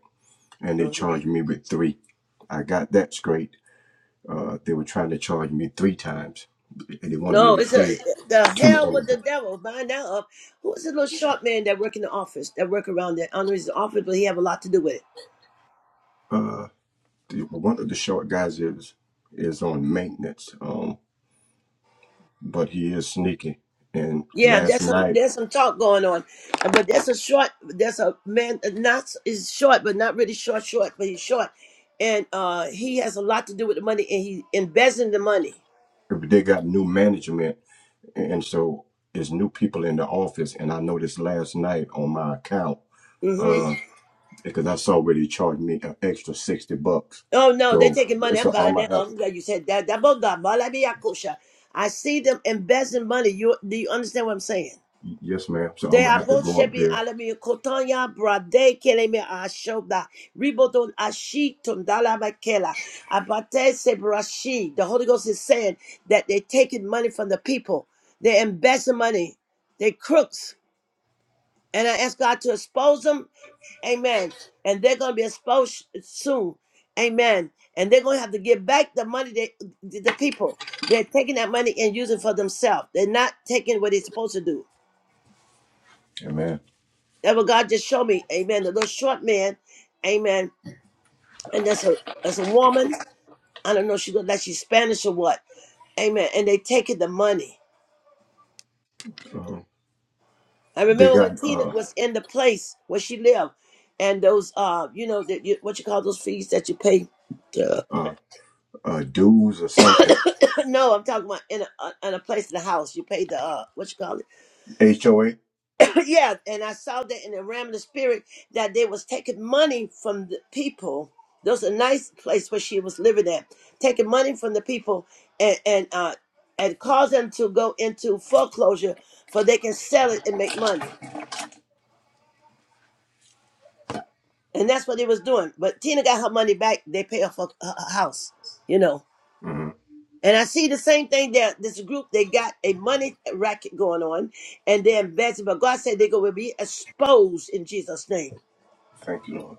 E: and they
B: Mhm.
E: charged me with three. I got that straight. Uh, they were trying to charge me three times, and they wanted me
B: No,
E: to
B: it's a
E: pay
B: the
E: two.
B: hell with the
E: of
B: devil. Bind that up. Who's the little sharp man that work in the office? That work around there? I don't know his office, but he have a lot to do with it.
E: The, one of the short guys is is on maintenance, um, but he is sneaky. And
B: Yeah,
E: last
B: there's some
E: night
B: there's some talk going on, Uh, but that's a short. That's a man uh, not is short, but not really short short, but he's short, and uh he has a lot to do with the money, and he embezzling the money.
E: they got new management, and so it's new people in the office. And I noticed last night on my account
B: Mm-hmm.
E: uh, because I saw where they charged me an extra sixty bucks.
B: Oh no, they're
E: So
B: taking money. I'm
E: so I'm
B: buying
E: gonna
B: that.
E: have
B: I'm
E: to,
B: glad you said that. That boga, malabiyakosha. I see them investing money. You do you understand what I'm saying?
E: yes, ma'am. So I'm
B: They
E: gonna
B: are
E: have to
B: both
E: go up
B: shebi
E: there,
B: alami kotonya brade keleme ashoda riboton ashitum dalabakela abate sebrashi. The Holy Ghost is saying that they're taking money from the people. They're investing money. They crooks. And I ask God to expose them. Amen. And they're going to be exposed soon. Amen. And they're going to have to give back the money they, the the people. They're taking that money and using it for themselves. They're not taking what they're supposed to do.
E: and man,
B: That what God just showed me. Amen. The little short man. Amen. And that's a that's a woman. I don't know. if She looked like she's Spanish or what. Amen. And they taking the money.
E: uh,
B: I
E: they
B: remember when
E: got
B: Tina
E: uh,
B: was in the place where she lived, and those uh, you know, that you, what you call those fees that you pay.
E: uh, uh, dues or something.
B: No, I'm talking about in a uh, in a place in the house. You paid the uh, what you call
E: HOA.
B: it? yeah, and I saw that in the realm of the spirit that they was taking money from the people. That was a nice place where she was living at, taking money from the people and and uh and cause them to go into foreclosure for they can sell it and make money. And that's what they was doing. But Tina got her money back. They pay off her, her her house, you know.
E: Mm-hmm.
B: And I see the same thing that this group they got a money racket going on, and they're investing. But God said they're going to be exposed in Jesus' name.
E: Thank you, Lord.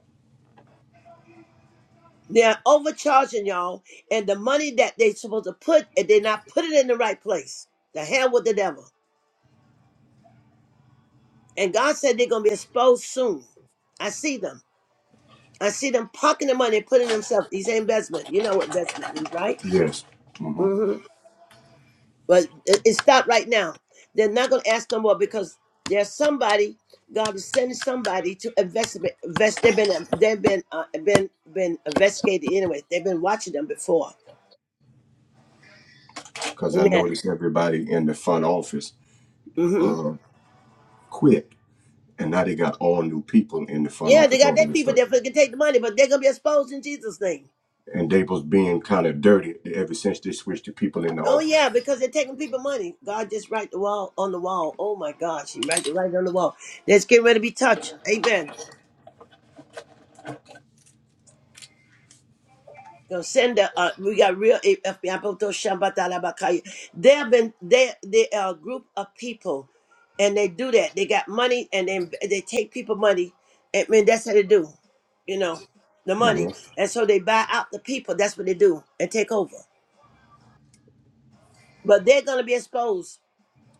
B: They're overcharging y'all, and the money that they're supposed to put, and they're not putting it in the right place. The hell with the devil. And God said they're going to be exposed soon. I see them. I see them parking the money, putting themselves. These investment. You know what investment means, right?
E: Yes. Mm-hmm.
B: Mm-hmm. But it, it stopped right now. They're not going to ask no more because there's somebody God is sending somebody to investigate. Invest, they've been um, they've been uh, been been investigated anyway. They've been watching them before.
E: because I
B: Amen.
E: noticed everybody in the front office
B: hmm
E: uh, quit, and now they got all new people in the front
B: Yeah, they
E: office
B: got
E: all
B: their
E: of a
B: people there
E: sudden.
B: for can take the money, but they're gonna be exposed in Jesus' name.
E: And they was being kind of dirty ever since they switched the people in the
B: Oh
E: office.
B: yeah, because they're taking people money. God just write the wall on the wall. Oh my God, she write the right on the wall. That's getting ready to be touched. Amen. Gonna send the uh, we got real eh, eh, Yapoto Shambata Labakaya. They have been they they are a group of people, and they do that. They got money, and then they take people money. I mean that's how they do, you know, the
E: hmm
B: money, and so they buy out the people. That's what they do and take over. But they're gonna be exposed,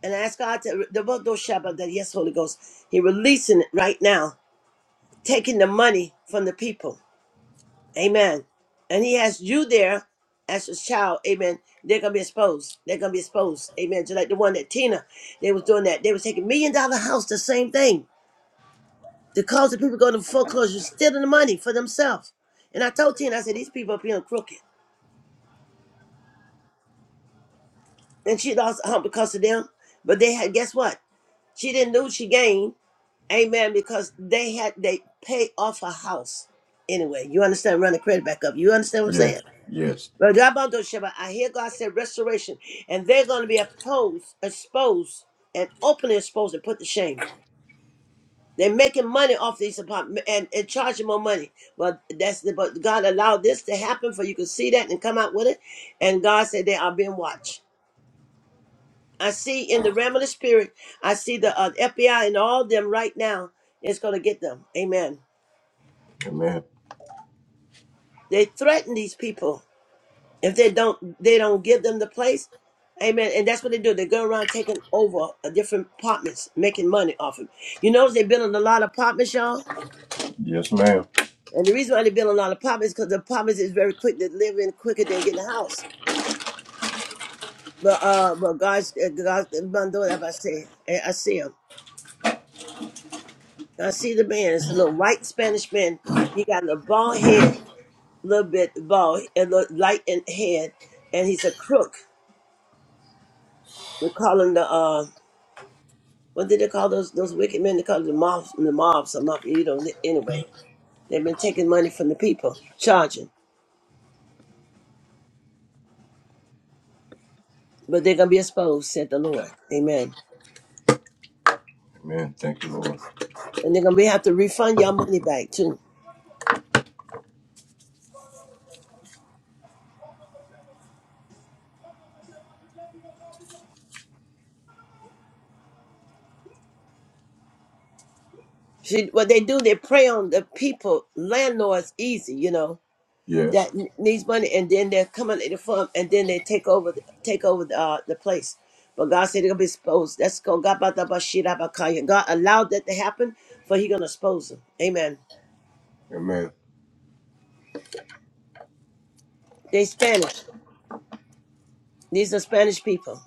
B: and I ask God to the Yapoto Shambata. Yes, Holy Ghost, He releasing it right now, taking the money from the people Amen. And he has you there as his child. Amen. They're gonna be exposed. They're gonna be exposed. Amen. Just like the one that Tina, they was doing that. They was taking million dollar house, the same thing. The cause the people going to foreclosure, stealing the money for themselves. And I told Tina, I said, these people are being crooked. And she lost her hump because of them. But they had guess what? She didn't lose, she gained. Amen. Because they had they paid off her house anyway. You understand? Run the credit back up. You understand what I'm saying?
E: Yes, yes,
B: Rabbando I hear God said restoration, and they're going to be opposed, exposed, and openly exposed and put to shame. They're making money off these apartments and, and charging more money. But that's the, but God allowed this to happen for you can see that and come out with it. And God said they are being watched. I see in the realm of the spirit, I see the uh, FBI and all them right now is going to get them. Amen.
E: amen.
B: They threaten these people if they don't they don't give them the place amen and that's what they do they go around taking over uh, different apartments making money off them you notice they build a lot of apartments y'all
E: Yes, ma'am.
B: and the reason why they build a lot of apartments because the apartments is very quick to live in quicker than getting a house but uh but god's uh, god doing i say i I see him i see the man it's a little white spanish man he got a bald head a little bit bald a little light in head and he's a crook we call him the uh What did they call those those wicked men? They called them the mobs, the mobs, or mafia. You know, anyway, they've been taking money from the people, charging, but they're gonna be exposed," said the Lord. Amen.
E: Amen. Thank you, Lord.
B: And they're gonna be have to refund your money back too. See, what they do, they prey on the people, landlords, easy, you know,
E: Yes,
B: that n- needs money, and then they're coming in the farm, and then they take over, the- take over the, uh, the place. But God said they're gonna be exposed. That's called God. God allowed that to happen, for He gonna expose them. Amen.
E: amen.
B: They Spanish. These are Spanish people.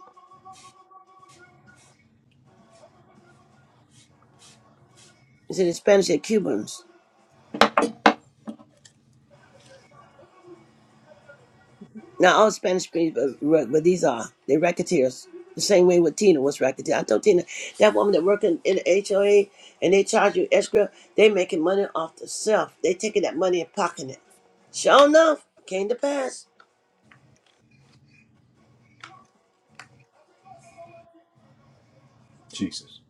B: You see, the Spanish are Cubans. Not all Spanish people, but, but these are. They're racketeers. The same way with Tina was racketeer. I told Tina, that woman that working in the HOA and they charge you escrow, they making money off the self. They taking that money and pocketing it. Sure enough, came to pass.
E: Jesus.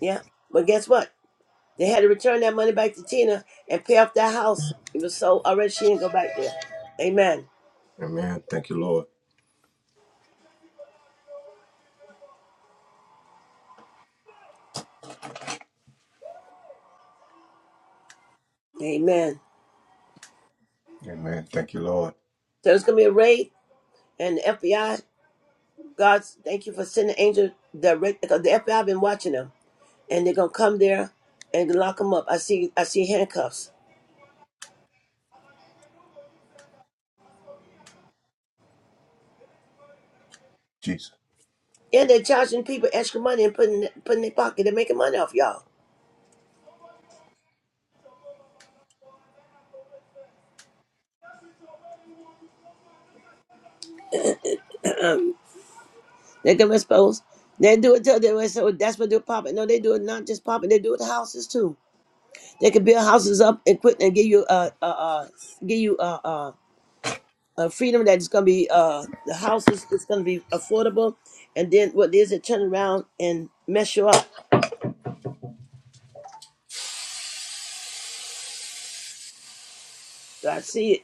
B: Yeah. But guess what? They had to return that money back to Tina and pay off that house. It was so already she didn't go back there. Amen.
E: Amen. Thank you, Lord.
B: Amen.
E: Amen. Thank you, Lord.
B: So it's gonna be a raid and the FBI. God, thank you for sending angel direct because the FBI been watching them and they're gonna come there and lock them up. I see, I see handcuffs.
E: Jesus.
B: And they're charging people extra money and putting putting in their pocket. They're making money off y'all. Um, they come expose. They do it till they were so that's what they're popping. No, they do it not just popping. They do it to houses too. They can build houses up and quit and give you uh uh, uh give you uh uh. uh freedom that is gonna be uh the houses it's gonna be affordable, and then what it is it turn around and mess you up. So I see it.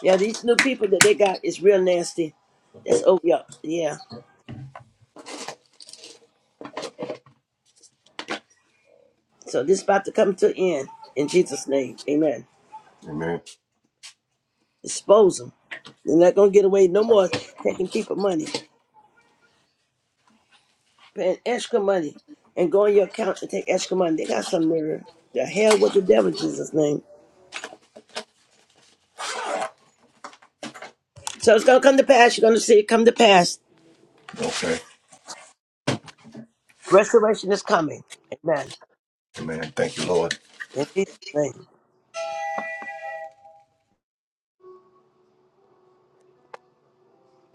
B: Yeah, these new people that they got is real nasty. That's over. Yeah. yeah. So this about to come to an end in Jesus' name. Amen.
E: Amen.
B: Expose them. They're not gonna get away no more taking people money, paying extra money, and go on your account and take extra money. They got some nerve. The hell with the devil, in Jesus' name. So it's gonna come to pass. You're gonna see it come to pass.
E: Okay.
B: Restoration is coming. Amen.
E: Amen. Thank you, Lord.
B: In Jesus' name.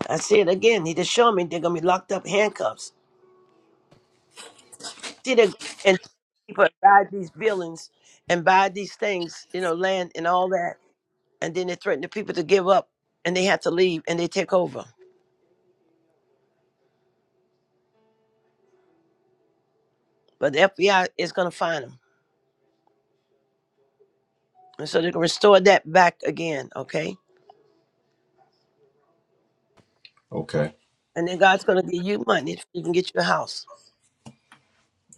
B: I see it again. He just showed me they're gonna be locked up handcuffs. See that? people buy these buildings and buy these things, you know, land and all that, and then they threaten the people to give up and they have to leave and they take over. But the FBI is going to find them, and so they're going to restore that back again, okay?
E: Okay.
B: And then God's going to give you money if you can get you a house,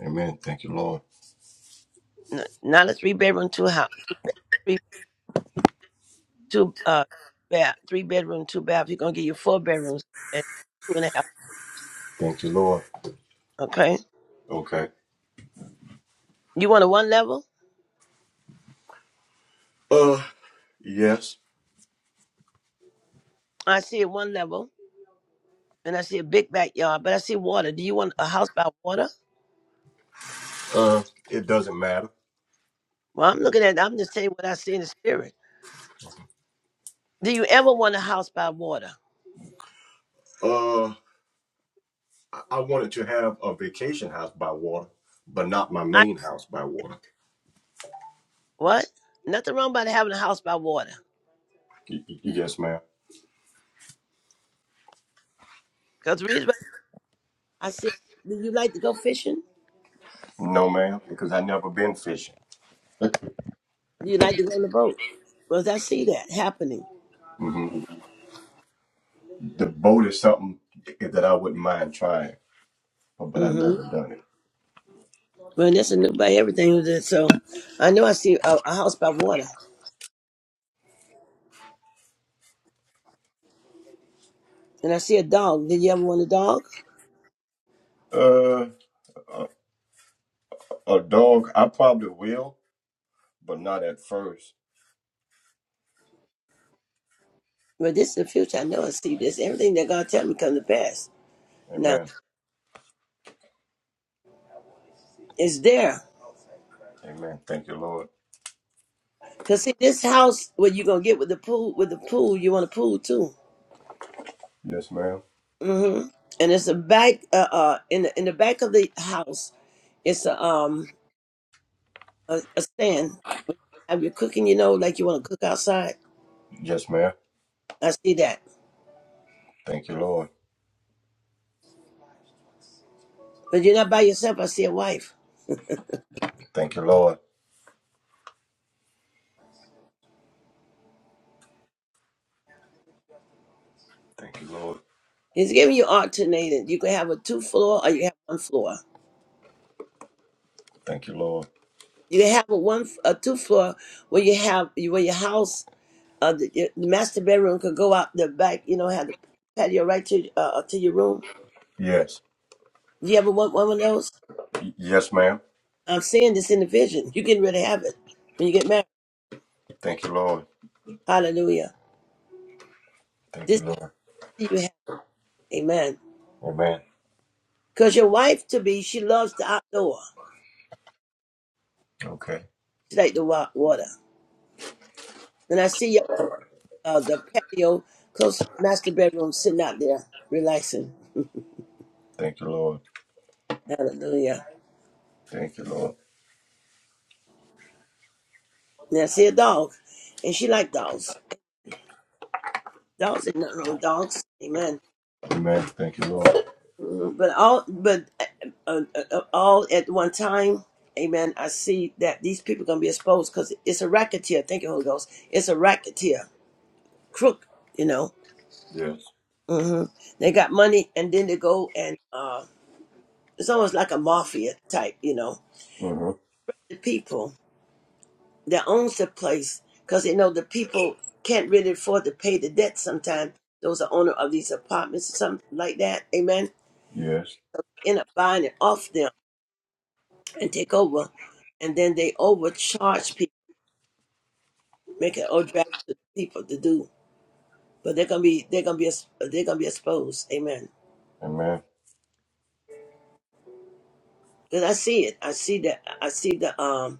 E: Amen. Thank you, Lord.
B: N- not a three bedroom, two house, two, three, two uh, bath, three bedroom, two bath. He's going to give you four bedrooms and two and a half,
E: Thank you, Lord.
B: okay?
E: Okay.
B: You want a one level?
E: Uh, yes.
B: I see a one level, and I see a big backyard, but I see water. Do you want a house by water?
E: Uh, it doesn't matter.
B: Well, I'm looking at. I'm just saying what I see in the spirit. Do you ever want a house by water?
E: Uh, I wanted to have a vacation house by water, but not my
B: I
E: main house by water.
B: what? Nothing wrong about having a house by water.
E: Y- y- Yes, ma'am.
B: Cause the reason why I see. Do you like to go fishing?
E: No, ma'am, because I never been fishing.
B: Do you like to go on the boat? Cause I see that happening.
E: hmm The boat is something that I wouldn't mind trying, but I
B: hmm
E: never done it.
B: Well, that's a new by everything. is it? So I know I see a, a house by water, and I see a dog. Did you ever want a dog?
E: Uh, a, a dog, I probably will, but not at first.
B: Well, this is the future. I know I see this. Everything that God tell me come to pass. Now
E: Amen.
B: it's there.
E: Amen. Thank you, Lord.
B: Cause see, this house, what you gonna get with the pool? With the pool, you want a pool too.
E: Yes, ma'am.
B: hmm And it's a back uh, uh in the in the back of the house. It's a um a, a stand. Have you cooking? You know, like you want to cook outside.
E: Yes, ma'am.
B: I see that,
E: Thank you, Lord.
B: but you're not by yourself. I see a wife.
E: Thank you, Lord. Thank you, Lord.
B: He's giving you alternated. You can have a two floor or you have one floor.
E: Thank you, Lord.
B: You can have a one a two floor where you have where your house uh the, your master bedroom could go out the back. You know, have the patio right to uh uh, to your room.
E: Yes.
B: You ever want one of those?
E: Yes, ma'am.
B: I'm seeing this in the vision. You can really have it when you get married.
E: Thank you, Lord.
B: Hallelujah.
E: Thank
B: This
E: you, Lord.
B: you have. Amen.
E: Amen.
B: Because your wife to be, she loves the outdoor.
E: Okay.
B: She like the wa- water. And I see y'all, uh, the patio, close to the master bedroom, sitting out there, relaxing.
E: Thank you, Lord.
B: Hallelujah.
E: Thank you, Lord.
B: And I see a dog. And she like dogs. Dogs ain't nothing wrong with dogs. Amen.
E: Amen. Thank you, Lord.
B: Mhm. But all, but uh, uh, uh, uh, all at one time, amen. I see that these people gonna be exposed because it's a racketeer. Thank you, Holy Ghost. It's a racketeer, crook. You know,
E: Yes.
B: hmm They got money, and then they go and uh, it's almost like a mafia type, you know.
E: Mm-hmm.
B: The people that owns the place, because you know the people can't really afford to pay the debt. Sometimes those are owner of these apartments or something like that. Amen.
E: Yes.
B: End up buying it off them and take over, and then they overcharge people, make it overdraft to people to do. But they're gonna be they're gonna be ex- they're gonna be exposed. Amen.
E: Amen.
B: Because I see it. I see that. I see the um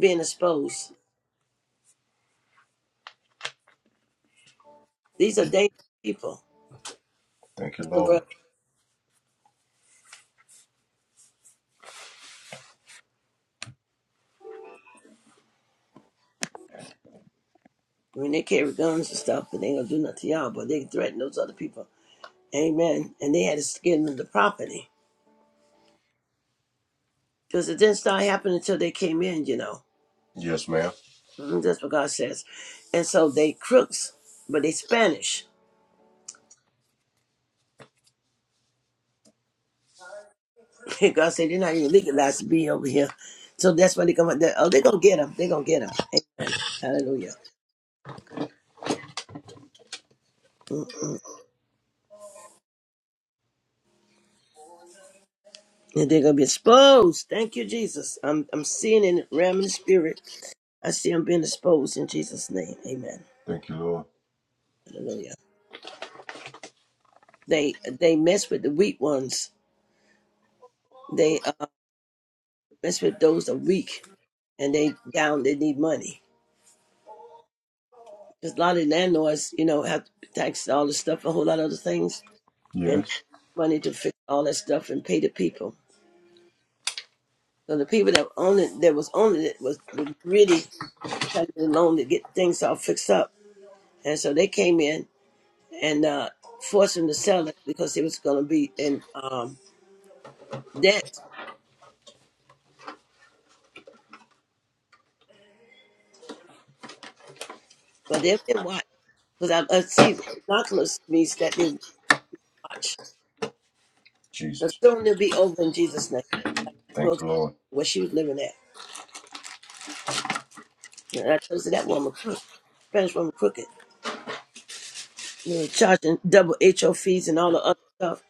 B: being exposed. These are dangerous people
E: Thank you,
B: to the
E: Lord.
B: world. I mean, they carry guns and stuff, but they ain't gonna do nothing to y'all, but they threaten those other people. Amen. And they had to skin them the property. Because it didn't start happening until they came in, you know.
E: Yes, ma'am.
B: Mhm, That's what God says. And so they crooks, but they Spanish. God said they're not even legalized to be over here. So that's why they come out there. Oh, they're gonna get them. They're gonna get them. Hallelujah. And they're gonna be exposed. Thank you, Jesus. I'm I'm seeing in the realm in the spirit. I see them being exposed in Jesus' name. Amen.
E: Thank you, Lord.
B: Hallelujah. They they mess with the weak ones. They uh, mess with those that are weak, and they down. They need money because a lot of landlords, you know, have to tax all this stuff, a whole lot of other things, and
E: Yes.
B: money to fix all that stuff and pay the people. So the people that owned it, that was owning it, was, was really trying to loan to get things all fixed up, and so they came in and uh, forced them to sell it because it was going to be in um, debt. But they've been watched because I, I see binoculars means that they watch. So
E: Jesus.
B: soon it'll be over in Jesus' name.
E: Thank
B: Goes
E: you, Lord.
B: where she was living at. And I told you that woman crooked, Spanish woman crooked. You know, charging double HO fees and all the other stuff.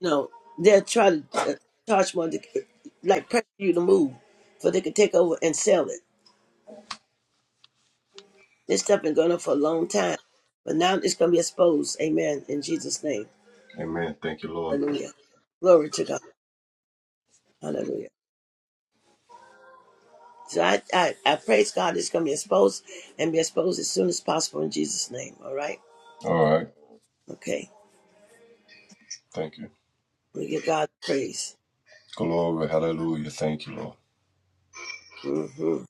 B: You know, they'll try to uh, charge more, to, like pressure you to move, so they can take over and sell it. This stuff been going on for a long time, but now it's going to be exposed. Amen. In Jesus' name,
E: Amen. Thank you, Lord.
B: Hallelujah. Glory to God. Hallelujah. So I, I, I praise God. It's going to be exposed and be exposed as soon as possible in Jesus' name. All right.
E: All right.
B: Okay.
E: Thank you.
B: We give God praise.
E: Glory. Hallelujah. Thank you, Lord.
B: Mm-hmm.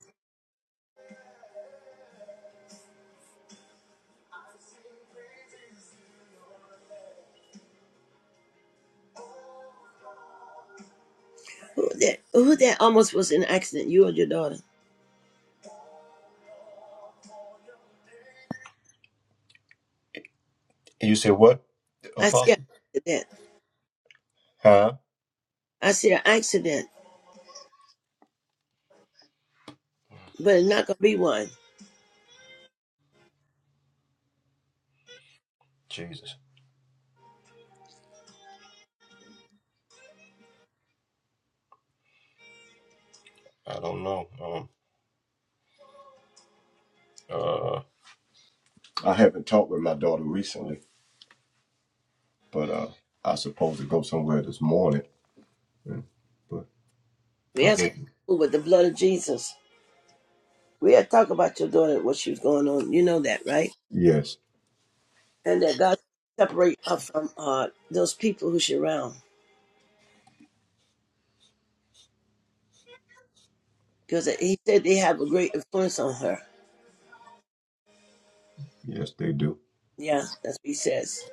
B: Who that? Who that almost was in an accident? You or your daughter?
E: You said what,
B: I see an
E: Apostle?
B: accident.
E: Huh?
B: I see an accident, but it's not gonna be one.
E: Jesus. I don't know. Um, uh, I haven't talked with my daughter recently. But uh, I supposed to go somewhere this morning. mm, But I
B: We
E: hope.
B: ask God to move with the blood of Jesus. We had talked about your daughter, what she was going on. You know that, right?
E: Yes,
B: And that God separate her from uh, those people who she around, because He said they have a great influence on her.
E: yes, they do.
B: Yeah, that's what He says.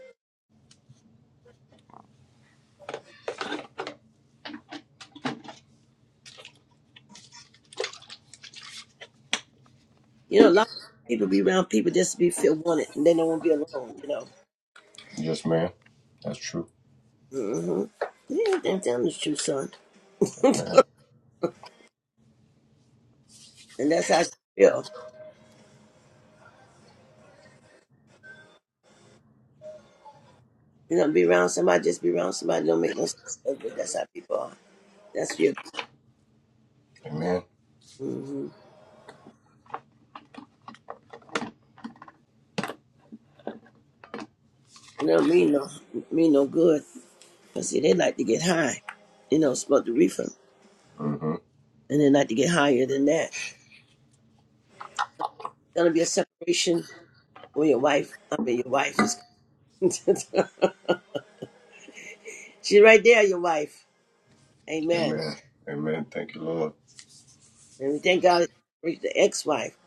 B: You know, a lot of people be around people just to be feel wanted, and they don't want to be alone. You know.
E: Yes, ma'am. That's true.
B: Mm-hmm. Yeah, then tell them the truth, son.
E: Amen.
B: And that's how she feel. You know, be around somebody, just be around somebody. Don't make no sense, but that's how people are. That's your.
E: Amen.
B: Mm-hmm. You know, mean no, mean no good. Cause see, they like to get high. You know, smoke the reefer,
E: Mm-hmm.
B: and they like to get higher than that. It's gonna be a separation when your wife. I mean, your wife is. She's right there, your wife. Amen.
E: Amen. Amen. Thank you, Lord.
B: And we thank God for the ex-wife,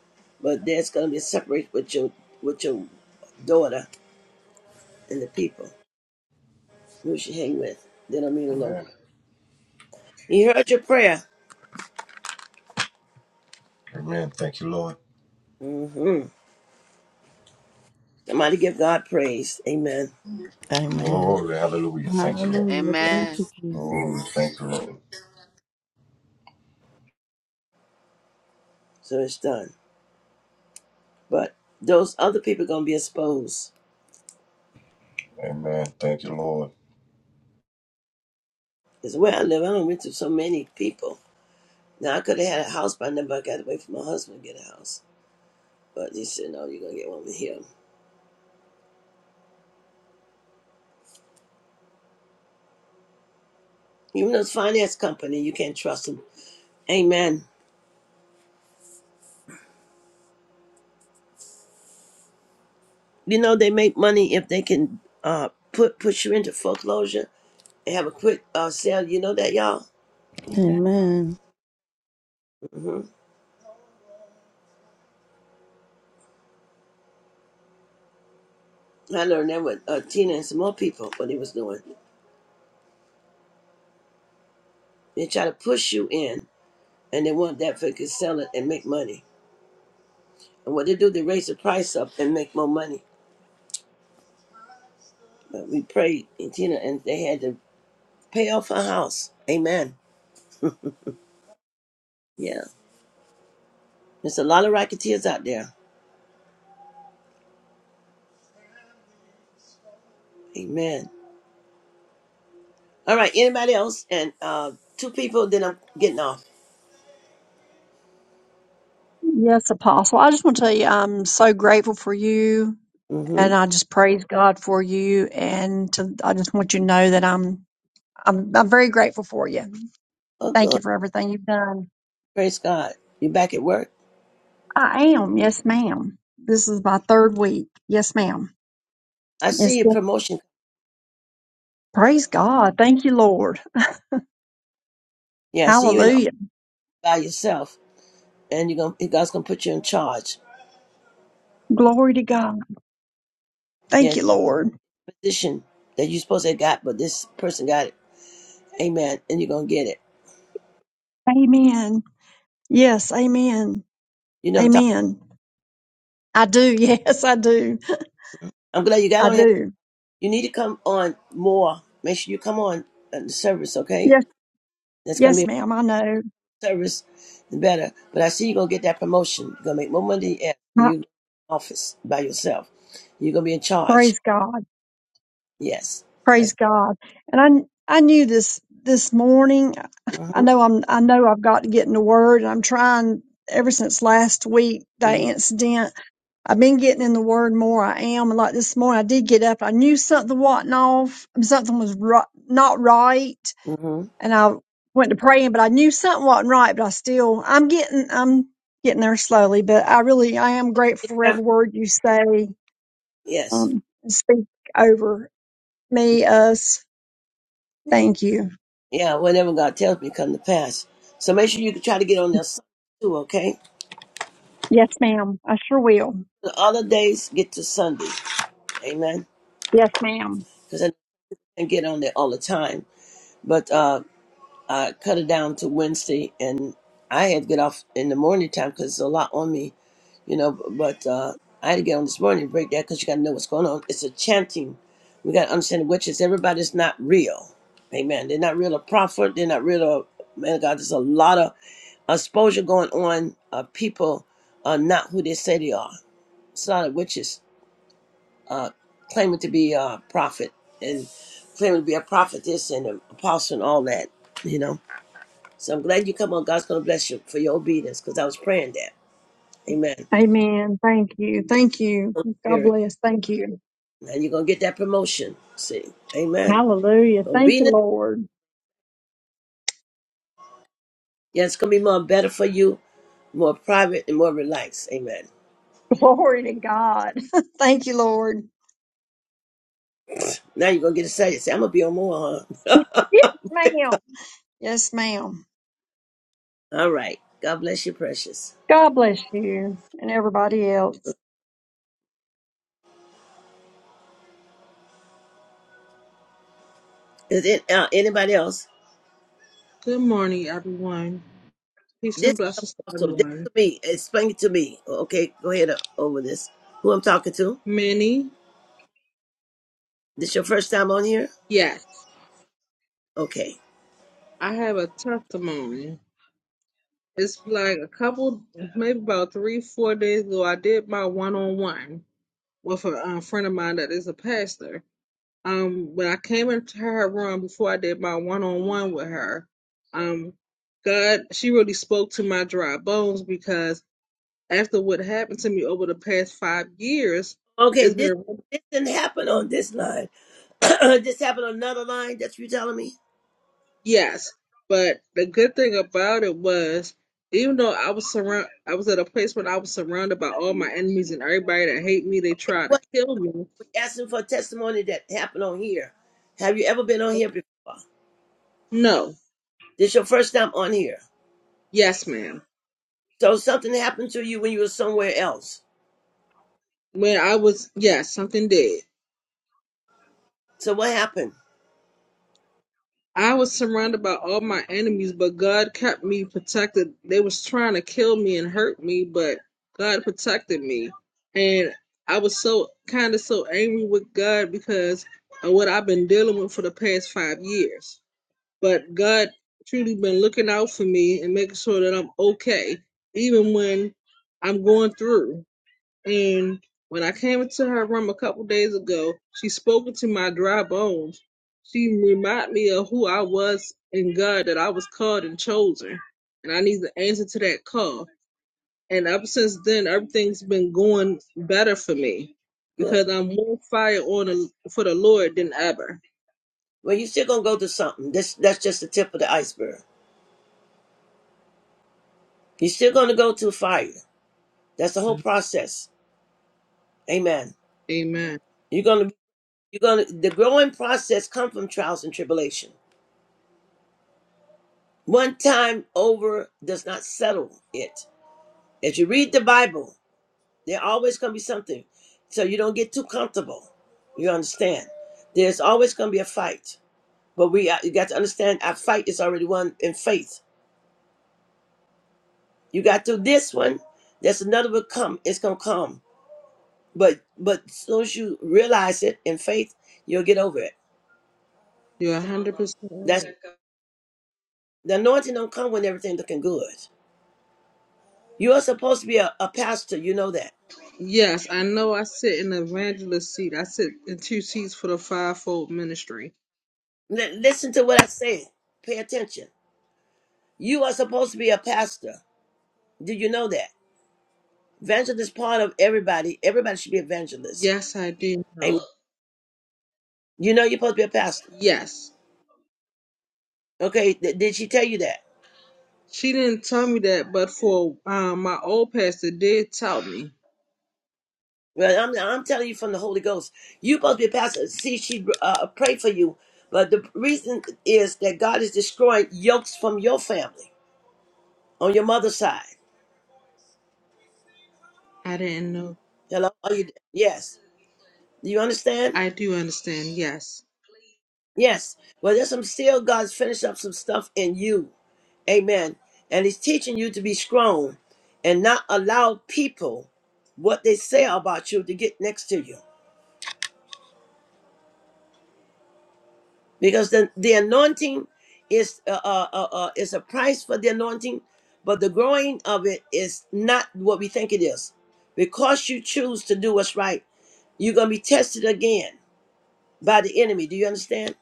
B: but there's gonna be a separation with your with your daughter and the people. who she hang with. They don't mean her no good.
E: Amen.
B: He heard your prayer.
E: Amen. Thank you, Lord.
B: hmm Somebody give God praise. Amen.
A: Amen. Hallelujah.
C: Amen.
E: Glory. Hallelujah. Thank
A: Thank
E: you, Lord.
C: Hallelujah.
A: you,
C: Thank
D: Amen.
C: you,
A: Jesus.
C: Jesus.
E: Glory. Thank you, Lord.
B: So it's done. But those other people gonna be exposed.
E: Amen. Thank you, Lord.
B: It's where I live. I don't went to so many people. Now I could have had a house by now, but I got away from my husband to get a house. But he said, No, you're gonna get one with him. Even those finance company, you can't trust them. Amen. You know they make money if they can uh put put you into foreclosure and have a quick uh sale. You know that y'all.
A: Amen.
C: Amen.
B: Mm-hmm. I learned that with uh, Tina and some more people, what he was doing. They try to push you in, and they want that for they can sell it and make money. And what they do, they raise the price up and make more money. But we prayed, and Tina, and they had to pay off her house. Amen. Yeah. There's a lot of racketeers out there. Amen. All right, anybody else? And uh, two people, then I'm getting off.
F: Yes, Apostle. I just want to tell you, I'm so grateful for you,
B: Mm-hmm.
F: and I just praise God for you. And to, I just want you to know that I'm I'm I'm very grateful for you.
B: Oh,
F: Thank you
B: good.
F: for everything you've done.
B: Praise God. You're back at work.
F: I am, yes, ma'am. This is my third week, yes, madam
B: I
F: It's
B: see
F: It's
B: your promotion.
F: praise God. Thank you, Lord.
B: Yeah, I see you in the
F: Hallelujah.
B: by yourself, and you're gonna, God's going to put you in charge.
F: Glory to God.
B: Yes.
F: Thank you, Lord.
B: position that you supposed to have got, but this person got it. Amen. And you're gonna get it.
F: Amen. Yes, amen.
B: You know what I'm talking.
F: Amen. I do. Yes, I do.
B: I'm glad you got
F: I
B: on here.
F: do.
B: You need to come on more. Make sure you come on at the service, okay?
F: Yes,
B: That's gonna be
F: yes,
B: a
F: ma'am. I know.
B: service and better. But I see you're gonna get that promotion. You're gonna make more money at you ever. And you office by yourself. You're gonna be in charge.
F: Praise God.
B: Yes. That's
F: Praise God. And I I knew this this morning. I
B: mm-hmm,
F: know I'm I know I've got to get in the word and I'm trying ever since last week, that
B: mm-hmm,
F: incident. I've been getting in the word more. I am. And like this morning I did get up. I knew something wasn't off. Something was ri- not right.
B: mm-hmm.
F: And I went to praying, but I knew something wasn't right, but I still I'm getting I'm getting there slowly. But I really I am grateful for
B: Yeah.
F: every word you say
B: Yes.
F: um and speak over me, us Thank you.
B: Yeah, whatever God tells me come to pass. So make sure you try to get on there too, okay?
F: Yes, ma'am. I sure will.
B: the other days get to Sunday. Amen.
F: Yes, ma'am.
B: Because I didn't get on there all the time. But uh, I cut it down to Wednesday, and I had to get off in the morning time because it's a lot on me, you know. b- But uh, I had to get on this morning break that because you got to know what's going on. It's a chanting. We got to understand the witches. Everybody's not real. Amen. They're not real a prophet. They're not real a man of God. There's a lot of exposure going on. Uh, people are not who they say they are. It's a lot of witches uh, claiming to be a prophet and claiming to be a prophetess and an apostle and all that, you know. So I'm glad you come on. God's going to bless you for your obedience because I was praying that. Amen.
F: Amen. Thank you. Thank you.
B: Holy
F: God
B: Spirit.
F: bless. Thank you.
B: And you're going to get that promotion. See. Amen.
F: Hallelujah. Thank you,
B: Obedience.
F: Lord.
B: Yeah, it's going to be more better for you, more private and more relaxed. Amen.
F: Glory to God. Thank you, Lord.
B: Now you're going to get excited. Say, I'm going to be on more, huh?
F: yes, ma'am. Yes, ma'am.
B: all right. God bless you, precious.
F: God bless you and everybody else.
B: Is it uh, anybody else?
G: Good morning, everyone. Peace
B: This
G: and
B: is
G: blessings to
B: apostle. This
G: everyone.
B: to me. Explain it to me. Okay, go ahead uh, over this. Who I'm talking to?
G: Many,
B: This your first time on here?
G: yes,
B: Okay.
G: I have a testimony. It's like a couple, maybe about three, four days ago. I did my one-on-one with a um, friend of mine that is a pastor. Um, when I came into her room before I did my one-on-one with her, um, God, she really spoke to my dry bones because after what happened to me over the past five years,
B: Okay.
G: it's
B: This
G: been
B: this didn't happen on this line. this happened on another line. That's what you telling me.
G: Yes, but the good thing about it was, even though I was surround, I was at a place where I was surrounded by all my enemies and everybody that hate me. They
B: Okay,
G: tried to
B: What
G: kill me.
B: we asking for a testimony that happened on here? Have you ever been on here before?
G: No,
B: This your first time on here.
G: yes, ma'am.
B: So something happened to you when you were somewhere else.
G: When I was, yes, something did.
B: So what happened?
G: I was surrounded by all my enemies, but God kept me protected. They was trying to kill me and hurt me, but God protected me. And I was so kind of so angry with God because of what I've been dealing with for the past five years. but God truly been looking out for me and making sure that I'm okay, even when I'm going through. And when I came into her room a couple days ago, she spoke into my dry bones. She reminded me of who I was in God, that I was called and chosen, and I need the answer to that call. And ever since then, everything's been going better for me
B: Good.
G: because I'm more fire on the, for the Lord than ever.
B: Well, you still gonna go to something. This that's just the tip of the iceberg. You're still gonna go to fire. That's the whole process. Amen.
G: Amen.
B: You're gonna you're gonna the growing process come from trials and tribulation. One time over does not settle it. As you read the Bible, there always gonna be something. So you don't get too comfortable. You understand? There's always gonna be a fight. But we are- you got to understand our fight is already won in faith. You got through this one, there's another will come. It's gonna come. But but as soon as you realize it in faith, you'll get over it.
G: You're 100% right.
B: The anointing don't come when everything looking good. You are supposed to be a, a pastor. You know that.
G: Yes, I know I sit in the evangelist seat. I sit in two seats for the fivefold ministry.
B: Li- listen to what I said. Pay attention. You are supposed to be a pastor. Do you know that? Evangelist part of everybody. Everybody should be evangelist.
G: Yes, I do
B: Amen.
G: know.
B: You know you're supposed to be a pastor.
G: Yes.
B: Okay. th- did she tell you that?
G: She didn't tell me that, but for um, my old pastor did tell me.
B: Well, I'm, I'm telling you from the Holy Ghost. you are supposed to be a pastor. See, she uh, prayed for you. But the reason is that God is destroying yokes from your family on your mother's side.
G: I didn't know.
B: Hello? Are you, yes. Do You understand?
G: I do understand. Yes.
B: Yes. Well, there's some still God's finished up some stuff in you. Amen. And He's teaching you to be strong and not allow people what they say about you to get next to you. Because the, the anointing is uh, uh, uh, uh, is a price for the anointing, but the growing of it is not what we think it is. Because you choose to do what's right, you're going to be tested again by the enemy. Do you understand?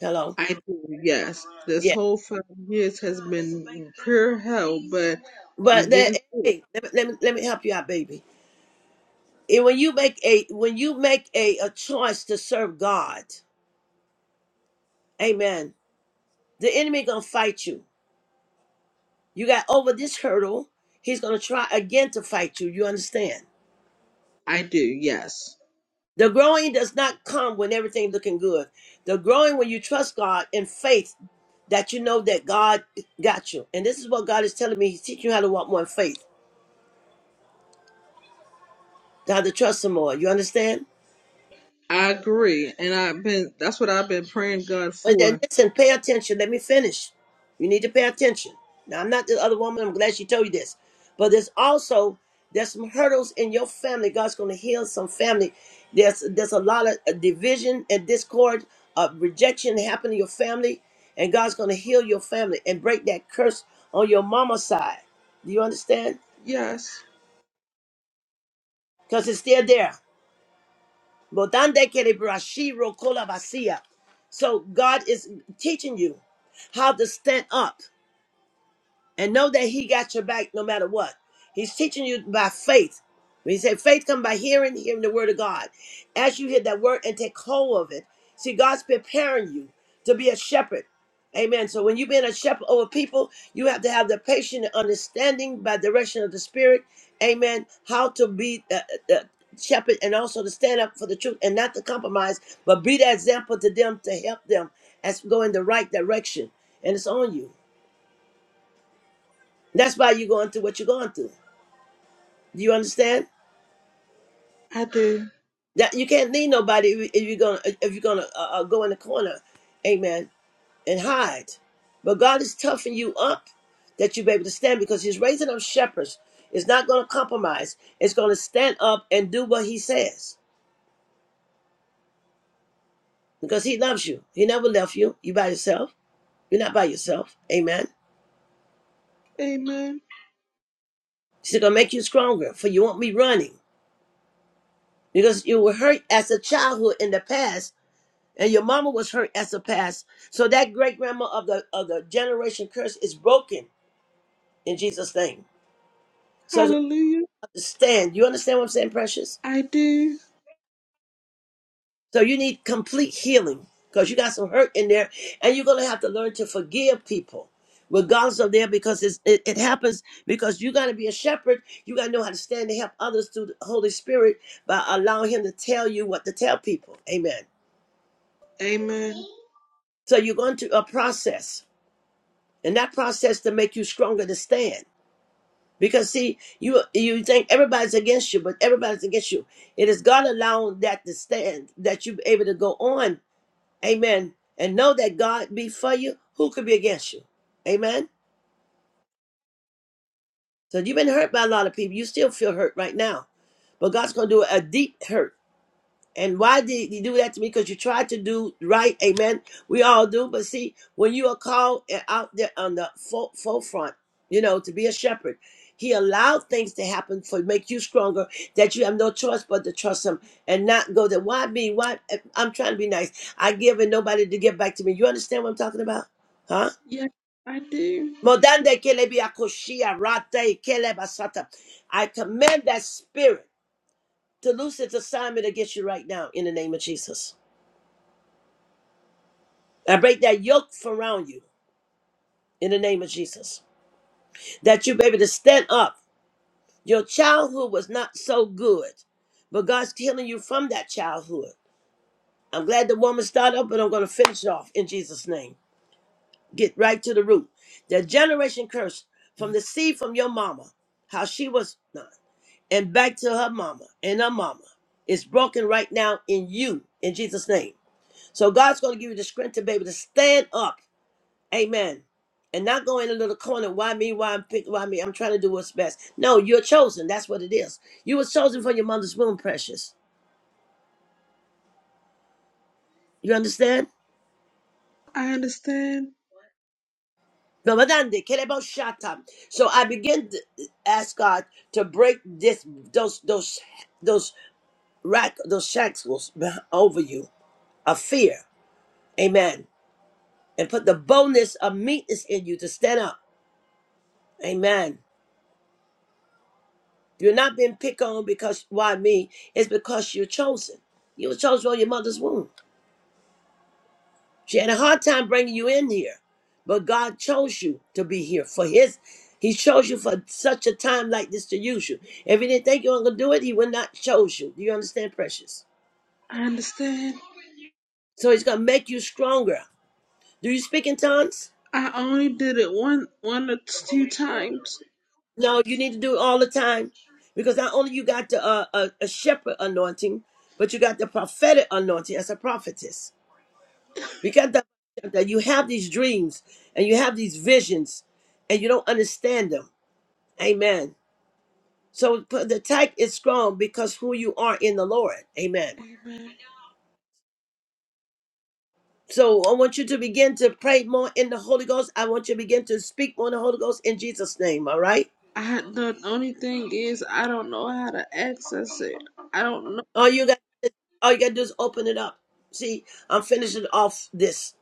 B: Hello?
G: I do. Yes.
B: Yeah.
G: This whole five years has been pure hell, but I'm
B: But that
G: getting through. it.
B: hey, let me, let me let me help you out, baby. And when you make a when you make a, a choice to serve God, amen. The enemy gonna fight you. You got over this hurdle, he's gonna try again to fight you. You understand?
G: I do. Yes.
B: The growing does not come when everything looking good. The growing when you trust God in faith that you know that God got you. And this is what God is telling me. He's teaching you how to walk more in faith, how to trust him more. You understand?
G: I agree. And I've been, that's what I've been praying God
B: But then
G: for.
B: listen, pay attention. Let me finish. You need to pay attention. Now I'm not the other woman. I'm glad she told you this. But there's also there's some hurdles in your family. God's going to heal some family. There's there's a lot of uh, division and discord, uh, rejection happening in your family, and God's going to heal your family and break that curse on your mama's side. Do you understand?
G: Yes,
B: Because it's still there. Bodande kere brashiro kola basia. So God is teaching you how to stand up. and know that he got your back no matter what. He's teaching you by faith. When he said faith come by hearing, hearing the word of God. As you hear that word and take hold of it, see God's preparing you to be a shepherd. Amen. So when you've been a shepherd over people, you have to have the patient understanding by direction of the Spirit. Amen. How to be the, the shepherd and also to stand up for the truth and not to compromise, but be the example to them to help them as we go in the right direction. And it's on you. That's why you're going through what you're going through. Do you understand?
G: I do.
B: That you can't leave nobody if if you're gonna if you're gonna uh, uh, go in the corner, amen, and hide. But God is toughing you up that you be able to stand because He's raising up shepherds. It's not gonna compromise. It's gonna stand up and do what He says because He loves you. He never left you. You by yourself. You're not by yourself. Amen.
G: Amen.
B: He's gonna make you stronger, for you won't be running because you were hurt as a childhood in the past and your mama was hurt as a past. So that great grandma of the of the generation curse is broken in Jesus' name. So
G: Hallelujah.
B: understand, you understand what I'm saying, precious.
G: I do.
B: So you need complete healing because you got some hurt in there, and you're gonna have to learn to forgive people, regardless of their because it's, it it happens because you gotta be a shepherd. You gotta know how to stand to help others through the Holy Spirit by allowing Him to tell you what to tell people. Amen.
G: Amen.
B: So you're going to a process, and that process to make you stronger to stand. Because see, you you think everybody's against you, but everybody's against you. It is God allowing that to stand, that you're able to go on. Amen. And know that God be for you. Who could be against you? Amen. So you've been hurt by a lot of people. You still feel hurt right now. But God's gonna do a deep hurt And why did he do that to me? Because you tried to do right, amen. We all do, but see, when you are called eh, out there on the fo- forefront, you know, to be a shepherd, he allowed things to happen for make you stronger. That you have no choice but to trust him and not go there. Why me? Why eh, I'm trying to be nice. I give and nobody to give back to me. You understand what I'm talking about, huh?
G: Yeah, I do.
B: Modande kelebi akoshia rate kelebasata. I command that spirit to loose its assignment against you right now in the name of Jesus. I break that yoke from around you in the name of Jesus. That you be able to stand up. Your childhood was not so good, but God's healing you from that childhood. I'm glad the woman started up, but I'm going to finish it off in Jesus' name. Get right to the root. The generation curse from the seed from your mama, how she was not, and back to her mama and her mama is broken right now in you in Jesus' name. So God's going to give you the strength to be able to stand up Amen. And not go in a little corner. Why me? Why I'm pick? Why me? I'm trying to do what's best. No, you're chosen. That's what it is. You were chosen from your mother's womb, precious. You understand?
G: I understand.
B: Ramadande, kerebo shata. So I begin to ask God to break this, those, those, those rack, those shackles beh- over you of fear. Amen. And put the boldness of meekness in you to stand up. Amen. You're not being picked on because why me? It's because you're chosen. You were chosen on your mother's womb. She had a hard time bringing you in here, but God chose you to be here for His. He chose you for such a time like this to use you. If He didn't think you were gonna do it, He would not chose you. Do you understand, precious?
G: I understand.
B: So He's gonna make you stronger. Do you speak in tongues?
G: I only did it one one or two times.
B: No, you need to do it all the time because not only you got the uh, a, a shepherd anointing, but you got the prophetic anointing as a prophetess. Because that that you have these dreams and you have these visions and you don't understand them. Amen. So p- the attack is strong because who you are in the Lord. Amen.
G: Amen.
B: So I want you to begin to pray more in the Holy Ghost. I want you to begin to speak more in the Holy Ghost in Jesus' name. All right.
G: I the only thing is I don't know how to access it. I don't know.
B: All you got all you gotta do is open it up. See, I'm finishing off this.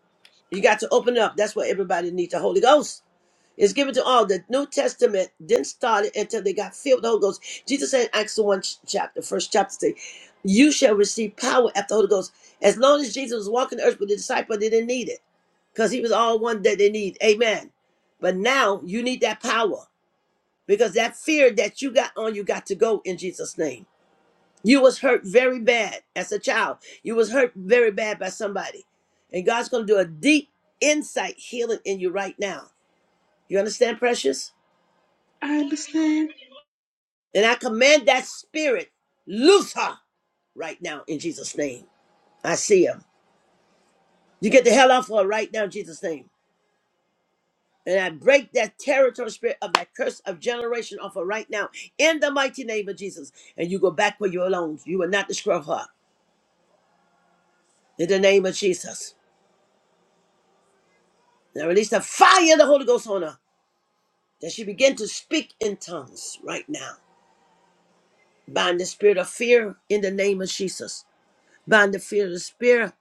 B: You got to open it up. That's what everybody needs, the Holy Ghost. It's given to all. The New Testament didn't start it until they got filled with the Holy Ghost. Jesus said in Acts 1 ch- chapter, first chapter, say, You shall receive power after the Holy Ghost. As long as Jesus was walking the earth with the disciples, they didn't need it because he was all one that they need. Amen. But now you need that power because that fear that you got on you got to go in Jesus' name. You was hurt very bad as a child. You was hurt very bad by somebody. And God's going to do a deep insight healing in you right now. You understand, precious?
G: I understand.
B: And I command that spirit, loose her right now in Jesus' name. I see her. You get the hell off her right now in Jesus' name. And I break that territory spirit of that curse of generation off her right now in the mighty name of Jesus. And you go back where you belong. You will not destroy her in the name of Jesus. Now release the fire of the Holy Ghost on her that she begin to speak in tongues right now. Bind the spirit of fear in the name of Jesus. bind the fear of the spirit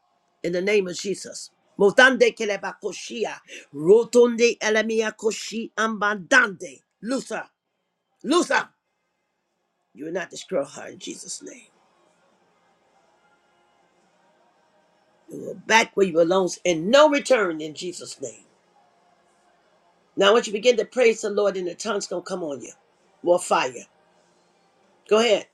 B: in the name of Jesus. Motande keleba koshia, rotonde elemia koshi ambandande. Lusa, Lusa, you will not destroy her in Jesus' name. You are back where you belong and no return in Jesus' name. Now, once you begin to praise the Lord, and the tongue's gonna come on you, more fire. Go ahead.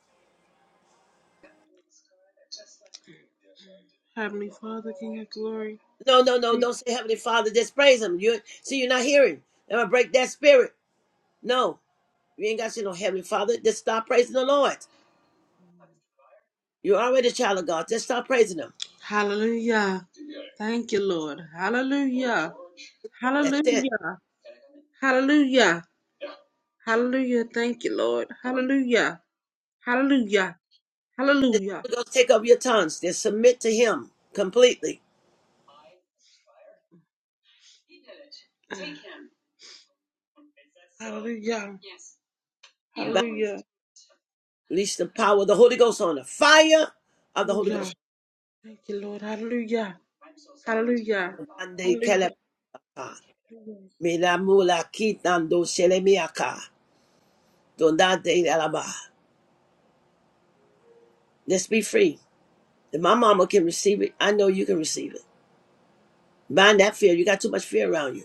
G: Heavenly Father, King of Glory.
B: No, no, no, don't say Heavenly Father. Just praise Him. You see, you're not hearing. I'm gonna break that spirit. No, you ain't got to say no Heavenly Father. Just stop praising the Lord. You're already a child of God. Just start praising Him.
G: Hallelujah. Thank you, Lord. Hallelujah.
B: That's it.
G: Hallelujah. Hallelujah. Hallelujah. Thank you, Lord. Hallelujah. Hallelujah.
B: Let
G: Hallelujah.
B: the Holy Ghost take up your tongues. Just submit to Him completely.
G: Hallelujah.
B: Bind-
G: Hallelujah.
B: Release the power of the Holy Ghost on the fire of the Holy
G: Hallelujah.
B: Ghost.
G: Thank you, Lord. Hallelujah. Hallelujah.
B: Mandande
G: Hallelujah.
B: kelebaka. Milamula kitando shelemiaka. Dondande alaba. Let's be free. If my mama can receive it, I know you can receive it. Bind that fear. You got too much fear around you.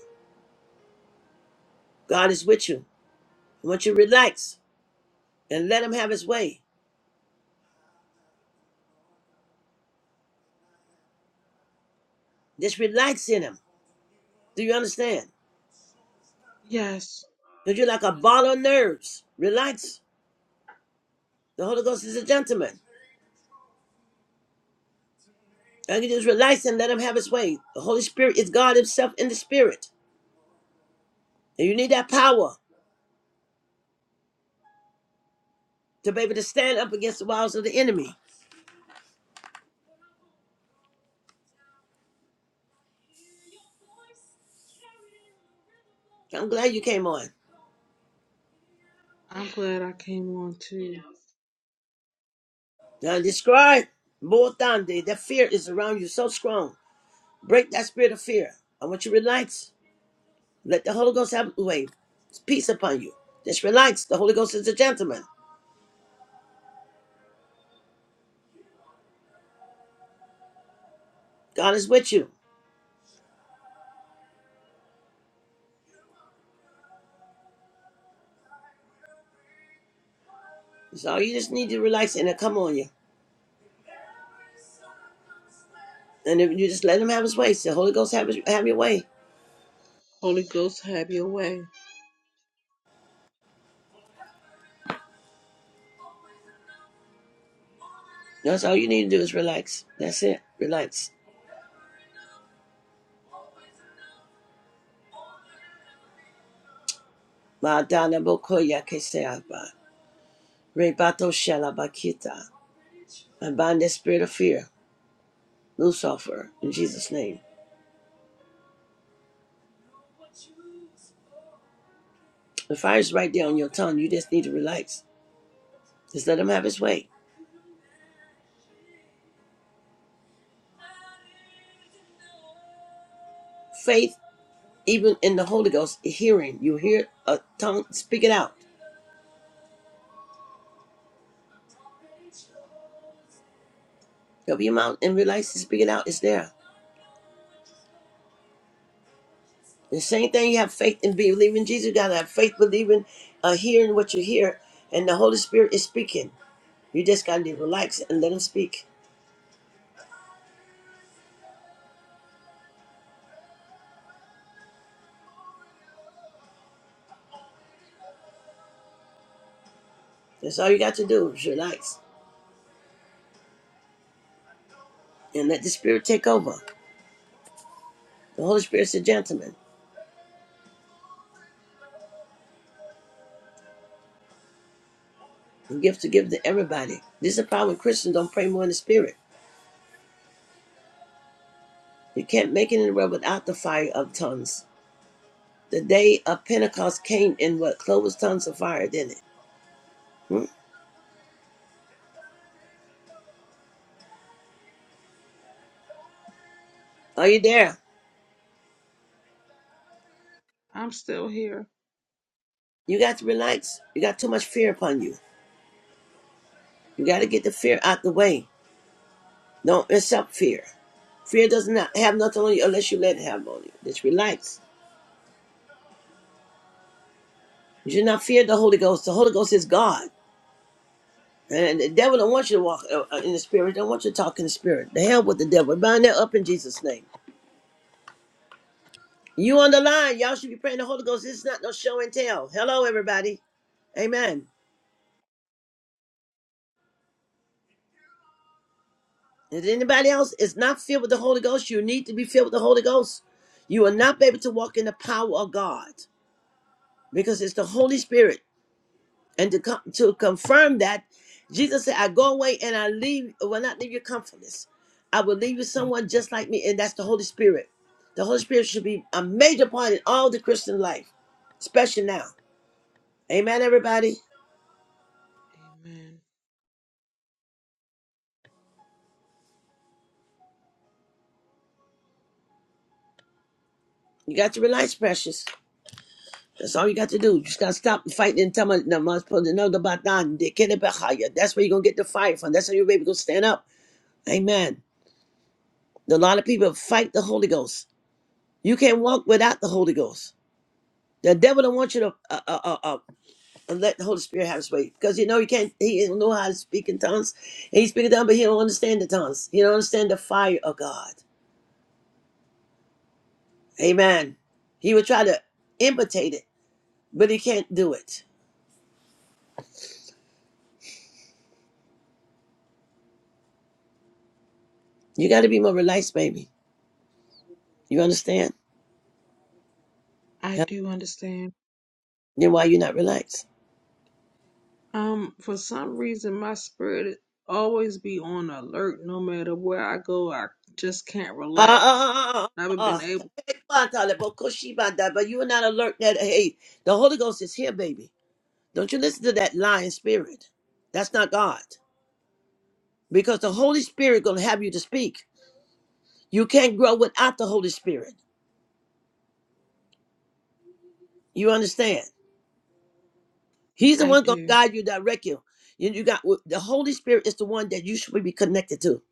B: God is with you. I want you to relax and let Him have His way. Just relax in Him. Do you understand?
G: Yes.
B: Because you're like a ball of nerves. Relax. The Holy Ghost is a gentleman. And you just relax and let him have his way. The Holy Spirit is God himself in the spirit. And you need that power to be able to stand up against the wiles of the enemy. I'm glad you came on.
G: I'm glad I came on too.
B: Now describe Botande. That fear is around you so strong. Break that spirit of fear. I want you to relax. Let the Holy Ghost have his way. It's Peace upon you. Just relax. The Holy Ghost is a gentleman. God is with you. So you just need to relax and it'll come on you. And if you just let him have his way, say, Holy Ghost, have, his, have your way.
G: Holy Ghost, have your way.
B: That's all you need to do is relax. That's it. Relax. Ma'adana bokoya keseaba. Rebato shalabakita. I bind that spirit of fear. Loose off her in Jesus' name. The fire's right there on your tongue. You just need to relax. Just let him have his way. Faith, even in the Holy Ghost, hearing. You hear a tongue, speak it out. Open your mouth and relax and speak it out. It's there. The same thing you have faith in believing Jesus, you gotta have faith believing, uh, hearing what you hear, and the Holy Spirit is speaking. You just gotta be relaxed and let him speak. That's all you got to do is relax and let the Spirit take over. The Holy Spirit's a gentleman. The gift to give to everybody. This is the problem Christians don't pray more in the spirit. You can't make it in the world without the fire of tongues. The day of Pentecost came in what? Clovis tongues of fire, didn't it? Hmm? Are you there?
G: I'm still here.
B: You got to relax. You got too much fear upon you. You got to get the fear out the way Don't accept fear. Fear does not have nothing on you unless you let it have on you. Just relax. You should not fear the Holy Ghost. The Holy Ghost is God. And the devil don't want you to walk uh, uh, in the spirit. Don't want you to talk in the spirit. The hell with the devil. Bind that up in Jesus' name. You on the line. Y'all should be praying the Holy Ghost. It's not no show and tell. Hello, everybody. Amen. Is anybody else is not filled with the Holy Ghost? You need to be filled with the Holy Ghost. You will not be able to walk in the power of God because it's the Holy Spirit. And to come to confirm that, Jesus said, I go away and I leave, will not leave you comfortless. I will leave you someone just like me, and that's the Holy Spirit. The Holy Spirit should be a major part in all the Christian life, especially now. Amen, everybody.
G: Amen.
B: You got to realize, precious. That's all you got to do. You just got to stop fighting and tell me, no, I'm supposed to know the Batan, the Kenebahaya. That's where you're going to get the fire from. That's how your baby going to stand up. Amen. A lot of people fight the Holy Ghost. You can't walk without the Holy Ghost. The devil don't want you to uh, uh, uh, uh, let the Holy Spirit have his way because you know you can't. He don't know how to speak in tongues. And he speaking tongues, but he don't understand the tongues. He don't understand the fire of God. Amen. He would try to imitate it, but he can't do it. You got to be more relaxed, baby. You understand?
G: I
B: Yeah.
G: do understand.
B: Then why you not relaxed?
G: Um, for some reason, my spirit always be on alert no matter where I go. I just can't
B: Ah,
G: relax.
B: ah, ah,
G: I haven't
B: ah,
G: been
B: ah.
G: able.
B: But you are not alert that hey, the Holy Ghost is here, baby. Don't you listen to that lying spirit. That's not God. because the Holy Spirit gonna have you to speak. You can't grow without the Holy Spirit. You understand? He's the
G: I
B: one gonna
G: do.
B: guide you, direct you. You, you got the Holy Spirit is the one that you should be connected to.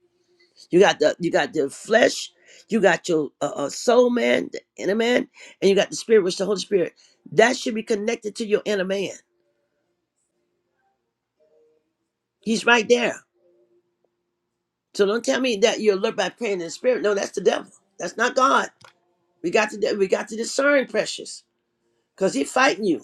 B: You got the you got the flesh, you got your uh, uh, soul man, the inner man, and you got the spirit, which is the Holy Spirit. That should be connected to your inner man. He's right there. So don't tell me that you're alert by praying in the spirit. No, that's the devil. That's not God. We got to we got to discern, precious, because he's fighting you.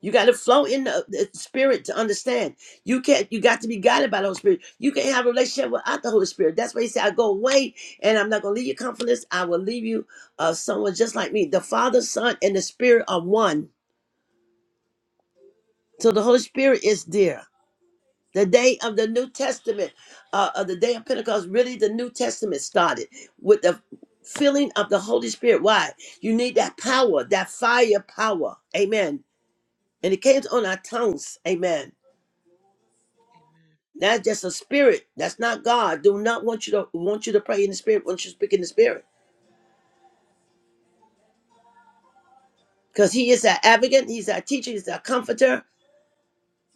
B: You got to flow in the, the spirit to understand. You can't. You got to be guided by the Holy Spirit. You can't have a relationship without the Holy Spirit. That's why He said, "I go away, and I'm not going to leave you comfortless. I will leave you uh, someone just like me. The Father, Son, and the Spirit are one. So the Holy Spirit is there. The day of the New Testament, uh, of the day of Pentecost, really the New Testament started with the filling of the Holy Spirit. Why? You need that power, that fire power. Amen. And it came on our tongues. Amen That's just a spirit. That's not God. Do not want you to want you to pray in the spirit. Want you to speak in the spirit because He is our advocate. He's our teacher. He's our comforter.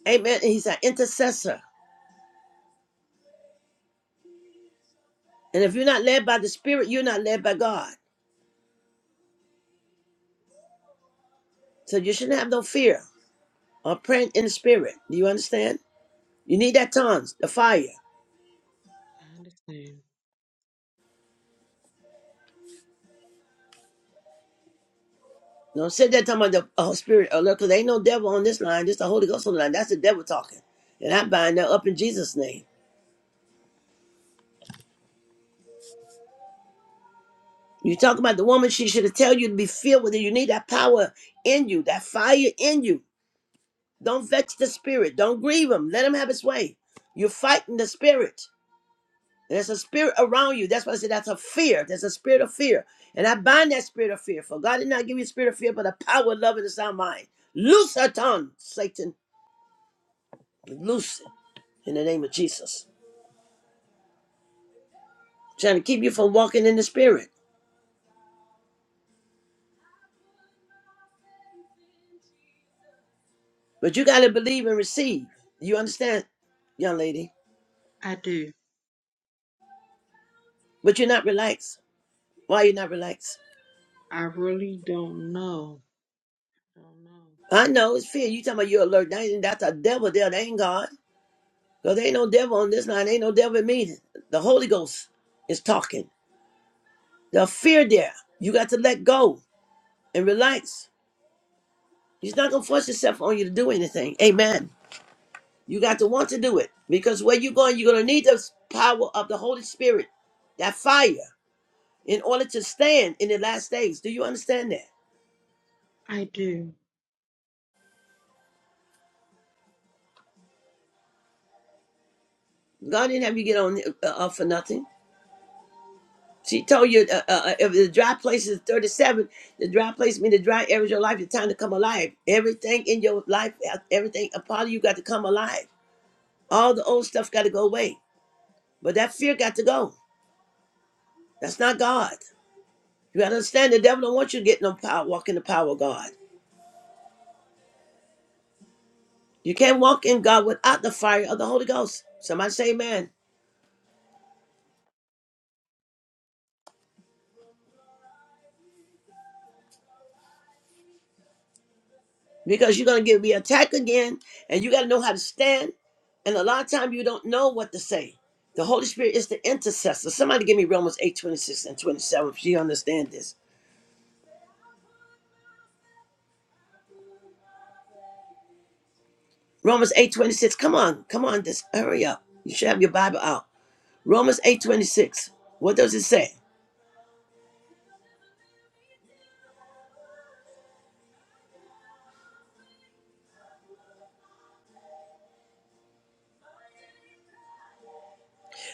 B: Amen. And he's our intercessor. And if you're not led by the spirit, you're not led by God. So you shouldn't have no fear of praying in the spirit. Do you understand? You need that tongues, the fire.
G: I understand.
B: Don't sit there talking about the oh, spirit alert because there ain't no devil on this line. Just the Holy Ghost on the line. That's the devil talking. And I bind that up in Jesus' name. You talk about the woman, she should have tell you to be filled with it. You need that power in you, that fire in you. Don't vex the spirit. Don't grieve him. Let him have his way. You're fighting the spirit. There's a spirit around you. That's why I said that's a fear. There's a spirit of fear. And I bind that spirit of fear. For God did not give you a spirit of fear, but a power, love, and a sound mind. Loose her tongue, Satan. Loose it in the name of Jesus. Trying to keep you from walking in the spirit. But you got to believe and receive. You understand, young lady?
G: I do.
B: But you're not relaxed. Why you not relaxed?
G: I really don't know. Don't know.
B: I know it's fear. You talking about you alert. That ain't, that's a devil there. That ain't God. Because there ain't no devil on this line. ain't no devil in me. The Holy Ghost is talking. The fear there. You got to let go and relax. He's not going to force himself on you to do anything. Amen. You got to want to do it. Because where you're going, you're going to need the power of the Holy Spirit, that fire, in order to stand in the last days. Do you understand that?
G: I do.
B: God didn't have you get on uh, uh, for nothing. She told you uh, uh, uh, if the dry place is 37, the dry place means the dry area of your life, the time to come alive. Everything in your life, uh, everything a part of you got to come alive. All the old stuff got to go away. But that fear got to go. That's not God. You got to understand the devil don't want you to get no power, walk in the power of God. You can't walk in God without the fire of the Holy Ghost. Somebody say amen. because you're going to get reattacked again and you got to know how to stand and a lot of time you don't know what to say the holy spirit is the intercessor somebody give me romans 8 26 and 27 if you understand this romans 8 26. come on come on this hurry up you should have your bible out romans 8 26. what does it say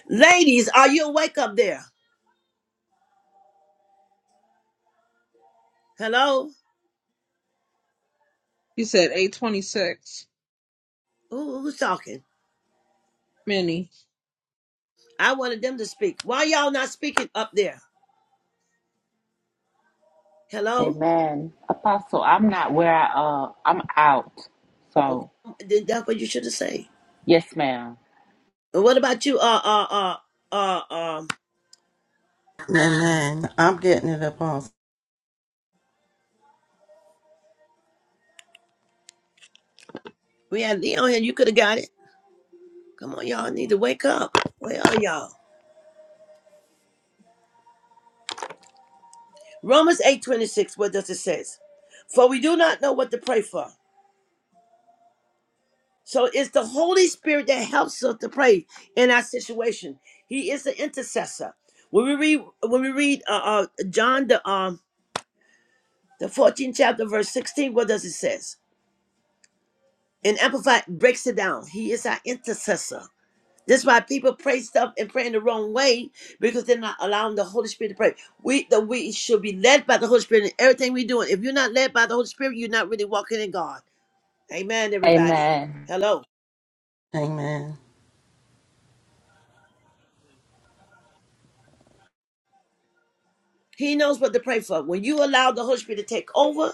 B: ladies are you awake up there hello
G: You said 826.
B: Who- who's talking
G: Many.
B: i wanted them to speak why y'all not speaking up there hello
D: Amen. Apostle, I'm not where I uh I'm out.
B: okay
D: So
B: then that's what you should have said
D: yes, ma'am.
B: And What about you? Uh, uh, uh, uh, um,
C: Amen. I'm getting it up on.
B: we had Leon here. You could have got it. Come on, y'all need to wake up. Where are y'all? Romans eight twenty six. What does it says? For we do not know what to pray for. So it's the Holy Spirit that helps us to pray in our situation. He is the intercessor. When we read, when we read, uh, uh John the um the fourteenth chapter verse sixteen, what does it says? And Amplified breaks it down. He is our intercessor. That's why people pray stuff and pray in the wrong way because they're not allowing the Holy Spirit to pray. We the we should be led by the Holy Spirit in everything we're doing. If you're not led by the Holy Spirit, you're not really walking in God. Amen, everybody.
D: Amen.
B: Hello.
C: Amen.
B: He knows what to pray for. When you allow the Holy Spirit to take over,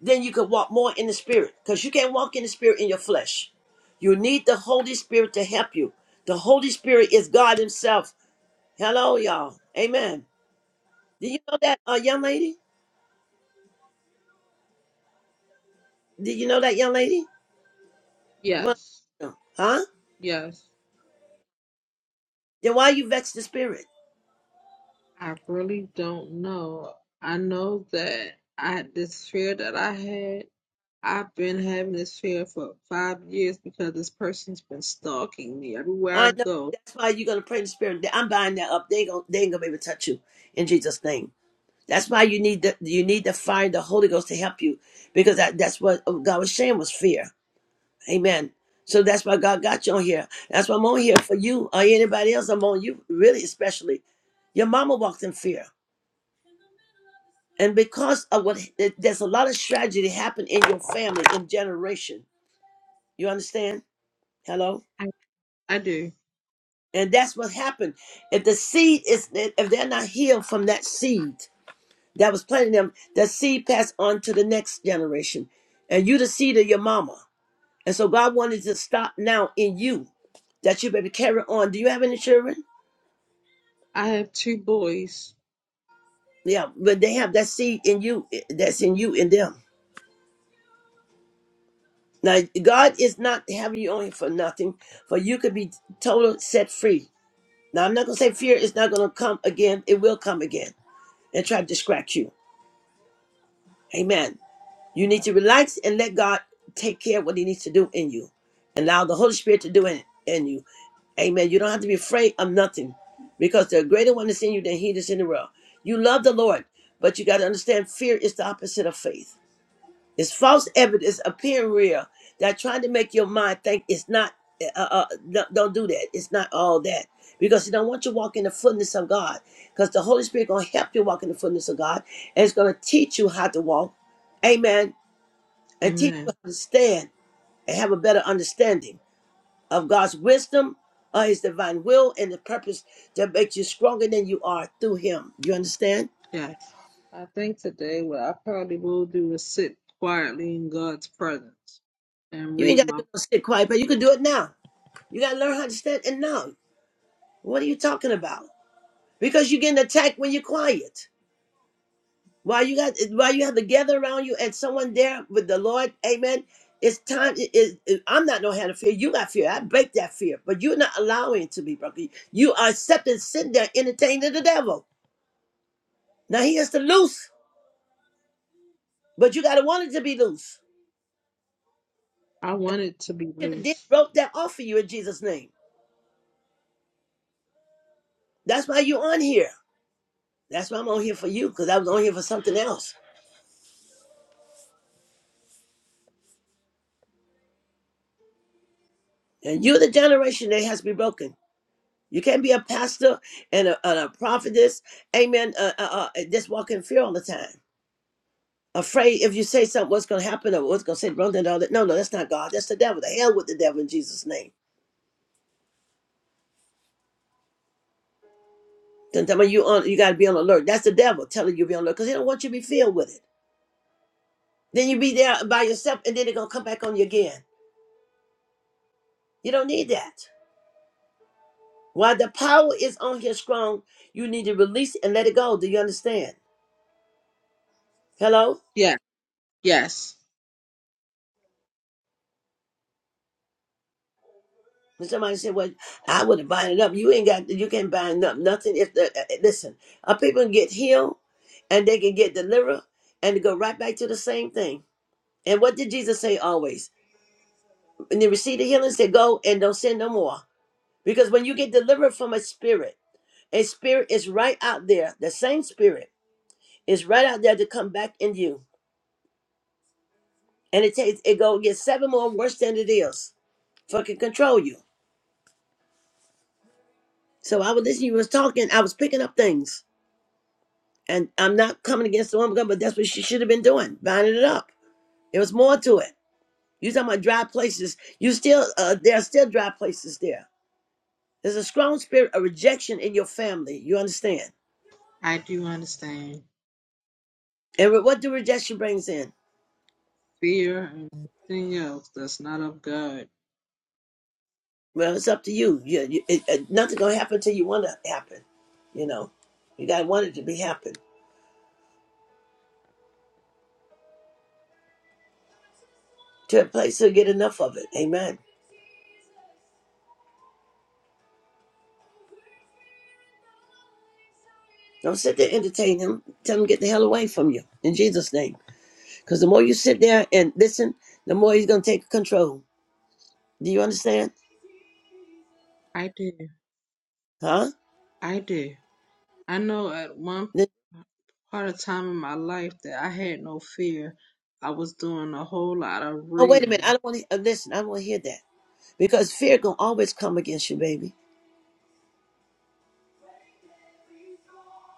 B: then you can walk more in the Spirit because you can't walk in the Spirit in your flesh. You need the Holy Spirit to help you. The Holy Spirit is God Himself. Hello, y'all. Amen. Did you know that, uh, young lady? Did you know that, young lady? Well,
G: Yes.
B: no. huh?
G: Yes.
B: Then why you vex the spirit?
G: I really don't know. I know that I this fear that I had. I've been having this fear for five years because this person's been stalking me everywhere I
B: I know
G: go.
B: that's why you're gonna pray in the spirit. I'm buying that up. They ain't gonna, they ain't gonna be able to touch you in Jesus' name. That's why you need the you need the fire, of the Holy Ghost to help you, because that, that's what oh, God was saying was fear. Amen. So that's why God got you on here. That's why I'm on here for you or anybody else. I'm on you really, especially. Your mama walked in fear, and because of what there's a lot of tragedy happened in your family in generation. You understand? Hello.
G: I, I do.
B: And that's what happened. If the seed is, if they're not healed from that seed that was planted in them, that seed passed on to the next generation. And you the seed of your mama. And so God wanted to stop now in you that you may be carry on. Do you have any children?
G: I have two boys.
B: Yeah, but they have that seed in you eh, that's in you in them. Now God is not having you on here for nothing, for you could be total set free. Now I'm not gonna say fear is not gonna come again, it will come again and try to distract you. Amen. You need to relax and let God take care of what He needs to do in you. Allow the Holy Spirit to do it in you. Amen. You don't have to be afraid of nothing because the greater one is in you than He that's in the world. You love the Lord, but you got to understand fear is the opposite of faith. It's false evidence appearing real that trying to make your mind think it's not. Uh, uh, uh, no- don't do that. It's not all that because He don't want you to walk in the fullness of God. Because the Holy Spirit gonna help you walk in the fullness of God, and it's gonna teach you how to walk. Amen and teach
G: Amen.
B: you how to stand and have a better understanding of God's wisdom, of His divine will, and the purpose that makes you stronger than you are through Him. You understand?
G: Yes. I think today what I probably will do is sit quietly in God's presence and
B: You ain't
G: read
B: got to
G: my.
B: do no sit quiet, but you can do it now. You got to learn how to stand and now. What are you talking about? Because you're getting attacked when you're quiet. While you got, while you have the gather around you and someone there with the Lord, Amen. It's time. It, it, it- I'm not no hand of fear. You got fear. I break that fear, but you're not allowing it to be broken. You are accepting, sitting there, entertaining the devil. Now he is to loose, but you gotta want it to be loose.
G: I want it to be
B: Should have did
G: loose.
B: broke that off for you in Jesus' name. That's why you on here. That's why I'm on here for you, because I was on here for something else. And you're the generation that has to be broken. You can't be a pastor and a, and a prophetess, amen, uh, uh, uh, just walk in fear all the time. Afraid if you say something, what's going to happen or what's going to say wrong and all that. No, no, that's not God. That's the devil. The hell with the devil in Jesus' name. Then tell me you on, you got to be on alert. That's the devil telling you to be on alert because he don't want you to be filled with it. Then you be there by yourself and then they're gonna come back on you again. You don't need that. While the power is on here strong, you need to release it and let it go. Do you understand? Hello?
G: Yeah. Yes.
B: And somebody said, Well, I wouldn't bind it up. You ain't got you can't bind up nothing if the uh, uh, listen, our people can get healed and they can get delivered and go right back to the same thing. And what did Jesus say always? When they receive the healing, say go and don't sin no more. Because when you get delivered from a spirit, a spirit is right out there, the same spirit. It's right out there to come back in you. And it takes it go get seven more worse than it is. Fucking control you. So I was listening, you was talking, I was picking up things. And I'm not coming against the woman, but that's what she should have been doing, binding it up. There was more to it. You talking about dry places. You still uh there are still dry places there. There's a strong spirit of rejection in your family. You understand?
G: I do understand
B: And re- what do rejection brings in?
G: fear and everything else that's not of God.
B: Well, it's up to you. You, you it, it, nothing gonna happen till you want to happen. You know, you gotta want it to be happen. to a place he'll get enough of it. Amen. Don't sit there and entertain him. Tell him to get the hell away from you in Jesus' name. Because the more you sit there and listen, the more he's gonna take control. Do you understand?
G: I do.
B: Huh?
G: I do. I know at one
B: Then-
G: part of time in my life that I had no fear. I was doing a whole lot of
B: oh wait a minute. I
G: reading.
B: don't want to uh, listen. I don't want to hear that because fear gonna always come against you, baby.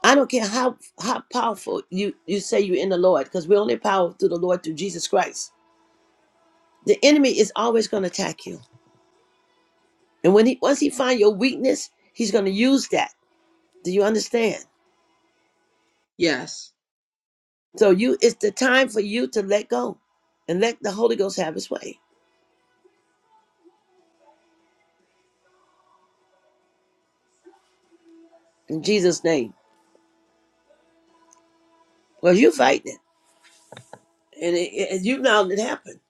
B: I don't care how how powerful you you say you are in the Lord, because we're only powerful through the Lord through Jesus Christ. The enemy is always gonna attack you, and when he once he find your weakness, he's gonna use that. Do you understand?
G: Yes,
B: So you it's the time for you to let go and let the Holy Ghost have his way. In Jesus' name. Well, you fighting it. And, it, it- and you allowed it happen.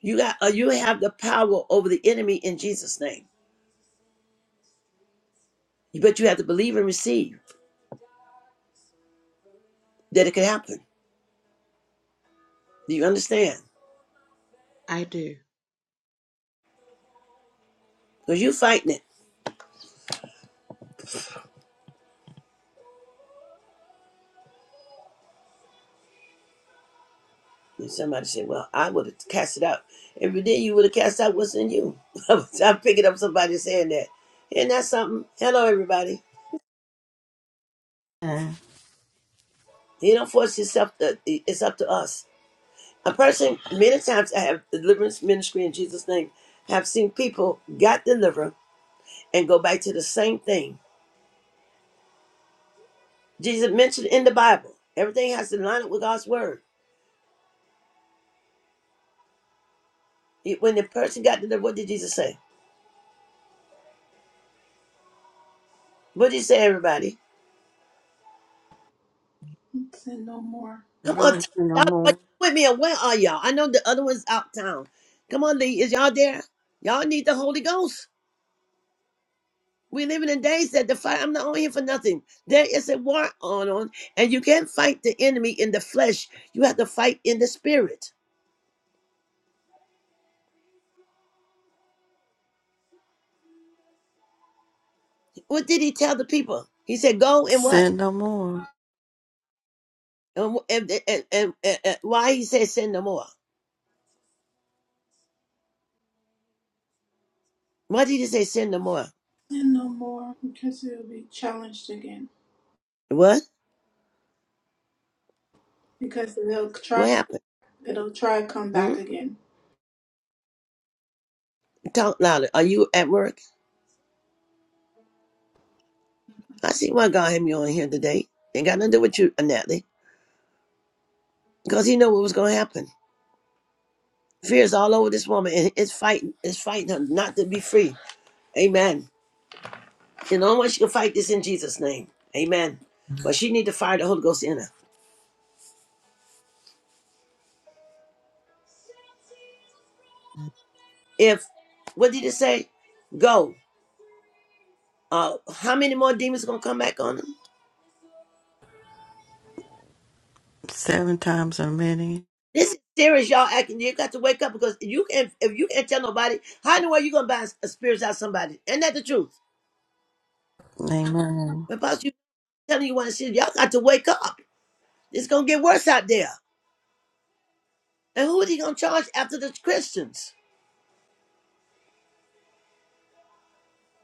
B: You got uh, you have the power over the enemy in Jesus' name. But you have to believe and receive that it can happen. Do you understand?
G: I do.
B: Because you fighting it. And somebody said, Well, I would have cast it out. If you did, you would have cast out what's in you. I'm picking up somebody saying that. Isn't that something? Hello, everybody.
C: And
B: You don't force yourself to, it's up to us. A person, many times I have deliverance ministry in Jesus' name, have seen people got delivered and go back to the same thing. Jesus mentioned in the Bible, everything has to line up with God's word. It- When the person got delivered, what did Jesus say? What did he say, everybody?
A: Sin no more.
B: Come
C: go
B: on,
C: and
B: t-
C: sin no
B: y'all, are
C: more.
B: you with me or where are y'all? I know the other one's out town. Come on, Lee, is y'all there? Y'all need the Holy Ghost. We're living in days that the fight. I'm not on here for nothing. There is a war on, on, and you can't fight the enemy in the flesh. You have to fight in the spirit. What did he tell the people? He said, "Go and what?"
C: Sin no more.
B: And and and, and, and- and why he said, "Sin no more." Why did he say, "Sin no more"?
A: Sin no more. Because it'll be challenged again.
B: What?
A: Because they'll try
B: What happened?
A: it'll try to come
B: Hmm?
A: back again.
B: Talk louder. Are you at work? I see why God had me on here today. Ain't got nothing to do with you, Natalie, because He knew what was going to happen. Fear is all over this woman, and it's fighting. It's fighting her not to be free. Amen. And I want you to fight this in Jesus' name. Amen. But she need to fire the Holy Ghost in her. If what did it say? Go. Uh how many more demons gonna come back on them?
C: Seven times or many.
B: This is serious, y'all acting. You got to wake up because you can if you can't tell nobody, how in the world you gonna buy a spirits out of somebody? Ain't that the truth?
C: Amen.
B: But Pastor, you telling you one shit, y'all got to wake up. It's gonna get worse out there. And who is he gonna charge after the Christians?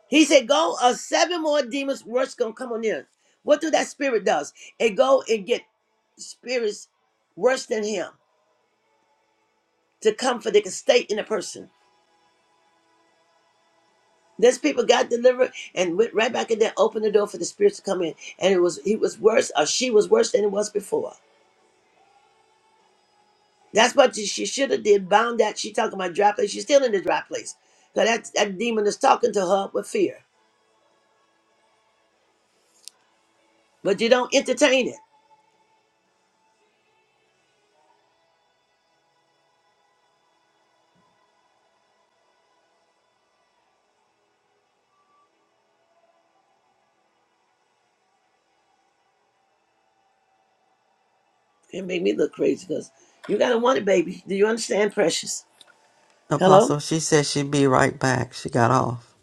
B: He said, "Go, uh, seven more demons worse gonna come on in." What do that spirit does? It go and get spirits worse than him to come for they can stay in a person. These people got delivered and went right back in there, opened the door for the spirits to come in, and it was he was worse or she was worse than it was before. That's what she should have did. Bound that she talking about dry place. She's still in the dry place. Cause that that demon is talking to her with fear, but you don't entertain it. It made me look crazy because you gotta want it, baby. Do you understand, precious? Hello?
C: Apostle, she said she'd be right back. She got off.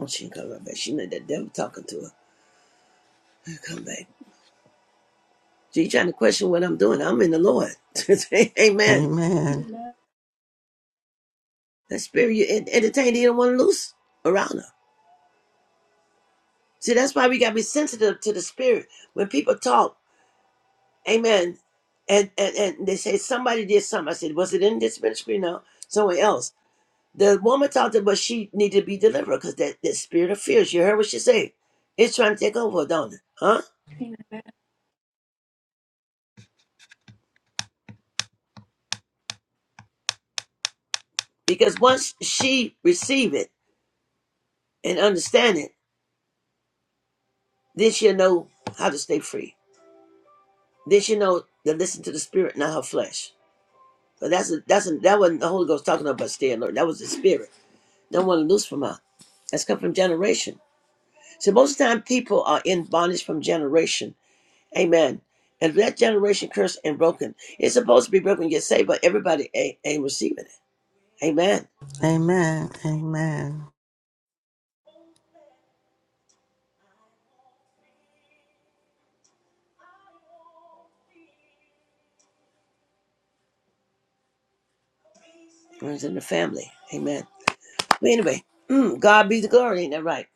B: Oh, she ain't coming right back. She know that devil talking to her. I'll Come back. She trying to question what I'm doing. I'm in the Lord. Amen.
C: Amen.
A: Amen.
B: That spirit you en- entertain, you don't want to loose around her. See, that's why we got to be sensitive to the spirit. When people talk, amen, and, and, and they say somebody did something. I said, was it in this ministry? No, somewhere else. The woman talked to her, but she needed to be delivered because that, that spirit of fear, you heard what she said. It's trying to take over, don't it? Huh? Because once she receive it and understand it, Then she know how to stay free. Then she know to listen to the spirit, not her flesh. But that's a, that's a, that wasn't the Holy Ghost talking about staying Lord. That was the spirit. Don't want to loose from her. That's come from generation. So most of the time people are in bondage from generation. Amen. And that generation cursed and broken. It's supposed to be broken, and get saved, but everybody ain't, ain't receiving it. Amen.
C: Amen. Amen.
B: Runs in the family. Amen. But anyway, mm, God be the glory, ain't that right?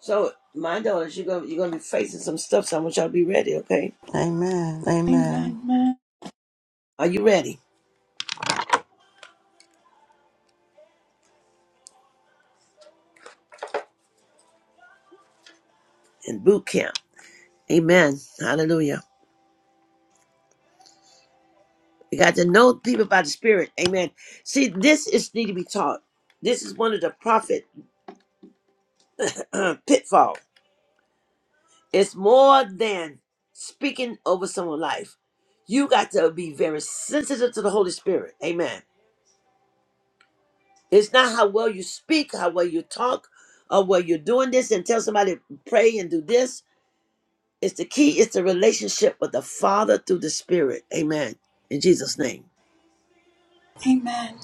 B: So my daughters, you're gonna you're gonna be facing some stuff, so I want y'all to be ready, okay?
C: Amen. Amen.
A: Amen. Amen.
B: Are you ready? in boot camp. Amen. Hallelujah. You got to know people by the Spirit. Amen. See, this is need to be taught. This is one of the prophet uh, pitfall. It's more than speaking over someone's life. You got to be very sensitive to the Holy Spirit. Amen. It's not how well you speak, how well you talk, or where you're doing this and tell somebody pray and do this. It's the key. It's the relationship with the Father through the Spirit. Amen. In Jesus' name.
A: Amen.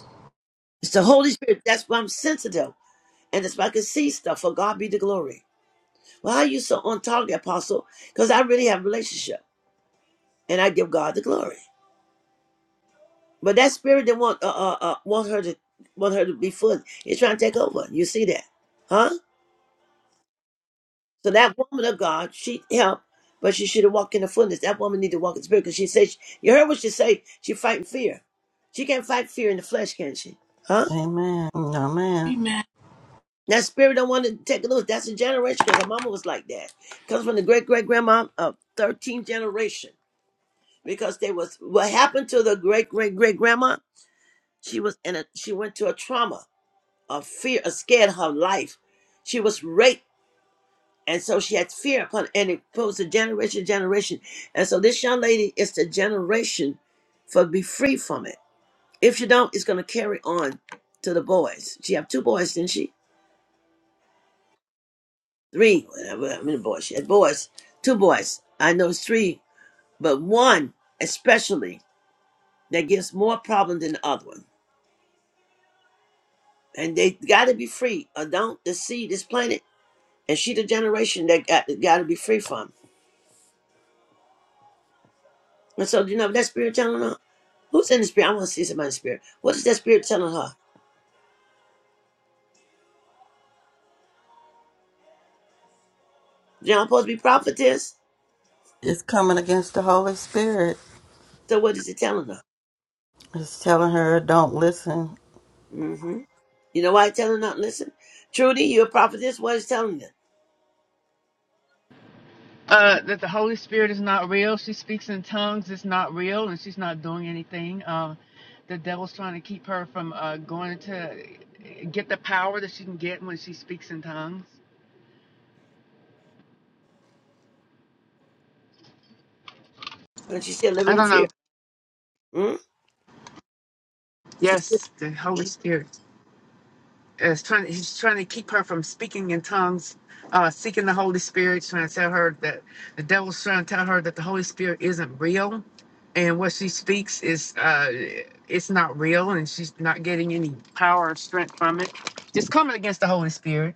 B: It's the Holy Spirit. That's why I'm sensitive. And if I can see stuff, for God be the glory. Well, how are you so on target, Apostle? Because I really have a relationship, and I give God the glory. But that spirit that want uh, uh, uh want her to want her to be full, is trying to take over. You see that, huh? So that woman of God, she helped, but she should have walked in the fullness. That woman need to walk in spirit because she said, you heard what she say. She fighting fear. She can't fight fear in the flesh, can she? Huh?
C: Amen. Amen.
A: Amen.
B: That spirit don't want to take it loose. That's a generation because her mama was like that. Comes from the great great grandma of 13th generation. because they was what happened to the great great great grandma she was in a she went to a trauma a fear a scared her life she was raped and so she had fear upon and it goes to generation to generation and so this young lady is the generation for be free from it if she don't it's going to carry on to the boys she have two boys didn't she three whatever i mean boys she had boys two boys i know it's three but one especially that gives more problem than the other one and they got to be free. Or don't deceive this planet, and she the generation that got got to be free from. And so you know that spirit telling her who's in the spirit. I want to see somebody's spirit. What is that spirit telling her? You're not supposed to be prophetess.
C: It's coming against the Holy Spirit.
B: So what is it telling her?
C: It's telling her, don't listen.
B: hmm You know why it's telling her? Listen, Trudy, you're a prophetess. What is it telling them?
H: uh, that the Holy Spirit is not real. She speaks in tongues. It's not real, and she's not doing anything. Um, the devil's trying to keep her from uh, going to get the power that she can get when she speaks in tongues.
B: And she's still
H: I
B: living in
H: don't
B: fear.
H: know.
B: Mm? She still.
H: Yes, the Holy Spirit. is trying he's trying to keep her from speaking in tongues uh seeking the holy spirit trying to tell her that the devil's trying to tell her that the holy spirit isn't real and what she speaks is uh it's not real and she's not getting any power or strength from it just coming against the holy spirit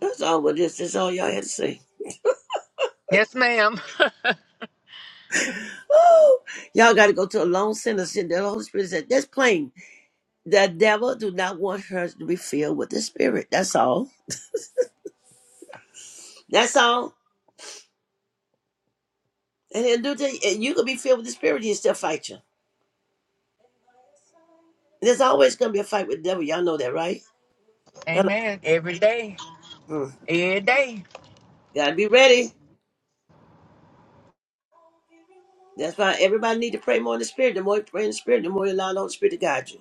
B: That's all what this. That's all y'all had to say.
H: yes ma'am
B: Woo! Y'all got to go to a lone center. sit The Holy Spirit said, "That's plain. The devil do not want her to be filled with the spirit. That's all. That's all. And he'll do thing. And you could be filled with the spirit, he'll still fight you. There's always gonna be a fight with the devil. Y'all know that, right? Hello.
H: amen every day
B: Mm.
H: every day
B: Gotta be ready. That's why everybody need to pray more in the spirit. The more you pray in the spirit, the more you allow the Holy Spirit to guide you.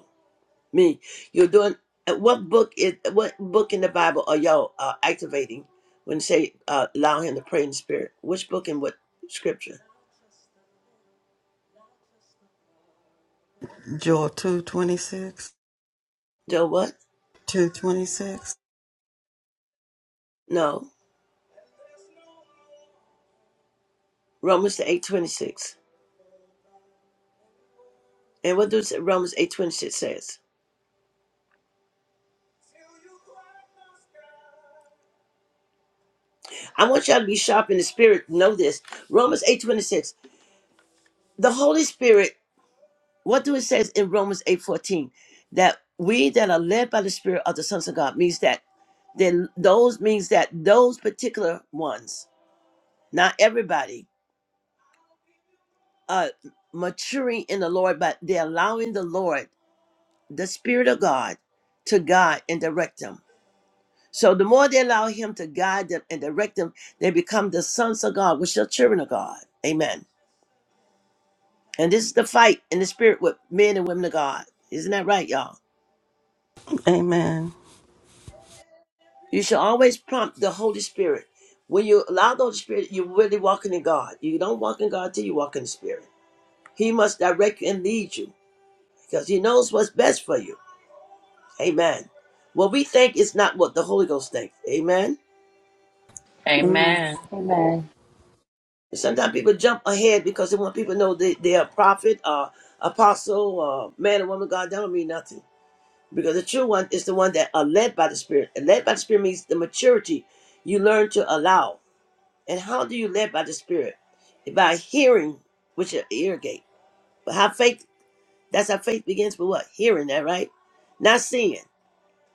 B: Me. You're doing uh, what book is what book in the Bible are y'all uh, activating when you say uh, allow him to pray in the spirit? Which book and what scripture?
C: Joel 226.
B: Do what?
C: 226.
B: No. Romans the eight twenty six. And what does Romans 8:26 says? I want y'all to be sharp in the spirit. Know this. Romans 8:26. The Holy Spirit, what do it says in Romans 8:14? That we that are led by the Spirit are the sons of God means that then those means that those particular ones, not everybody, are maturing in the Lord, but they're allowing the Lord, the Spirit of God, to guide and direct them. So the more they allow him to guide them and direct them, they become the sons of God, which are children of God. Amen. And this is the fight in the spirit with men and women of God. Isn't that right, y'all?
C: Amen.
B: You should always prompt the Holy Spirit. When you allow the Holy Spirit, you're really walking in God. You don't walk in God till you walk in the Spirit. He must direct you and lead you because he knows what's best for you. Amen. What we think is not what the Holy Ghost thinks. Amen.
C: Amen.
D: Amen. Amen.
B: Sometimes people jump ahead because they want people to know they, they're a prophet or apostle or man or woman of God. That don't mean nothing. Because the true one is the one that are led by the Spirit. And led by the Spirit means the maturity you learn to allow. And how do you led by the Spirit? By hearing with your ear gate. But how faith, that's how faith begins with what? Hearing that, right? Not seeing.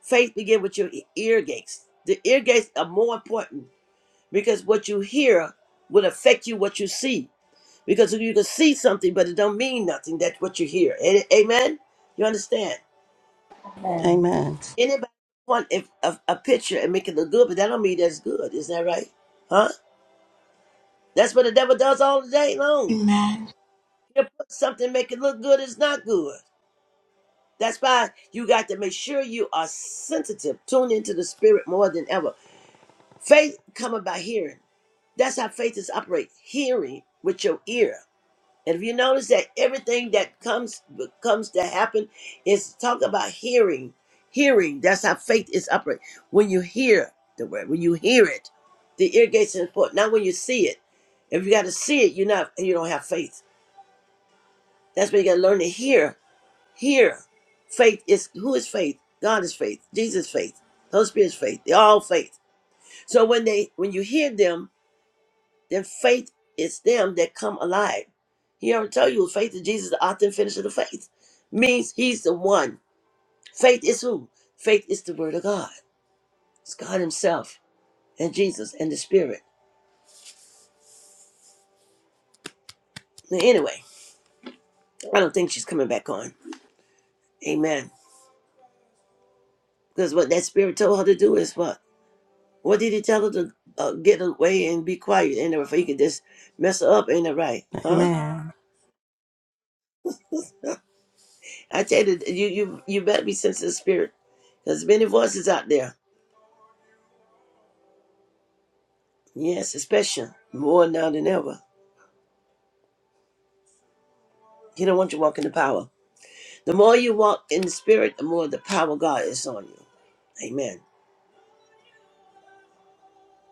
B: Faith begins with your e- ear gates. The ear gates are more important because what you hear will affect you what you see because you can see something, but it don't mean nothing. That's what you hear. A- Amen. You understand?
D: Amen.
C: Amen.
B: Anybody want if a, a picture and make it look good, but that don't mean that's good. Isn't that right? Huh? That's what the devil does all the day long.
A: Amen.
B: He'll put something make it look good. It's not good. That's why you got to make sure you are sensitive, tune into the spirit more than ever. Faith coming by hearing. That's how faith is operate. Hearing with your ear. And if you notice that everything that comes comes to happen is talk about hearing, hearing. That's how faith is upright. When you hear the word, when you hear it, the ear gates are important. Not when you see it. If you got to see it, you're not. You don't have faith. That's why you got to learn to hear. Hear. Faith is who is faith. God is faith. Jesus is faith. Holy Spirit is faith. They're all faith. So when they when you hear them their faith is them that come alive. He already told you faith in Jesus, the author and finisher of the faith. Means he's the one. Faith is who? Faith is the word of God. It's God Himself and Jesus and the Spirit. Now, Anyway, I don't think she's coming back on. Amen. Because what that spirit told her to do is what? What did he tell her to uh, get away and be quiet? And if you can just mess her up, ain't it right? Huh?
C: Amen.
B: I tell you, you you you better be sensitive to the spirit. There's many voices out there Yes, especially more now than ever. He don't want you walking in the power. The more you walk in the spirit, the more the power of God is on you. Amen.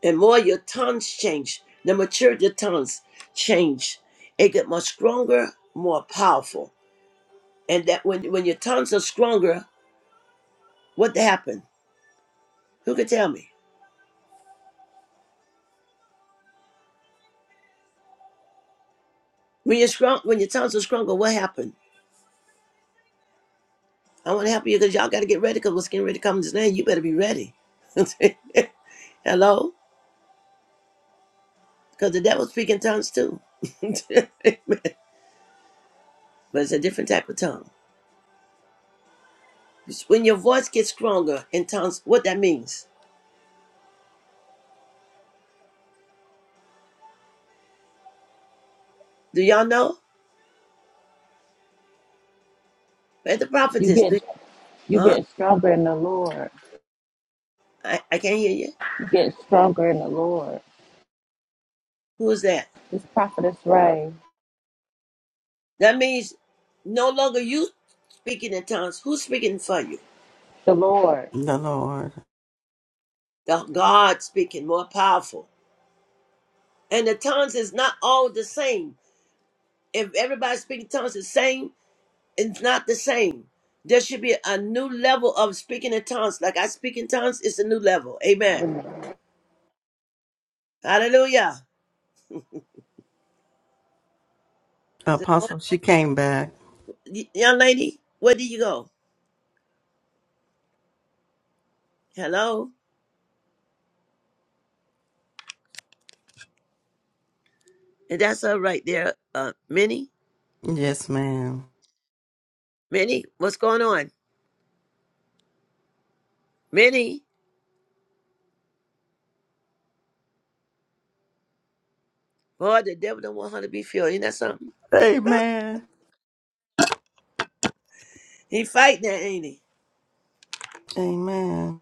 B: And more your tongues change. The maturity of tongues change. It get much stronger, more powerful. And that when when your tongues are stronger, what happened? Who can tell me? When you're strong, when your tongues are stronger, what happened? I want to help you because y'all got to get ready because what's getting ready to come in this land, you better be ready. Hello? Because the devil speak in tongues too. but it's a different type of tongue. It's When your voice gets stronger in tongues, what that means? Do y'all know? Where's the
D: You
B: prophetess? Do
D: get you
B: huh?
D: get stronger in the Lord.
B: I, I can't hear you.
D: You get stronger in the Lord.
B: Who is that?
D: This prophetess Ray,
B: That means no longer you speaking in tongues. Who's speaking for you?
D: the Lord.
C: The Lord.
B: The God speaking, more powerful. And the tongues is not all the same. If everybody speaking tongues the same, it's not the same. There should be a new level of speaking in tongues. Like I speak in tongues, it's a new level. Amen. Hallelujah. The Lord-
C: Apostle, she came back.
B: y- Young lady, where did you go? Hello? And that's her right there. Uh, Minnie?
C: Yes, ma'am.
B: Minnie? What's going on? Minnie? Boy, the devil don't want her to be filled. Ain't that something?
C: Amen.
B: He fighting that, ain't he?
C: Amen.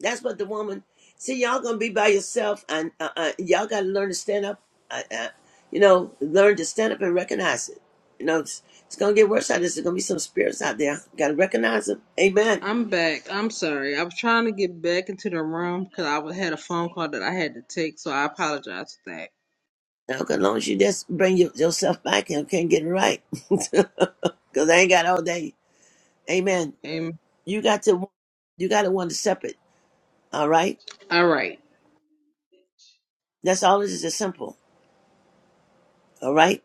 B: That's what the woman... See, y'all gonna be by yourself, and uh, uh, y'all gotta learn to stand up. Uh, uh, you know, learn to stand up and recognize it. You know, it's, it's gonna get worse out of this. There's gonna be some spirits out there. Gotta recognize them. Amen.
G: I'm back. I'm sorry. I was trying to get back into the room because I wa- had a phone call that I had to take, so I apologize for that.
B: Okay, as long as you just bring your, yourself back and can get it right, because I ain't got all day. Amen.
G: Um,
B: You got to you got to want to separate. All right,
G: all right.
B: that's all. It is is simple. All right,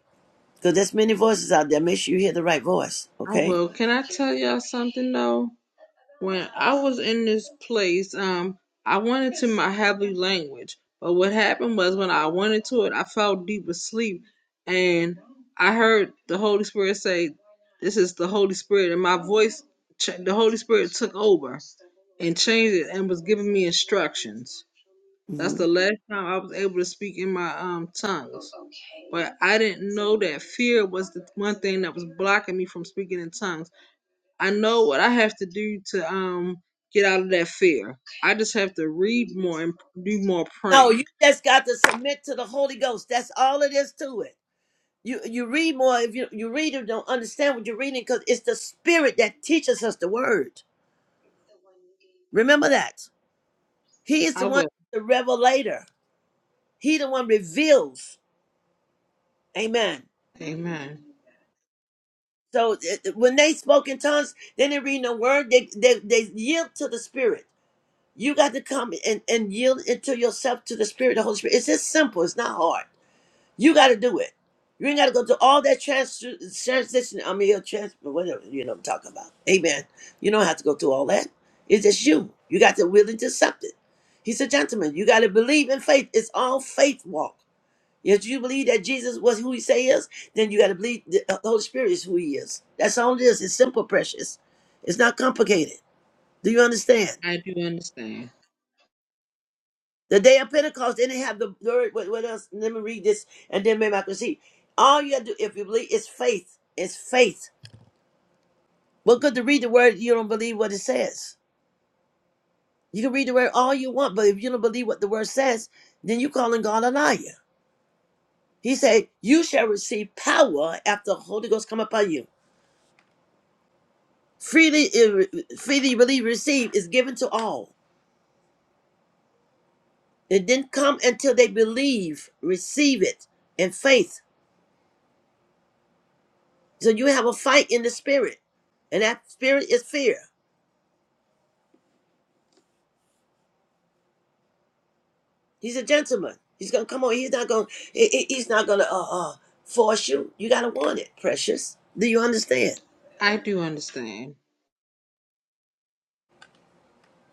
B: because there's many voices out there. Make sure you hear the right voice.
G: I
B: Okay.
G: will. Can I tell y'all something though? When I was in this place, um, I went into my heavy language, but what happened was when I went into it, I fell deep asleep, and I heard the Holy Spirit say, "This is the Holy Spirit," and my voice, ch- the Holy Spirit took over and changed it and was giving me instructions. That's
B: hmm
G: the last time I was able to speak in my um tongues. But I didn't know that fear was the one thing that was blocking me from speaking in tongues. I know what I have to do to um get out of that fear. I just have to read more and do more
B: No,
G: praying.
B: you just got to submit to the Holy Ghost. That's all it is to it. You you read more if you you read or don't understand what you're reading because it's the Spirit that teaches us the Word. Remember that He is
G: I
B: the one,
G: will.
B: the revelator. He the one reveals. Amen.
G: Amen.
B: So it- it- when they spoke in tongues, they didn't read no word. They, they they yield to the Spirit. You got to come and, and yield into yourself to the Spirit, the Holy Spirit. It's just simple. It's not hard. You got to do it. You ain't got to go through all that trans- transition. I mean, your trans- whatever you know what I'm talking about. Amen. You don't have to go through all that. It's just you. You got to willing to accept it. He's a gentleman. You got to believe in faith. It's all faith walk. If you believe that Jesus was who he say he is, then you got to believe the uh, Holy Spirit is who he is. That's all it is. It's simple, precious. It's not complicated. Do you understand?
G: I do understand.
B: The day of Pentecost, they didn't have the word. What, what else? Let me read this, and then maybe I can see. All you have to do, if you believe, is faith. It's faith. What good to read the word? if You don't believe what it says. You can read the word all you want, but if you don't believe what the word says, then you are calling God a liar. He said, "You shall receive power after the Holy Ghost come upon you." freely freely really received is given to all. It didn't come until they believe, receive it in faith. So you have a fight in the spirit, and that spirit is fear. He's a gentleman. He's gonna come on. He's not gonna. he- he- He's not gonna uh, uh force you. You gotta want it, precious. Do you understand?
G: I do understand.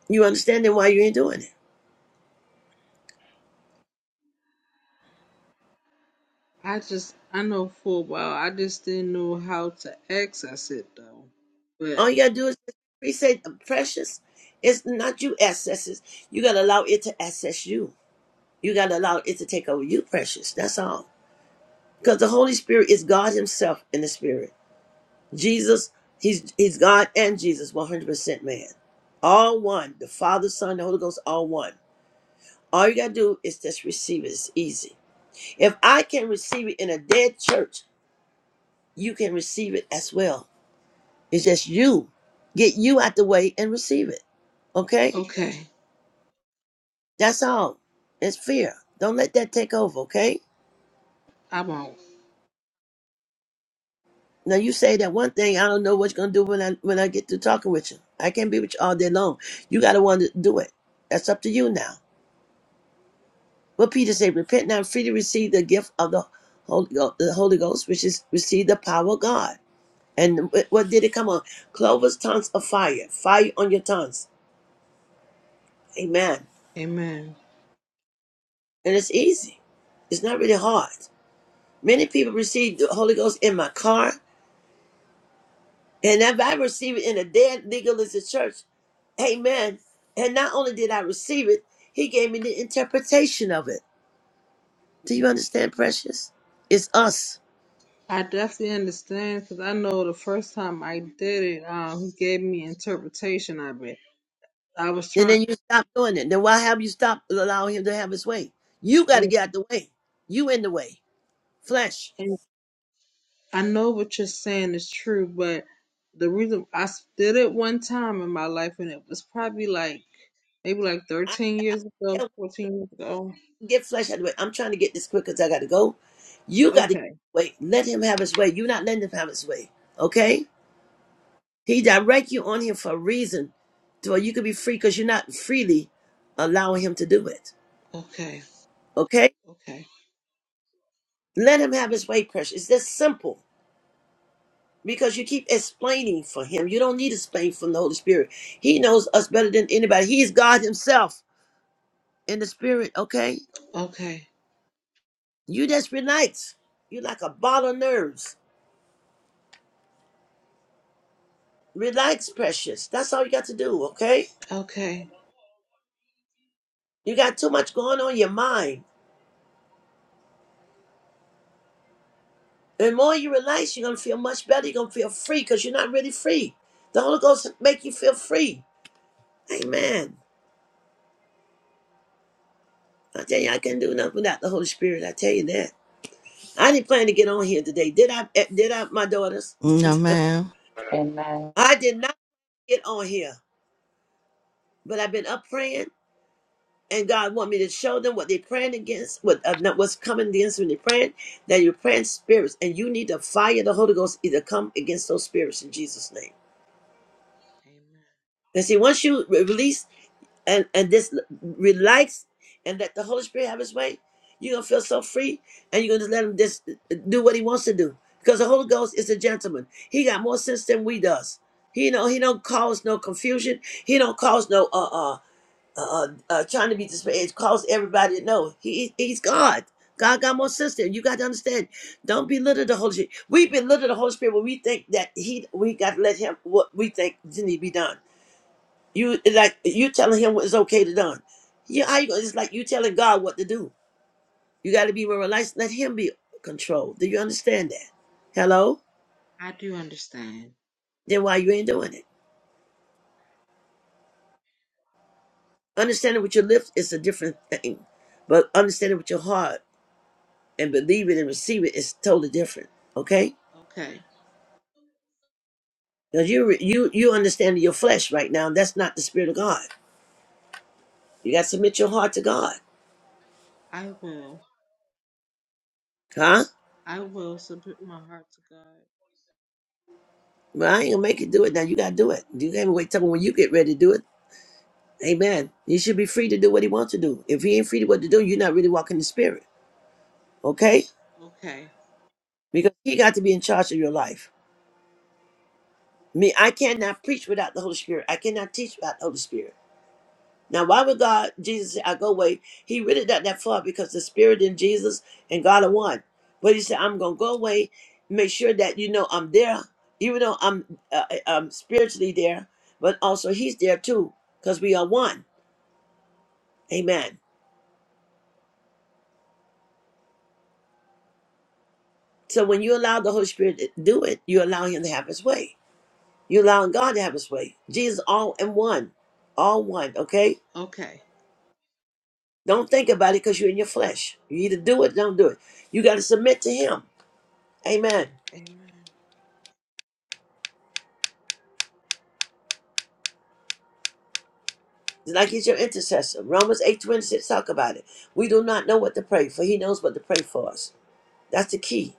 B: You understand then why you ain't doing it.
G: I just I know for a while I just didn't know how to access it though. but.
B: All you gotta do is we say, precious. It's not you accesses. You gotta allow it to access you. You gotta allow it to take over you, precious. That's all. Because the Holy Spirit is God Himself in the Spirit. Jesus, He's He's God and Jesus, 100% man. All one. The Father, Son, the Holy Ghost, all one. All you gotta do is just receive it. It's easy. If I can receive it in a dead church, you can receive it as well. It's just you. Get you out the way and receive it. Okay?
G: Okay,
B: That's all. It's fear. Don't let that take over, okay?
G: I won't.
B: Now you say that one thing. I don't know what you're gonna do when I when I get to talking with you. I can't be with you all day long. You gotta want to do it. That's up to you now. What Peter said: Repent now, and freely receive the gift of the Holy, Go- the Holy Ghost, which is receive the power of God. And wh- what did it come on? Clovers, tongues of fire, fire on your tongues. Amen.
G: Amen.
B: And it's easy. It's not really hard. Many people receive the Holy Ghost in my car. And if I receive it in a dead legalistic church, amen. And not only did I receive it, he gave me the interpretation of it. Do you understand, precious? It's us.
G: I definitely understand because I know the first time I did it, um, he gave me interpretation of it. I was
B: And
G: trying.
B: then you stop doing it. Then why have you stopped allowing him to have his way? You got to get out the way. You in the way. Flesh.
G: and I know what you're saying is true, but the reason I s- did it one time in my life, and it was probably like maybe like
B: I
G: 13 years ago,
B: can't
G: 14 years ago.
B: get flesh out of the way. I'm trying to get this quick because I got to go. You got to get
G: Okay,
B: out the way. Let him have his way. You're not letting him have his way. Okay? He direct you on him for a reason, so you can be free because you're not freely allowing him to do it.
G: okay,
B: Okay?
G: okay,
B: Let him have his way, precious. It's just simple because you keep explaining for him. You don't need to explain from the Holy Spirit. He knows us better than anybody. He is God himself in the spirit, okay?
G: okay,
B: You just relax. You're like a ball of nerves. Relax, precious. That's all you got to do, okay?
G: okay.
B: You got too much going on in your mind. And The more you relax, you're gonna feel much better. You're gonna feel free because you're not really free. The Holy Ghost make you feel free. Amen. I tell you, I couldn't do nothing without the Holy Spirit. I tell you that. I didn't plan to get on here today. Did I? eh, Did I, my daughters?
C: No, ma'am.
D: Amen.
B: I did not get on here, but I've been up praying, and God want me to show them what they're praying against, what uh, not what's coming against when they're praying. That you're praying spirits, and you need to fire the Holy Ghost either come against those spirits in Jesus' name.
G: Amen.
B: And see, once you re- release and and just relax and let the Holy Spirit have His way, you're gonna feel so free, and you're gonna just let Him just do what He wants to do. Because the Holy Ghost is a gentleman. He got more sense than we does. He know He don't cause no confusion. He don't cause no uh uh uh, uh uh, trying to be disparaged. Cause everybody to know He He's God. God got more sense than you. You got to understand. Don't belittle the Holy Spirit. We belittle the Holy Spirit when we think that He we got to let Him what we think need to be done. You it's like you telling him what is okay to done. Yeah, how you gonna, it's like you telling God what to do. You got to be more relaxed. Let Him be controlled. Do you understand that? Hello.
G: I do understand.
B: Then why you ain't doing it? Understanding with your lips is a different thing, but understanding with your heart and believe it and receive it is totally different. Okay?
G: Okay,
B: Because you re- you you understanding your flesh right now. That's not the spirit of God. You got to submit your heart to God.
G: I will.
B: Huh?
G: I will submit my heart to God.
B: Well, I ain't gonna make you do it now. You gotta do it. You can't wait till when you get ready to do it. Amen. He should be free to do what he wants to do. If he ain't free to what to do, you're not really walking in the spirit. Okay?
G: Okay.
B: Because he got to be in charge of your life. Me, I cannot preach without the Holy Spirit. I cannot teach without the Holy Spirit. Now, why would God, Jesus say, I go away? He really not that far because the Spirit in Jesus and God are one. But he said, I'm going to go away, make sure that you know I'm there, even though I'm, uh, uh, I'm spiritually there, but also he's there too because we are one. Amen. So when you allow the Holy Spirit to do it, you allow him to have his way. You allow God to have his way. Jesus all in one. All one, okay?
G: Okay.
B: Don't think about it because you're in your flesh. You either do it, don't do it. You got to submit to him. Amen.
G: Amen.
B: It's Like he's your intercessor. Romans 8 26 talk about it. We do not know what to pray for. He knows what to pray for us. That's the key.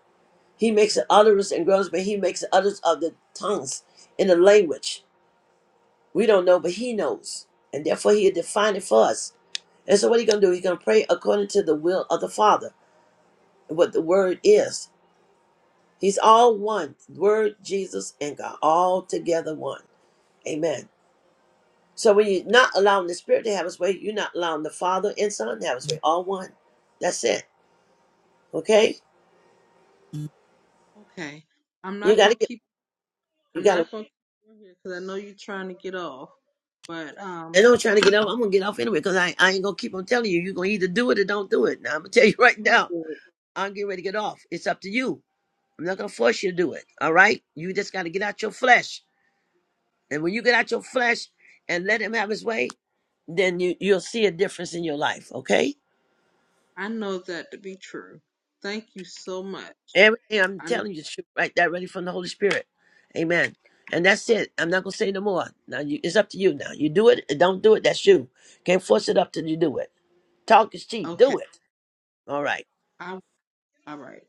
B: He makes the utterance and groans, but he makes the utterance of the tongues in the language. We don't know, but he knows. And therefore he'll define it for us. And so what he gonna do? He's gonna pray according to the will of the Father, what the word is. He's all one. Word, Jesus, and God. All together one. Amen. So when you're not allowing the Spirit to have his way, you're not allowing the Father and Son to have his way. All one. That's it. Okay?
G: Okay. I'm
B: You
G: not
B: gotta
G: gonna
B: get
G: keep.
B: you
G: I'm
B: gotta
G: not gonna keep you here because I know you're trying to get off. But um,
B: I know I'm trying to get off. I'm gonna get off anyway, because I, I ain't gonna keep on telling you. You're gonna either do it or don't do it. Now I'm gonna tell you right
G: I'm gonna
B: now.
G: do it.
B: I'm getting ready to get off. It's up to you. I'm not gonna force you to do it. All right? You just gotta get out your flesh. And when you get out your flesh and let him have his way, then you, you'll see a difference in your life, okay?
G: I know that to be true. Thank you so much.
B: Everything I'm
G: I
B: telling you is true, right? That ready from the Holy Spirit. Amen. And that's it. I'm
G: know.
B: not gonna say no more. Now you, it's up to you now. You do it, or don't do it, that's you. Can't force it up till you do it. Talk is cheap.
G: Okay.
B: Do it. All right.
G: I. All right.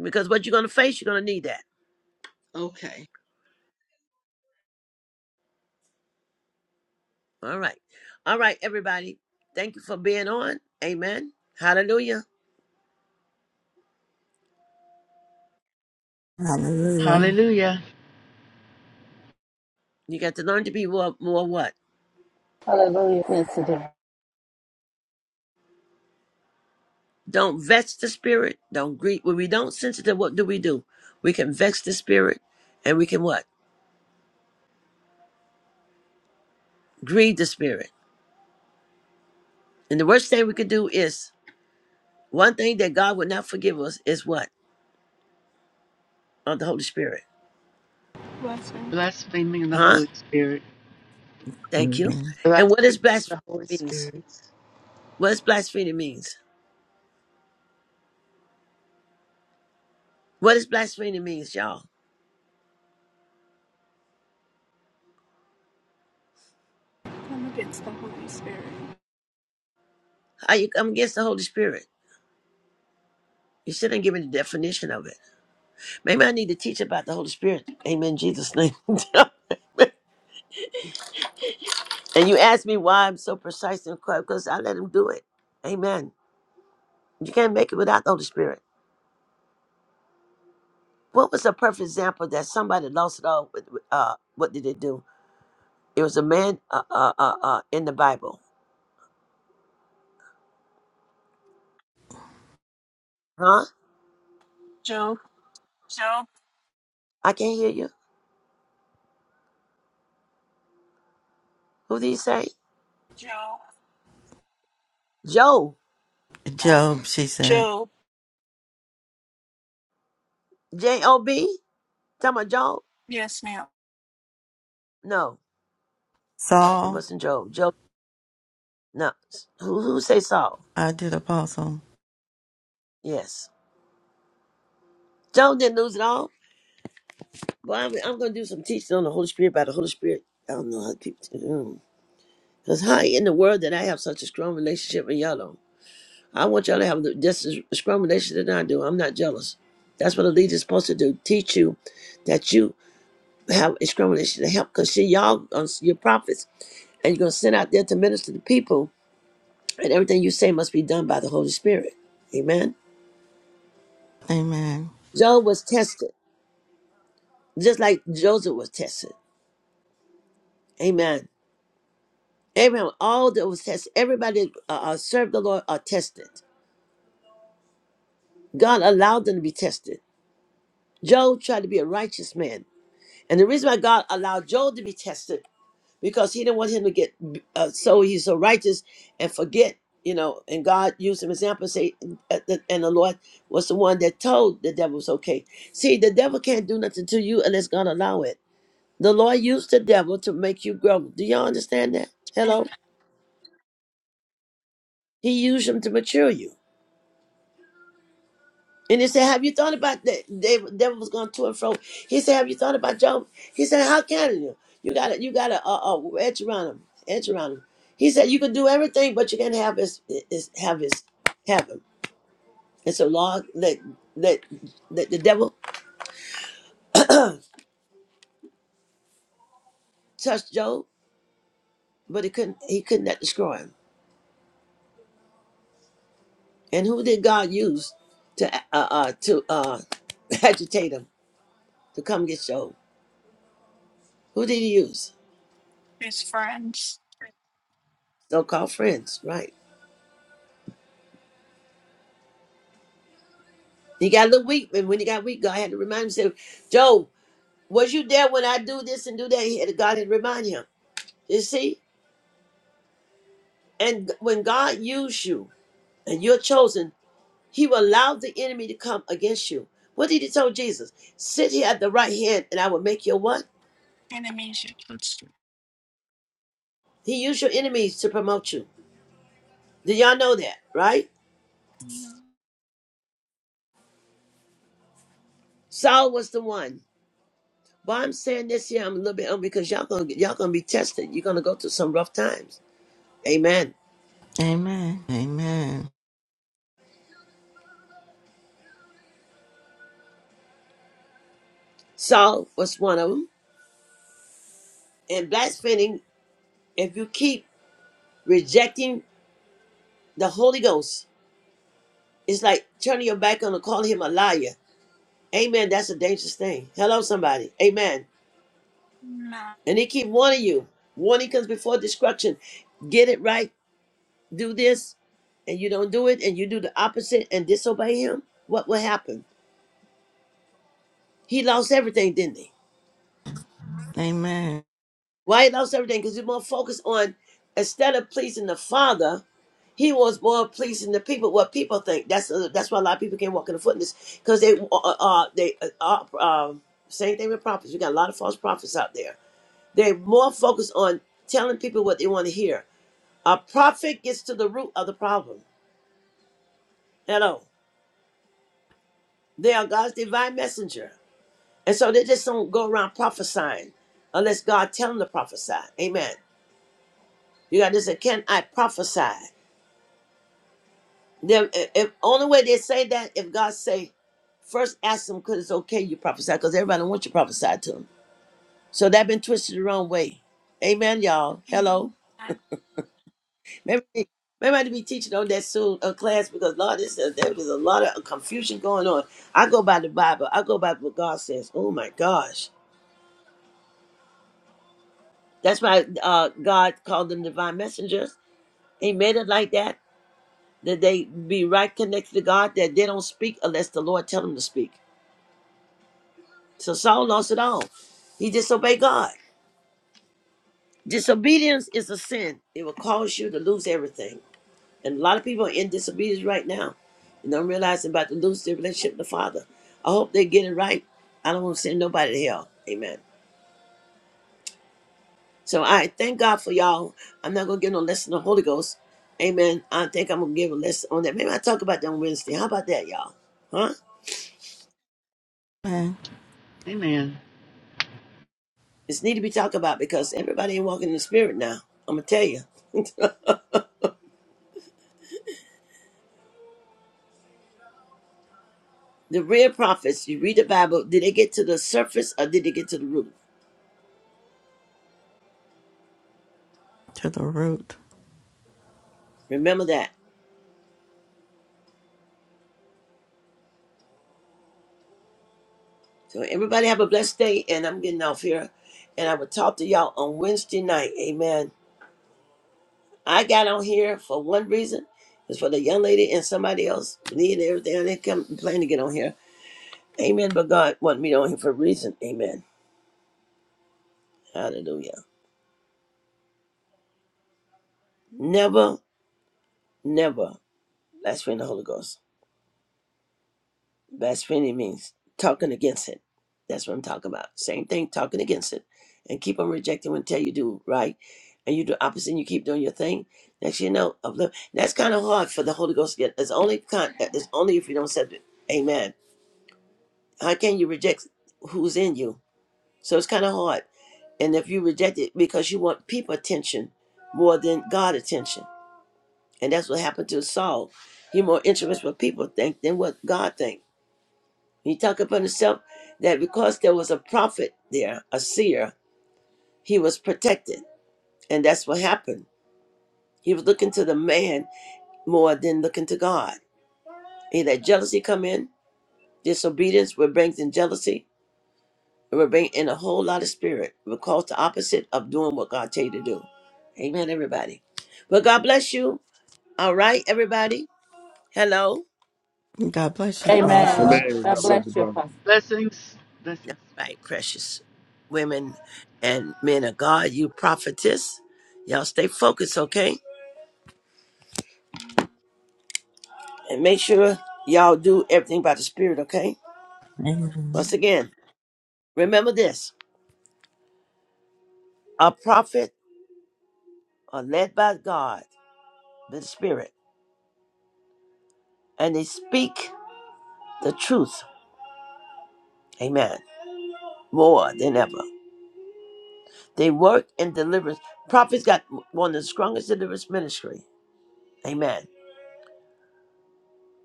B: Because what you're gonna face, you're gonna need that.
G: Okay.
B: All right. All right, everybody. Thank you for being on. Amen. Hallelujah.
C: Hallelujah.
H: Hallelujah.
B: You got to learn to be more, more what?
D: Hallelujah. Yes, it is.
B: Don't vex the spirit. Don't grieve. When we don't sense it, then what do we do? We can vex the spirit and we can what? Grieve the spirit. And the worst thing we could do is one thing that God would not forgive us is what? Of the Holy Spirit.
A: Blessing.
H: Blaspheming the
B: Huh?
H: Holy Spirit.
B: Thank you.
C: Amen.
B: And what
H: blasphemy
B: is
H: the
B: blasphemy
H: holy
B: means?
H: spirit
B: What is blasphemy means? What is blasphemy means, y'all?
A: Come against the Holy Spirit.
B: How you come against the Holy Spirit? You still didn't give me the definition of it. Maybe I need to teach about the Holy Spirit. Amen. in Jesus' name. And you ask me why I'm so precise and quick because I let him do it. Amen. You can't make it without the Holy Spirit. What was a perfect example that somebody lost it all? With, with, uh, what did they do? It was a man uh, uh, uh, uh, in the Bible. Huh?
A: Job. Job
B: I can't hear you. Who did he say?
A: Job.
B: Job.
A: Oh,
C: Job, she said.
A: Job.
B: J O B? Talking about Job?
A: Yes, ma'am.
B: No, it
C: Saul,
B: wasn't Job. Job. No. Who, who say Saul?
C: I did apostle.
B: Yes. Job didn't lose it all. Well, I'm, I'm going to do some teaching on the Holy Spirit by the Holy Spirit. I don't know how to keep. mm. Because how in the world did I have such a strong relationship with y'all? don't? I want y'all to have the- just as strong relationship that I do. I'm not jealous. That's what a leader is supposed to do. Teach you that you have a strong relationship to help. Because see, y'all, uh, your prophets, and you're going to send out there to minister to people. And everything you say must be done by the Holy Spirit. Amen.
C: Amen.
B: Job was tested, just like Joseph was tested. Amen. Abraham, all that was tested, everybody uh, uh, served the Lord are tested. God allowed them to be tested. Job tried to be a righteous man. And the reason why God allowed Job to be tested because He didn't want him to get uh, so he's so righteous and forget, you know. And God used him as an example and say, uh, the- and the Lord was the one that told the devil it's okay. See, the devil can't do nothing to you unless God allow it. The Lord used the devil to make you grow. Do y'all understand that? Hello, He used him to mature you. And they said, Have you thought about that? They devil was going to and fro. He said, Have you thought about Job? He said, How can you? You gotta you gotta uh, uh edge around him. Edge around him. He said, You can do everything, but you can't have his is have his have him. And so Lord let let let the devil touch Job, but he couldn't he couldn't not destroy him. And who did God use to uh uh to uh agitate him to come get Job? Who did he use?
A: His friends,
B: So called friends, right? You got a little weak, and when he got weak, God had to remind him. Say, Job, was you there when I do this and do that? He had, God had to remind him. You see, and when God used you and you're chosen, He will allow the enemy to come against you. What did He tell Jesus? Sit here at the right hand, and I will make your what?
A: enemies, you can still
B: He used your enemies to promote you. Do y'all know that? Right? Saul was the one. Why I'm saying this here, I'm a little bit on because y'all gonna y'all gonna be tested. You're gonna go through some rough times. Amen.
C: Amen. Amen.
B: Saul was one of them and blaspheming. If you keep rejecting the Holy Ghost, it's like turning your back on and calling him a liar. Amen. That's a dangerous thing. Hello, somebody. Amen.
A: not.
B: And he keep warning you. Warning comes before destruction. Get it right. Do this, and you don't do it, and you do the opposite and disobey him. What will happen? He lost everything, didn't he?
C: Amen.
B: Why he loves everything? Because he's more focused on instead of pleasing the Father, he was more pleasing the people. What people think. That's uh, that's why a lot of people can't walk in the footness because they uh, uh uh, they uh, uh um, same thing with prophets. We got a lot of false prophets out there. They're more focused on telling people what they want to hear. A prophet gets to the root of the problem. Hello, they are God's divine messenger, and so they just don't go around prophesying unless God tell them to prophesy. Amen. You got this. Can I prophesy? Then, if if- only way they say that if God say first ask them because it's okay you prophesy because everybody wants you to prophesy to them. So that been twisted the wrong way. Amen, y'all. Hello. Maybe maybe I need to be teaching on that soon a class because Lord, this is, there is a lot of confusion going on. I go by the Bible. I go by what God says. Oh my gosh, that's why uh, God called them divine messengers. He made it like that that they be right connected to God. That they don't speak unless the Lord tell them to speak. So Saul lost it all. He disobeyed God. Disobedience is a sin. It will cause you to lose everything. And a lot of people are in disobedience right now. And don't realize they're about to lose their relationship with the Father. I hope they get it right. I don't want to send nobody to hell. Amen. So I thank God for y'all. I'm not gonna give no lesson on the Holy Ghost. Amen. I think I'm gonna give a lesson on that. Maybe I talk about that on Wednesday. How about that, y'all? Huh?
C: Amen.
H: Amen.
B: It's need to be talked about because everybody ain't walking in the spirit now. I'm gonna tell you. The real prophets, you read the Bible, did they get to the surface or did they get to the root?
C: To the root.
B: Remember that. So everybody have a blessed day, and I'm getting off here. And I will talk to y'all on Wednesday night. Amen. I got on here for one reason. It's for the young lady and somebody else needed everything. I didn't come plan to get on here. Amen. But God wanted me on here for a reason. Amen. Hallelujah. Never, never blaspheme the Holy Ghost. Blasphemy means talking against it. That's what I'm talking about. Same thing, talking against it. And keep on rejecting when tell you do right. And you do opposite and you keep doing your thing. Next you know, uplift. That's kind of hard for the Holy Ghost to get. It's only, con- it's only if you don't accept it. Amen. How can you reject who's in you? So it's kind of hard. And if you reject it because you want people attention more than God attention. And that's what happened to Saul. He more interested with people think than what God thinks. He took upon himself that because there was a prophet there, a seer, he was protected. And that's what happened. He was looking to the man more than looking to God. He let jealousy come in. Disobedience will bring in jealousy. It will bring in a whole lot of spirit. It will cause the opposite of doing what God tell you to do. Amen, everybody. Well, God bless you. All right, everybody. Hello.
C: God bless you,
D: Amen.
C: apostle.
I: Amen.
D: God
I: God bless you,
D: bless you,
I: Prophet.
D: Apostle.
H: Blessings.
B: All
H: Blessings.
B: right, precious women and men of God, you prophetess. Y'all stay focused, okay? and make sure y'all do everything by the Spirit, okay?
C: Amen.
B: Once again, remember this a prophet are led by God, the Spirit, and they speak the truth, amen, more than ever. They work in deliverance. Prophets got one of the strongest deliverance ministry, amen.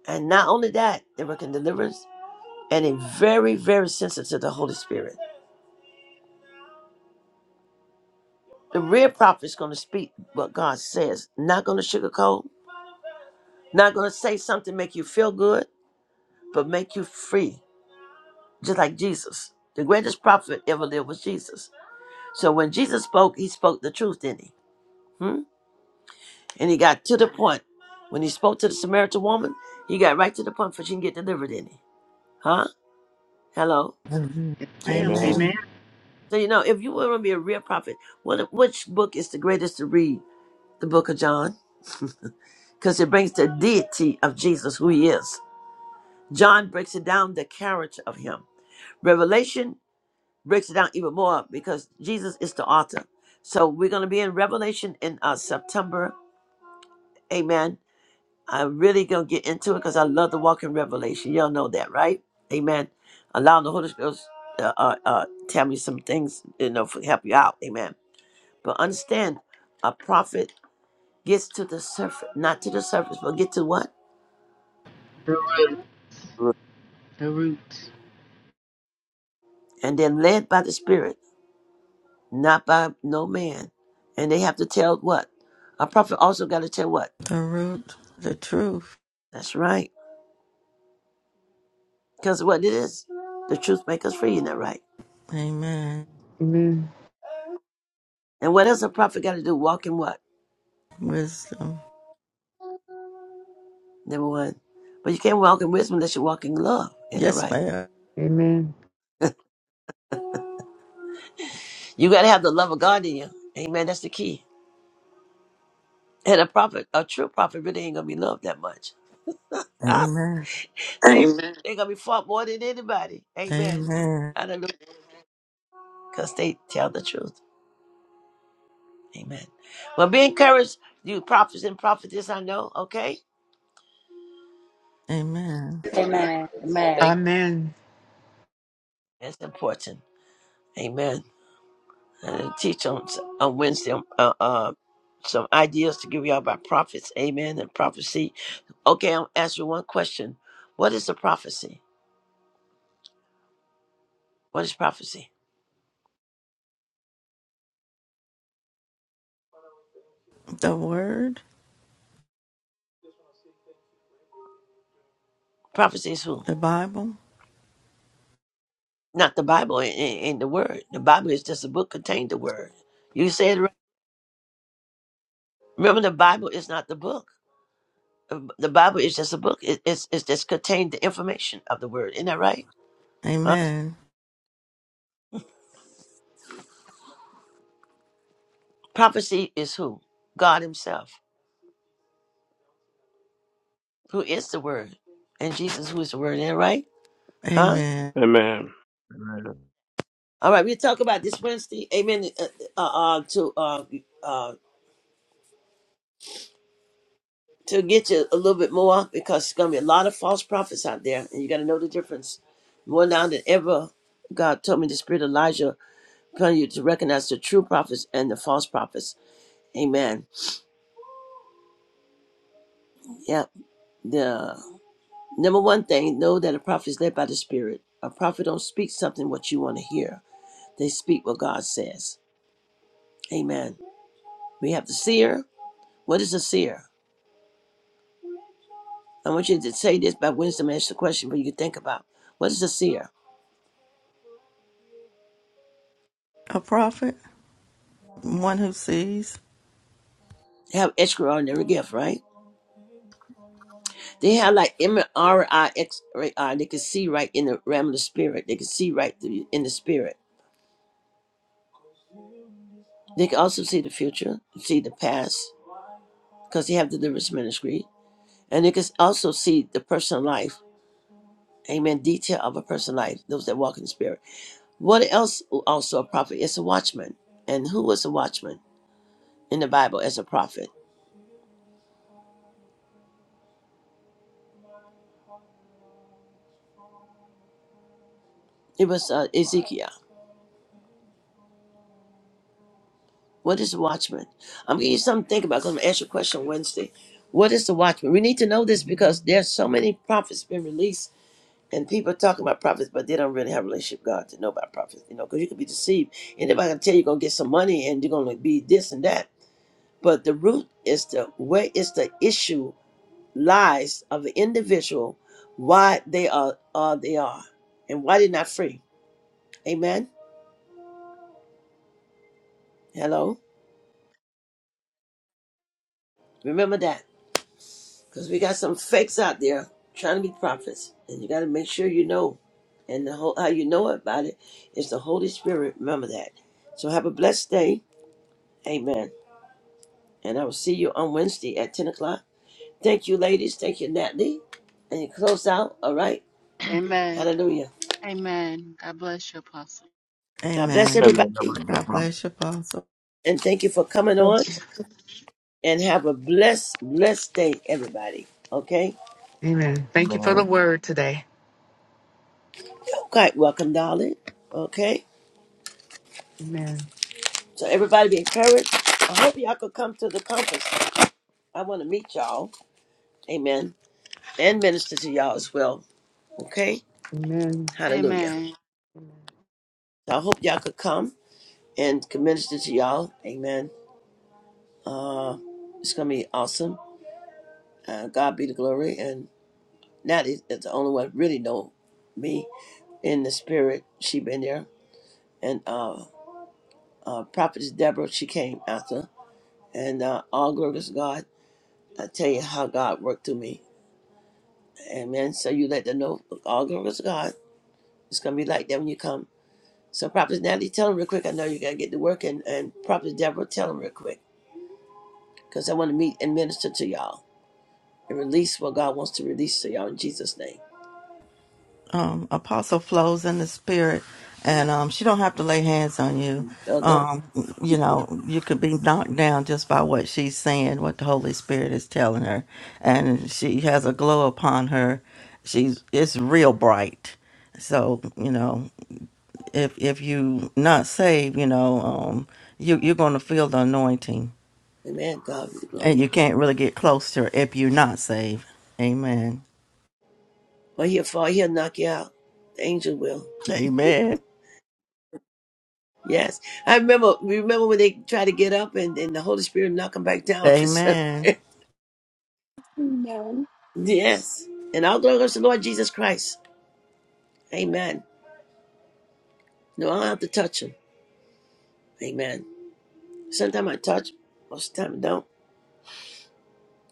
B: And not only that, they work in deliverance and they very, very sensitive to the Holy Spirit. The real prophet is going to speak what God says, not going to sugarcoat, not going to say something make you feel good but make you free, just like Jesus. The greatest prophet ever lived was Jesus. So when Jesus spoke, he spoke the truth, didn't he? Hmm? And he got to the point. When he spoke to the Samaritan woman, he got right to the point for she can get delivered, didn't he? Huh? Hello?
C: Amen.
H: Yes, ma'am.
I: Amen.
H: Amen.
C: Amen.
B: So you know, if you want to be a real prophet, what which book is the greatest to read? The book of John? Because it brings the deity of Jesus, who he is. John breaks it down the character of him. Revelation breaks it down even more because Jesus is the author. So we're going to be in Revelation in uh, September. Amen. I'm really going to get into it because I love to walk in Revelation. Y'all know that, right? Amen. Allow the Holy Spirit uh, uh, uh, tell me some things, you know, for help you out. Amen. But understand, a prophet gets to the surface, not to the surface, but get to what?
H: The root. The root.
B: And then led by the Spirit, not by no man. And they have to tell what? A prophet also got to tell what?
C: The root, the truth.
B: That's right Because what it is, the truth make us free, you that right?
C: Amen.
H: Amen.
B: And what else a prophet got to do? Walk in what?
C: Wisdom.
B: Number one. But you can't walk in wisdom unless you walk in love, you that
C: Yes,
B: right?
C: ma'am.
H: Amen.
B: You got to have the love of God in you. Amen. That's the key. And a prophet, a true prophet, really ain't going to be loved that much.
C: Amen.
B: Amen. They're going to be fought more than anybody. Amen.
C: Amen.
B: Hallelujah. Because they tell the truth. Amen. Well, be encouraged, you prophets and prophetess, I know, okay?
C: Amen.
B: Amen.
D: Amen. Amen. Thank
H: Amen.
B: That's important. Amen. and teach on s- on Wednesday um, uh, uh, some ideas to give y'all about prophets, amen, and prophecy. Okay, I'll ask you one question. What is a prophecy? What is prophecy?
C: The Word,
B: Prophecy is who?
C: the Bible.
B: Not the Bible and, and the Word. The Bible is just a book containing the Word. You said it right. Remember, the Bible is not the book. The the Bible is just a book. It, it's, it's just contained the information of the Word. Isn't that right? Huh?
C: Amen.
B: Prophecy is who? God Himself, who is the Word, and Jesus, who is the Word. Isn't that right? Huh?
C: Amen.
I: Amen. Amen.
B: All right, we'll talk about this Wednesday. Amen. Uh, uh, uh, to uh, uh, to get you a little bit more because it's gonna be a lot of false prophets out there, and you gotta know the difference more now than ever. God told me the spirit of Elijah telling you to recognize the true prophets and the false prophets. Amen. Yeah. The number one thing, know that a prophet is led by the spirit. A prophet don't speak something what you want to hear. They speak what God says. Amen. We have the seer. What is a seer? I want you to say this by wisdom. Ask the question for you to think about. What is a seer?
C: A prophet, one who sees.
B: They have extraordinary gift, right? They have like MRI, They can see right in the realm of the spirit. They can see right through, in the spirit. They can also see the future, see the past, because they have the deliverance ministry, and they can also see the personal life. Amen. Detail of a person's life. Those that walk in the spirit. What else? Also, a prophet is a watchman. And who was a watchman in the Bible as a prophet? It was uh, Ezekiel. What is the watchman? I'm giving you something to think about because I'm going to ask you a question Wednesday. What is the watchman? We need to know this because there's so many prophets been released and people are talking about prophets, but they don't really have a relationship with God to know about prophets, you know, because you could be deceived. Anybody can tell you you're going to get some money and you're going to be this and that. But the root is the where is the issue lies of the individual, why they are, are they are, and why they're not free. Amen. Hello. Remember that. Because we got some fakes out there trying to be prophets. And you got to make sure you know. And the whole, how you know about it is the Holy Spirit. Remember that. So have a blessed day. Amen. And I will see you on Wednesday at 10 o'clock. Thank you, ladies. Thank you, Natalie. And you close out. All right.
D: Amen.
B: Hallelujah.
D: Amen. God bless you, Apostle.
B: God bless
C: Amen.
I: Amen. God
B: everybody.
I: bless you,
C: God
I: Apostle.
C: bless you, Apostle.
B: And thank you for coming on.
H: Yes.
B: And have a blessed, blessed day, everybody. Okay?
H: Amen. Thank you for the
I: Amen.
H: word today.
B: You're quite welcome, darling. Okay?
H: Amen.
B: So everybody be encouraged. I hope y'all could come to the conference. I want to meet y'all. Amen. And minister to y'all as well. Okay?
H: Amen.
B: Hallelujah.
D: Amen.
B: So I hope y'all could come and can minister to y'all. Amen. Uh, it's going to be awesome. Uh, God be the glory. And Natty is the only one really know me in the spirit. She been there. And uh, uh, Prophetess Deborah, she came after. And uh, all glory to God. I tell you how God worked through me. Amen. So you let them know all glory to God. It's going to be like that when you come. So Prophet Natalie, tell them real quick. I know you gotta get to work, and, and Prophet Deborah, tell them real quick, because I want to meet and minister to y'all and release what God wants to release to y'all in Jesus' name.
C: um, apostle flows in the spirit and um, she don't have to lay hands on you
B: So don't,
C: um, you know you could be knocked down just by what she's saying what the holy spirit is telling her and she has a glow upon her she's it's real bright so you know if if you not saved you know um, you, you're going to feel the anointing
B: Amen. God be the
C: and
B: glory.
C: you can't really get close to her if you're not saved amen
B: Or he'll fall, he'll knock you out. The angel will.
C: amen
B: Yes, I remember. Remember when they tried to get up and, and the Holy Spirit knocked them back down.
C: amen
A: Amen.
B: yes, and all glory goes to the Lord Jesus Christ. Amen. No, I don't have to touch him. Amen. Sometimes I touch, him, most of the time I don't.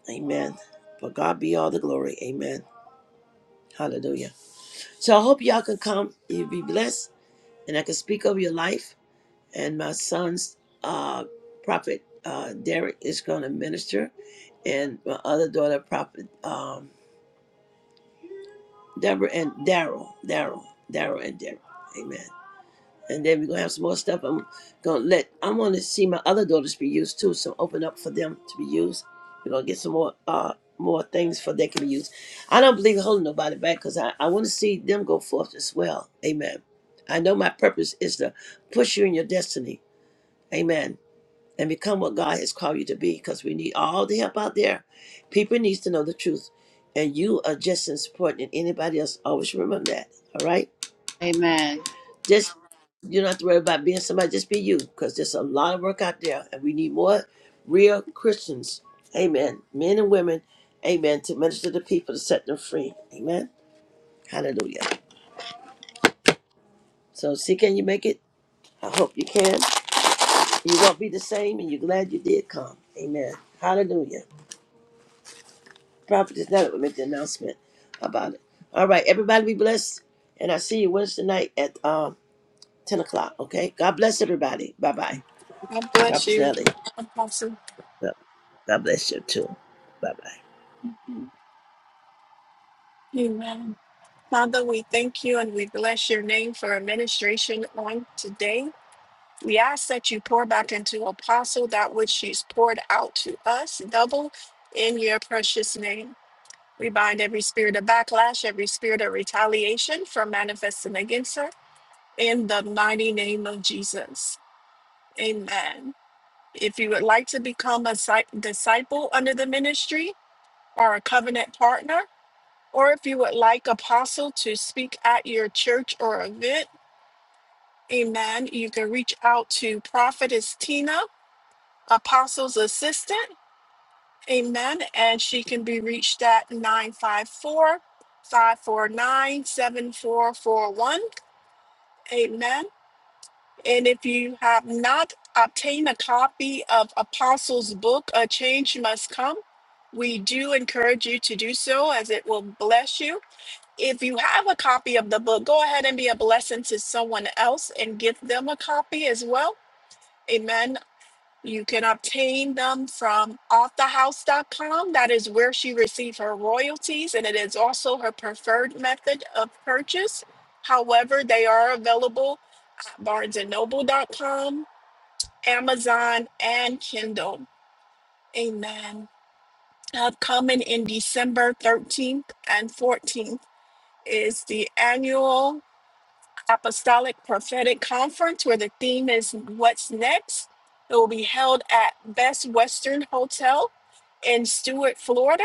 B: Amen. For God be all the glory. Amen. Hallelujah. So I hope y'all can come. You'll be blessed. And I can speak over your life. And my son's uh, prophet uh, Derek is going to minister. And my other daughter, prophet um, Deborah and Daryl. Daryl. Daryl and Deborah. Amen. and then we're gonna have some more stuff. I'm gonna let I want to see my other daughters be used too, so open up for them to be used. We're gonna get some more uh more things for they can be used. I don't believe in holding nobody back because I, I want to see them go forth as well. Amen. I know my purpose is to push you in your destiny. Amen. And become what God has called you to be because we need all the help out there. People needs to know the truth. And you are just as important as anybody else. Always remember that. All right?
D: Amen.
B: Just you don't have to worry about being somebody. Just be you, because there's a lot of work out there, and we need more real Christians. Amen. Men and women. Amen. To minister to people to set them free. Amen. Hallelujah. So see, can you make it? I hope you can. You won't be the same, and you're glad you did come. Amen. Hallelujah. Prophet is not will make the announcement about it. All right, everybody, be blessed, and I see you Wednesday night at um, ten o'clock. Okay. God bless everybody. Bye bye.
A: God bless
B: Prophet Nelly.
A: you, Apostle.
B: God God bless you too. Bye bye.
A: Amen. Father, we thank you and we bless your name for administration on today. We ask that you pour back into Apostle that which she's poured out to us, double in your precious name. We bind every spirit of backlash, every spirit of retaliation from manifesting against her. in the mighty name of Jesus. Amen. If you would like to become a si- disciple under the ministry or a covenant partner, or if you would like apostle to speak at your church or event, amen, you can reach out to prophetess Tina, apostle's assistant, amen, and she can be reached at 954 549 7441, Amen. And if you have not obtained a copy of Apostles' book, A Change Must Come, we do encourage you to do so as it will bless you. If you have a copy of the book, go ahead and be a blessing to someone else and give them a copy as well. Amen. You can obtain them from offthehouse.com. That is where she received her royalties, and it is also her preferred method of purchase. However, they are available at barnesandnoble.com, Amazon, and Kindle. Amen. Upcoming in December 13th and 14th is the annual Apostolic Prophetic Conference, where the theme is What's Next. It will be held at Best Western Hotel in Stuart, Florida.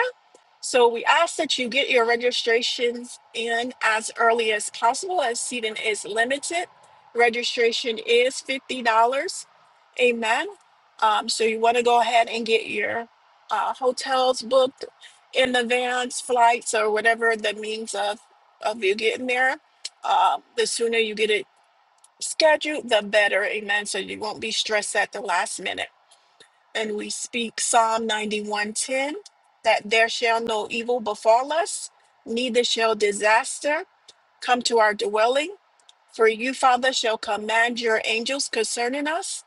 A: So we ask that you get your registrations in as early as possible as seating is limited. Registration is $50. Amen. Um, so you want to go ahead and get your uh, hotels booked in advance, flights, or whatever the means of, of you getting there. Um, the sooner you get it scheduled, the better. Amen. So you won't be stressed at the last minute and we speak Psalm 91:10 that there shall no evil befall us, neither shall disaster come to our dwelling. For you, Father, shall command your angels concerning us,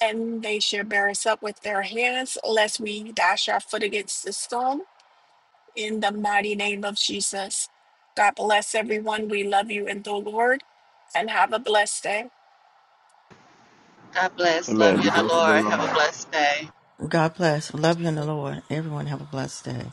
A: and they shall bear us up with their hands, lest we dash our foot against the stone. In the mighty name of Jesus. God bless everyone. We love you in the Lord, and have a blessed day.
D: God bless. Love
I: Amen.
D: you
I: Be
D: in the
I: blessed to the
D: Lord. Have
I: Lord.
D: a blessed day.
C: God bless. Love you in the Lord. Everyone have a blessed day.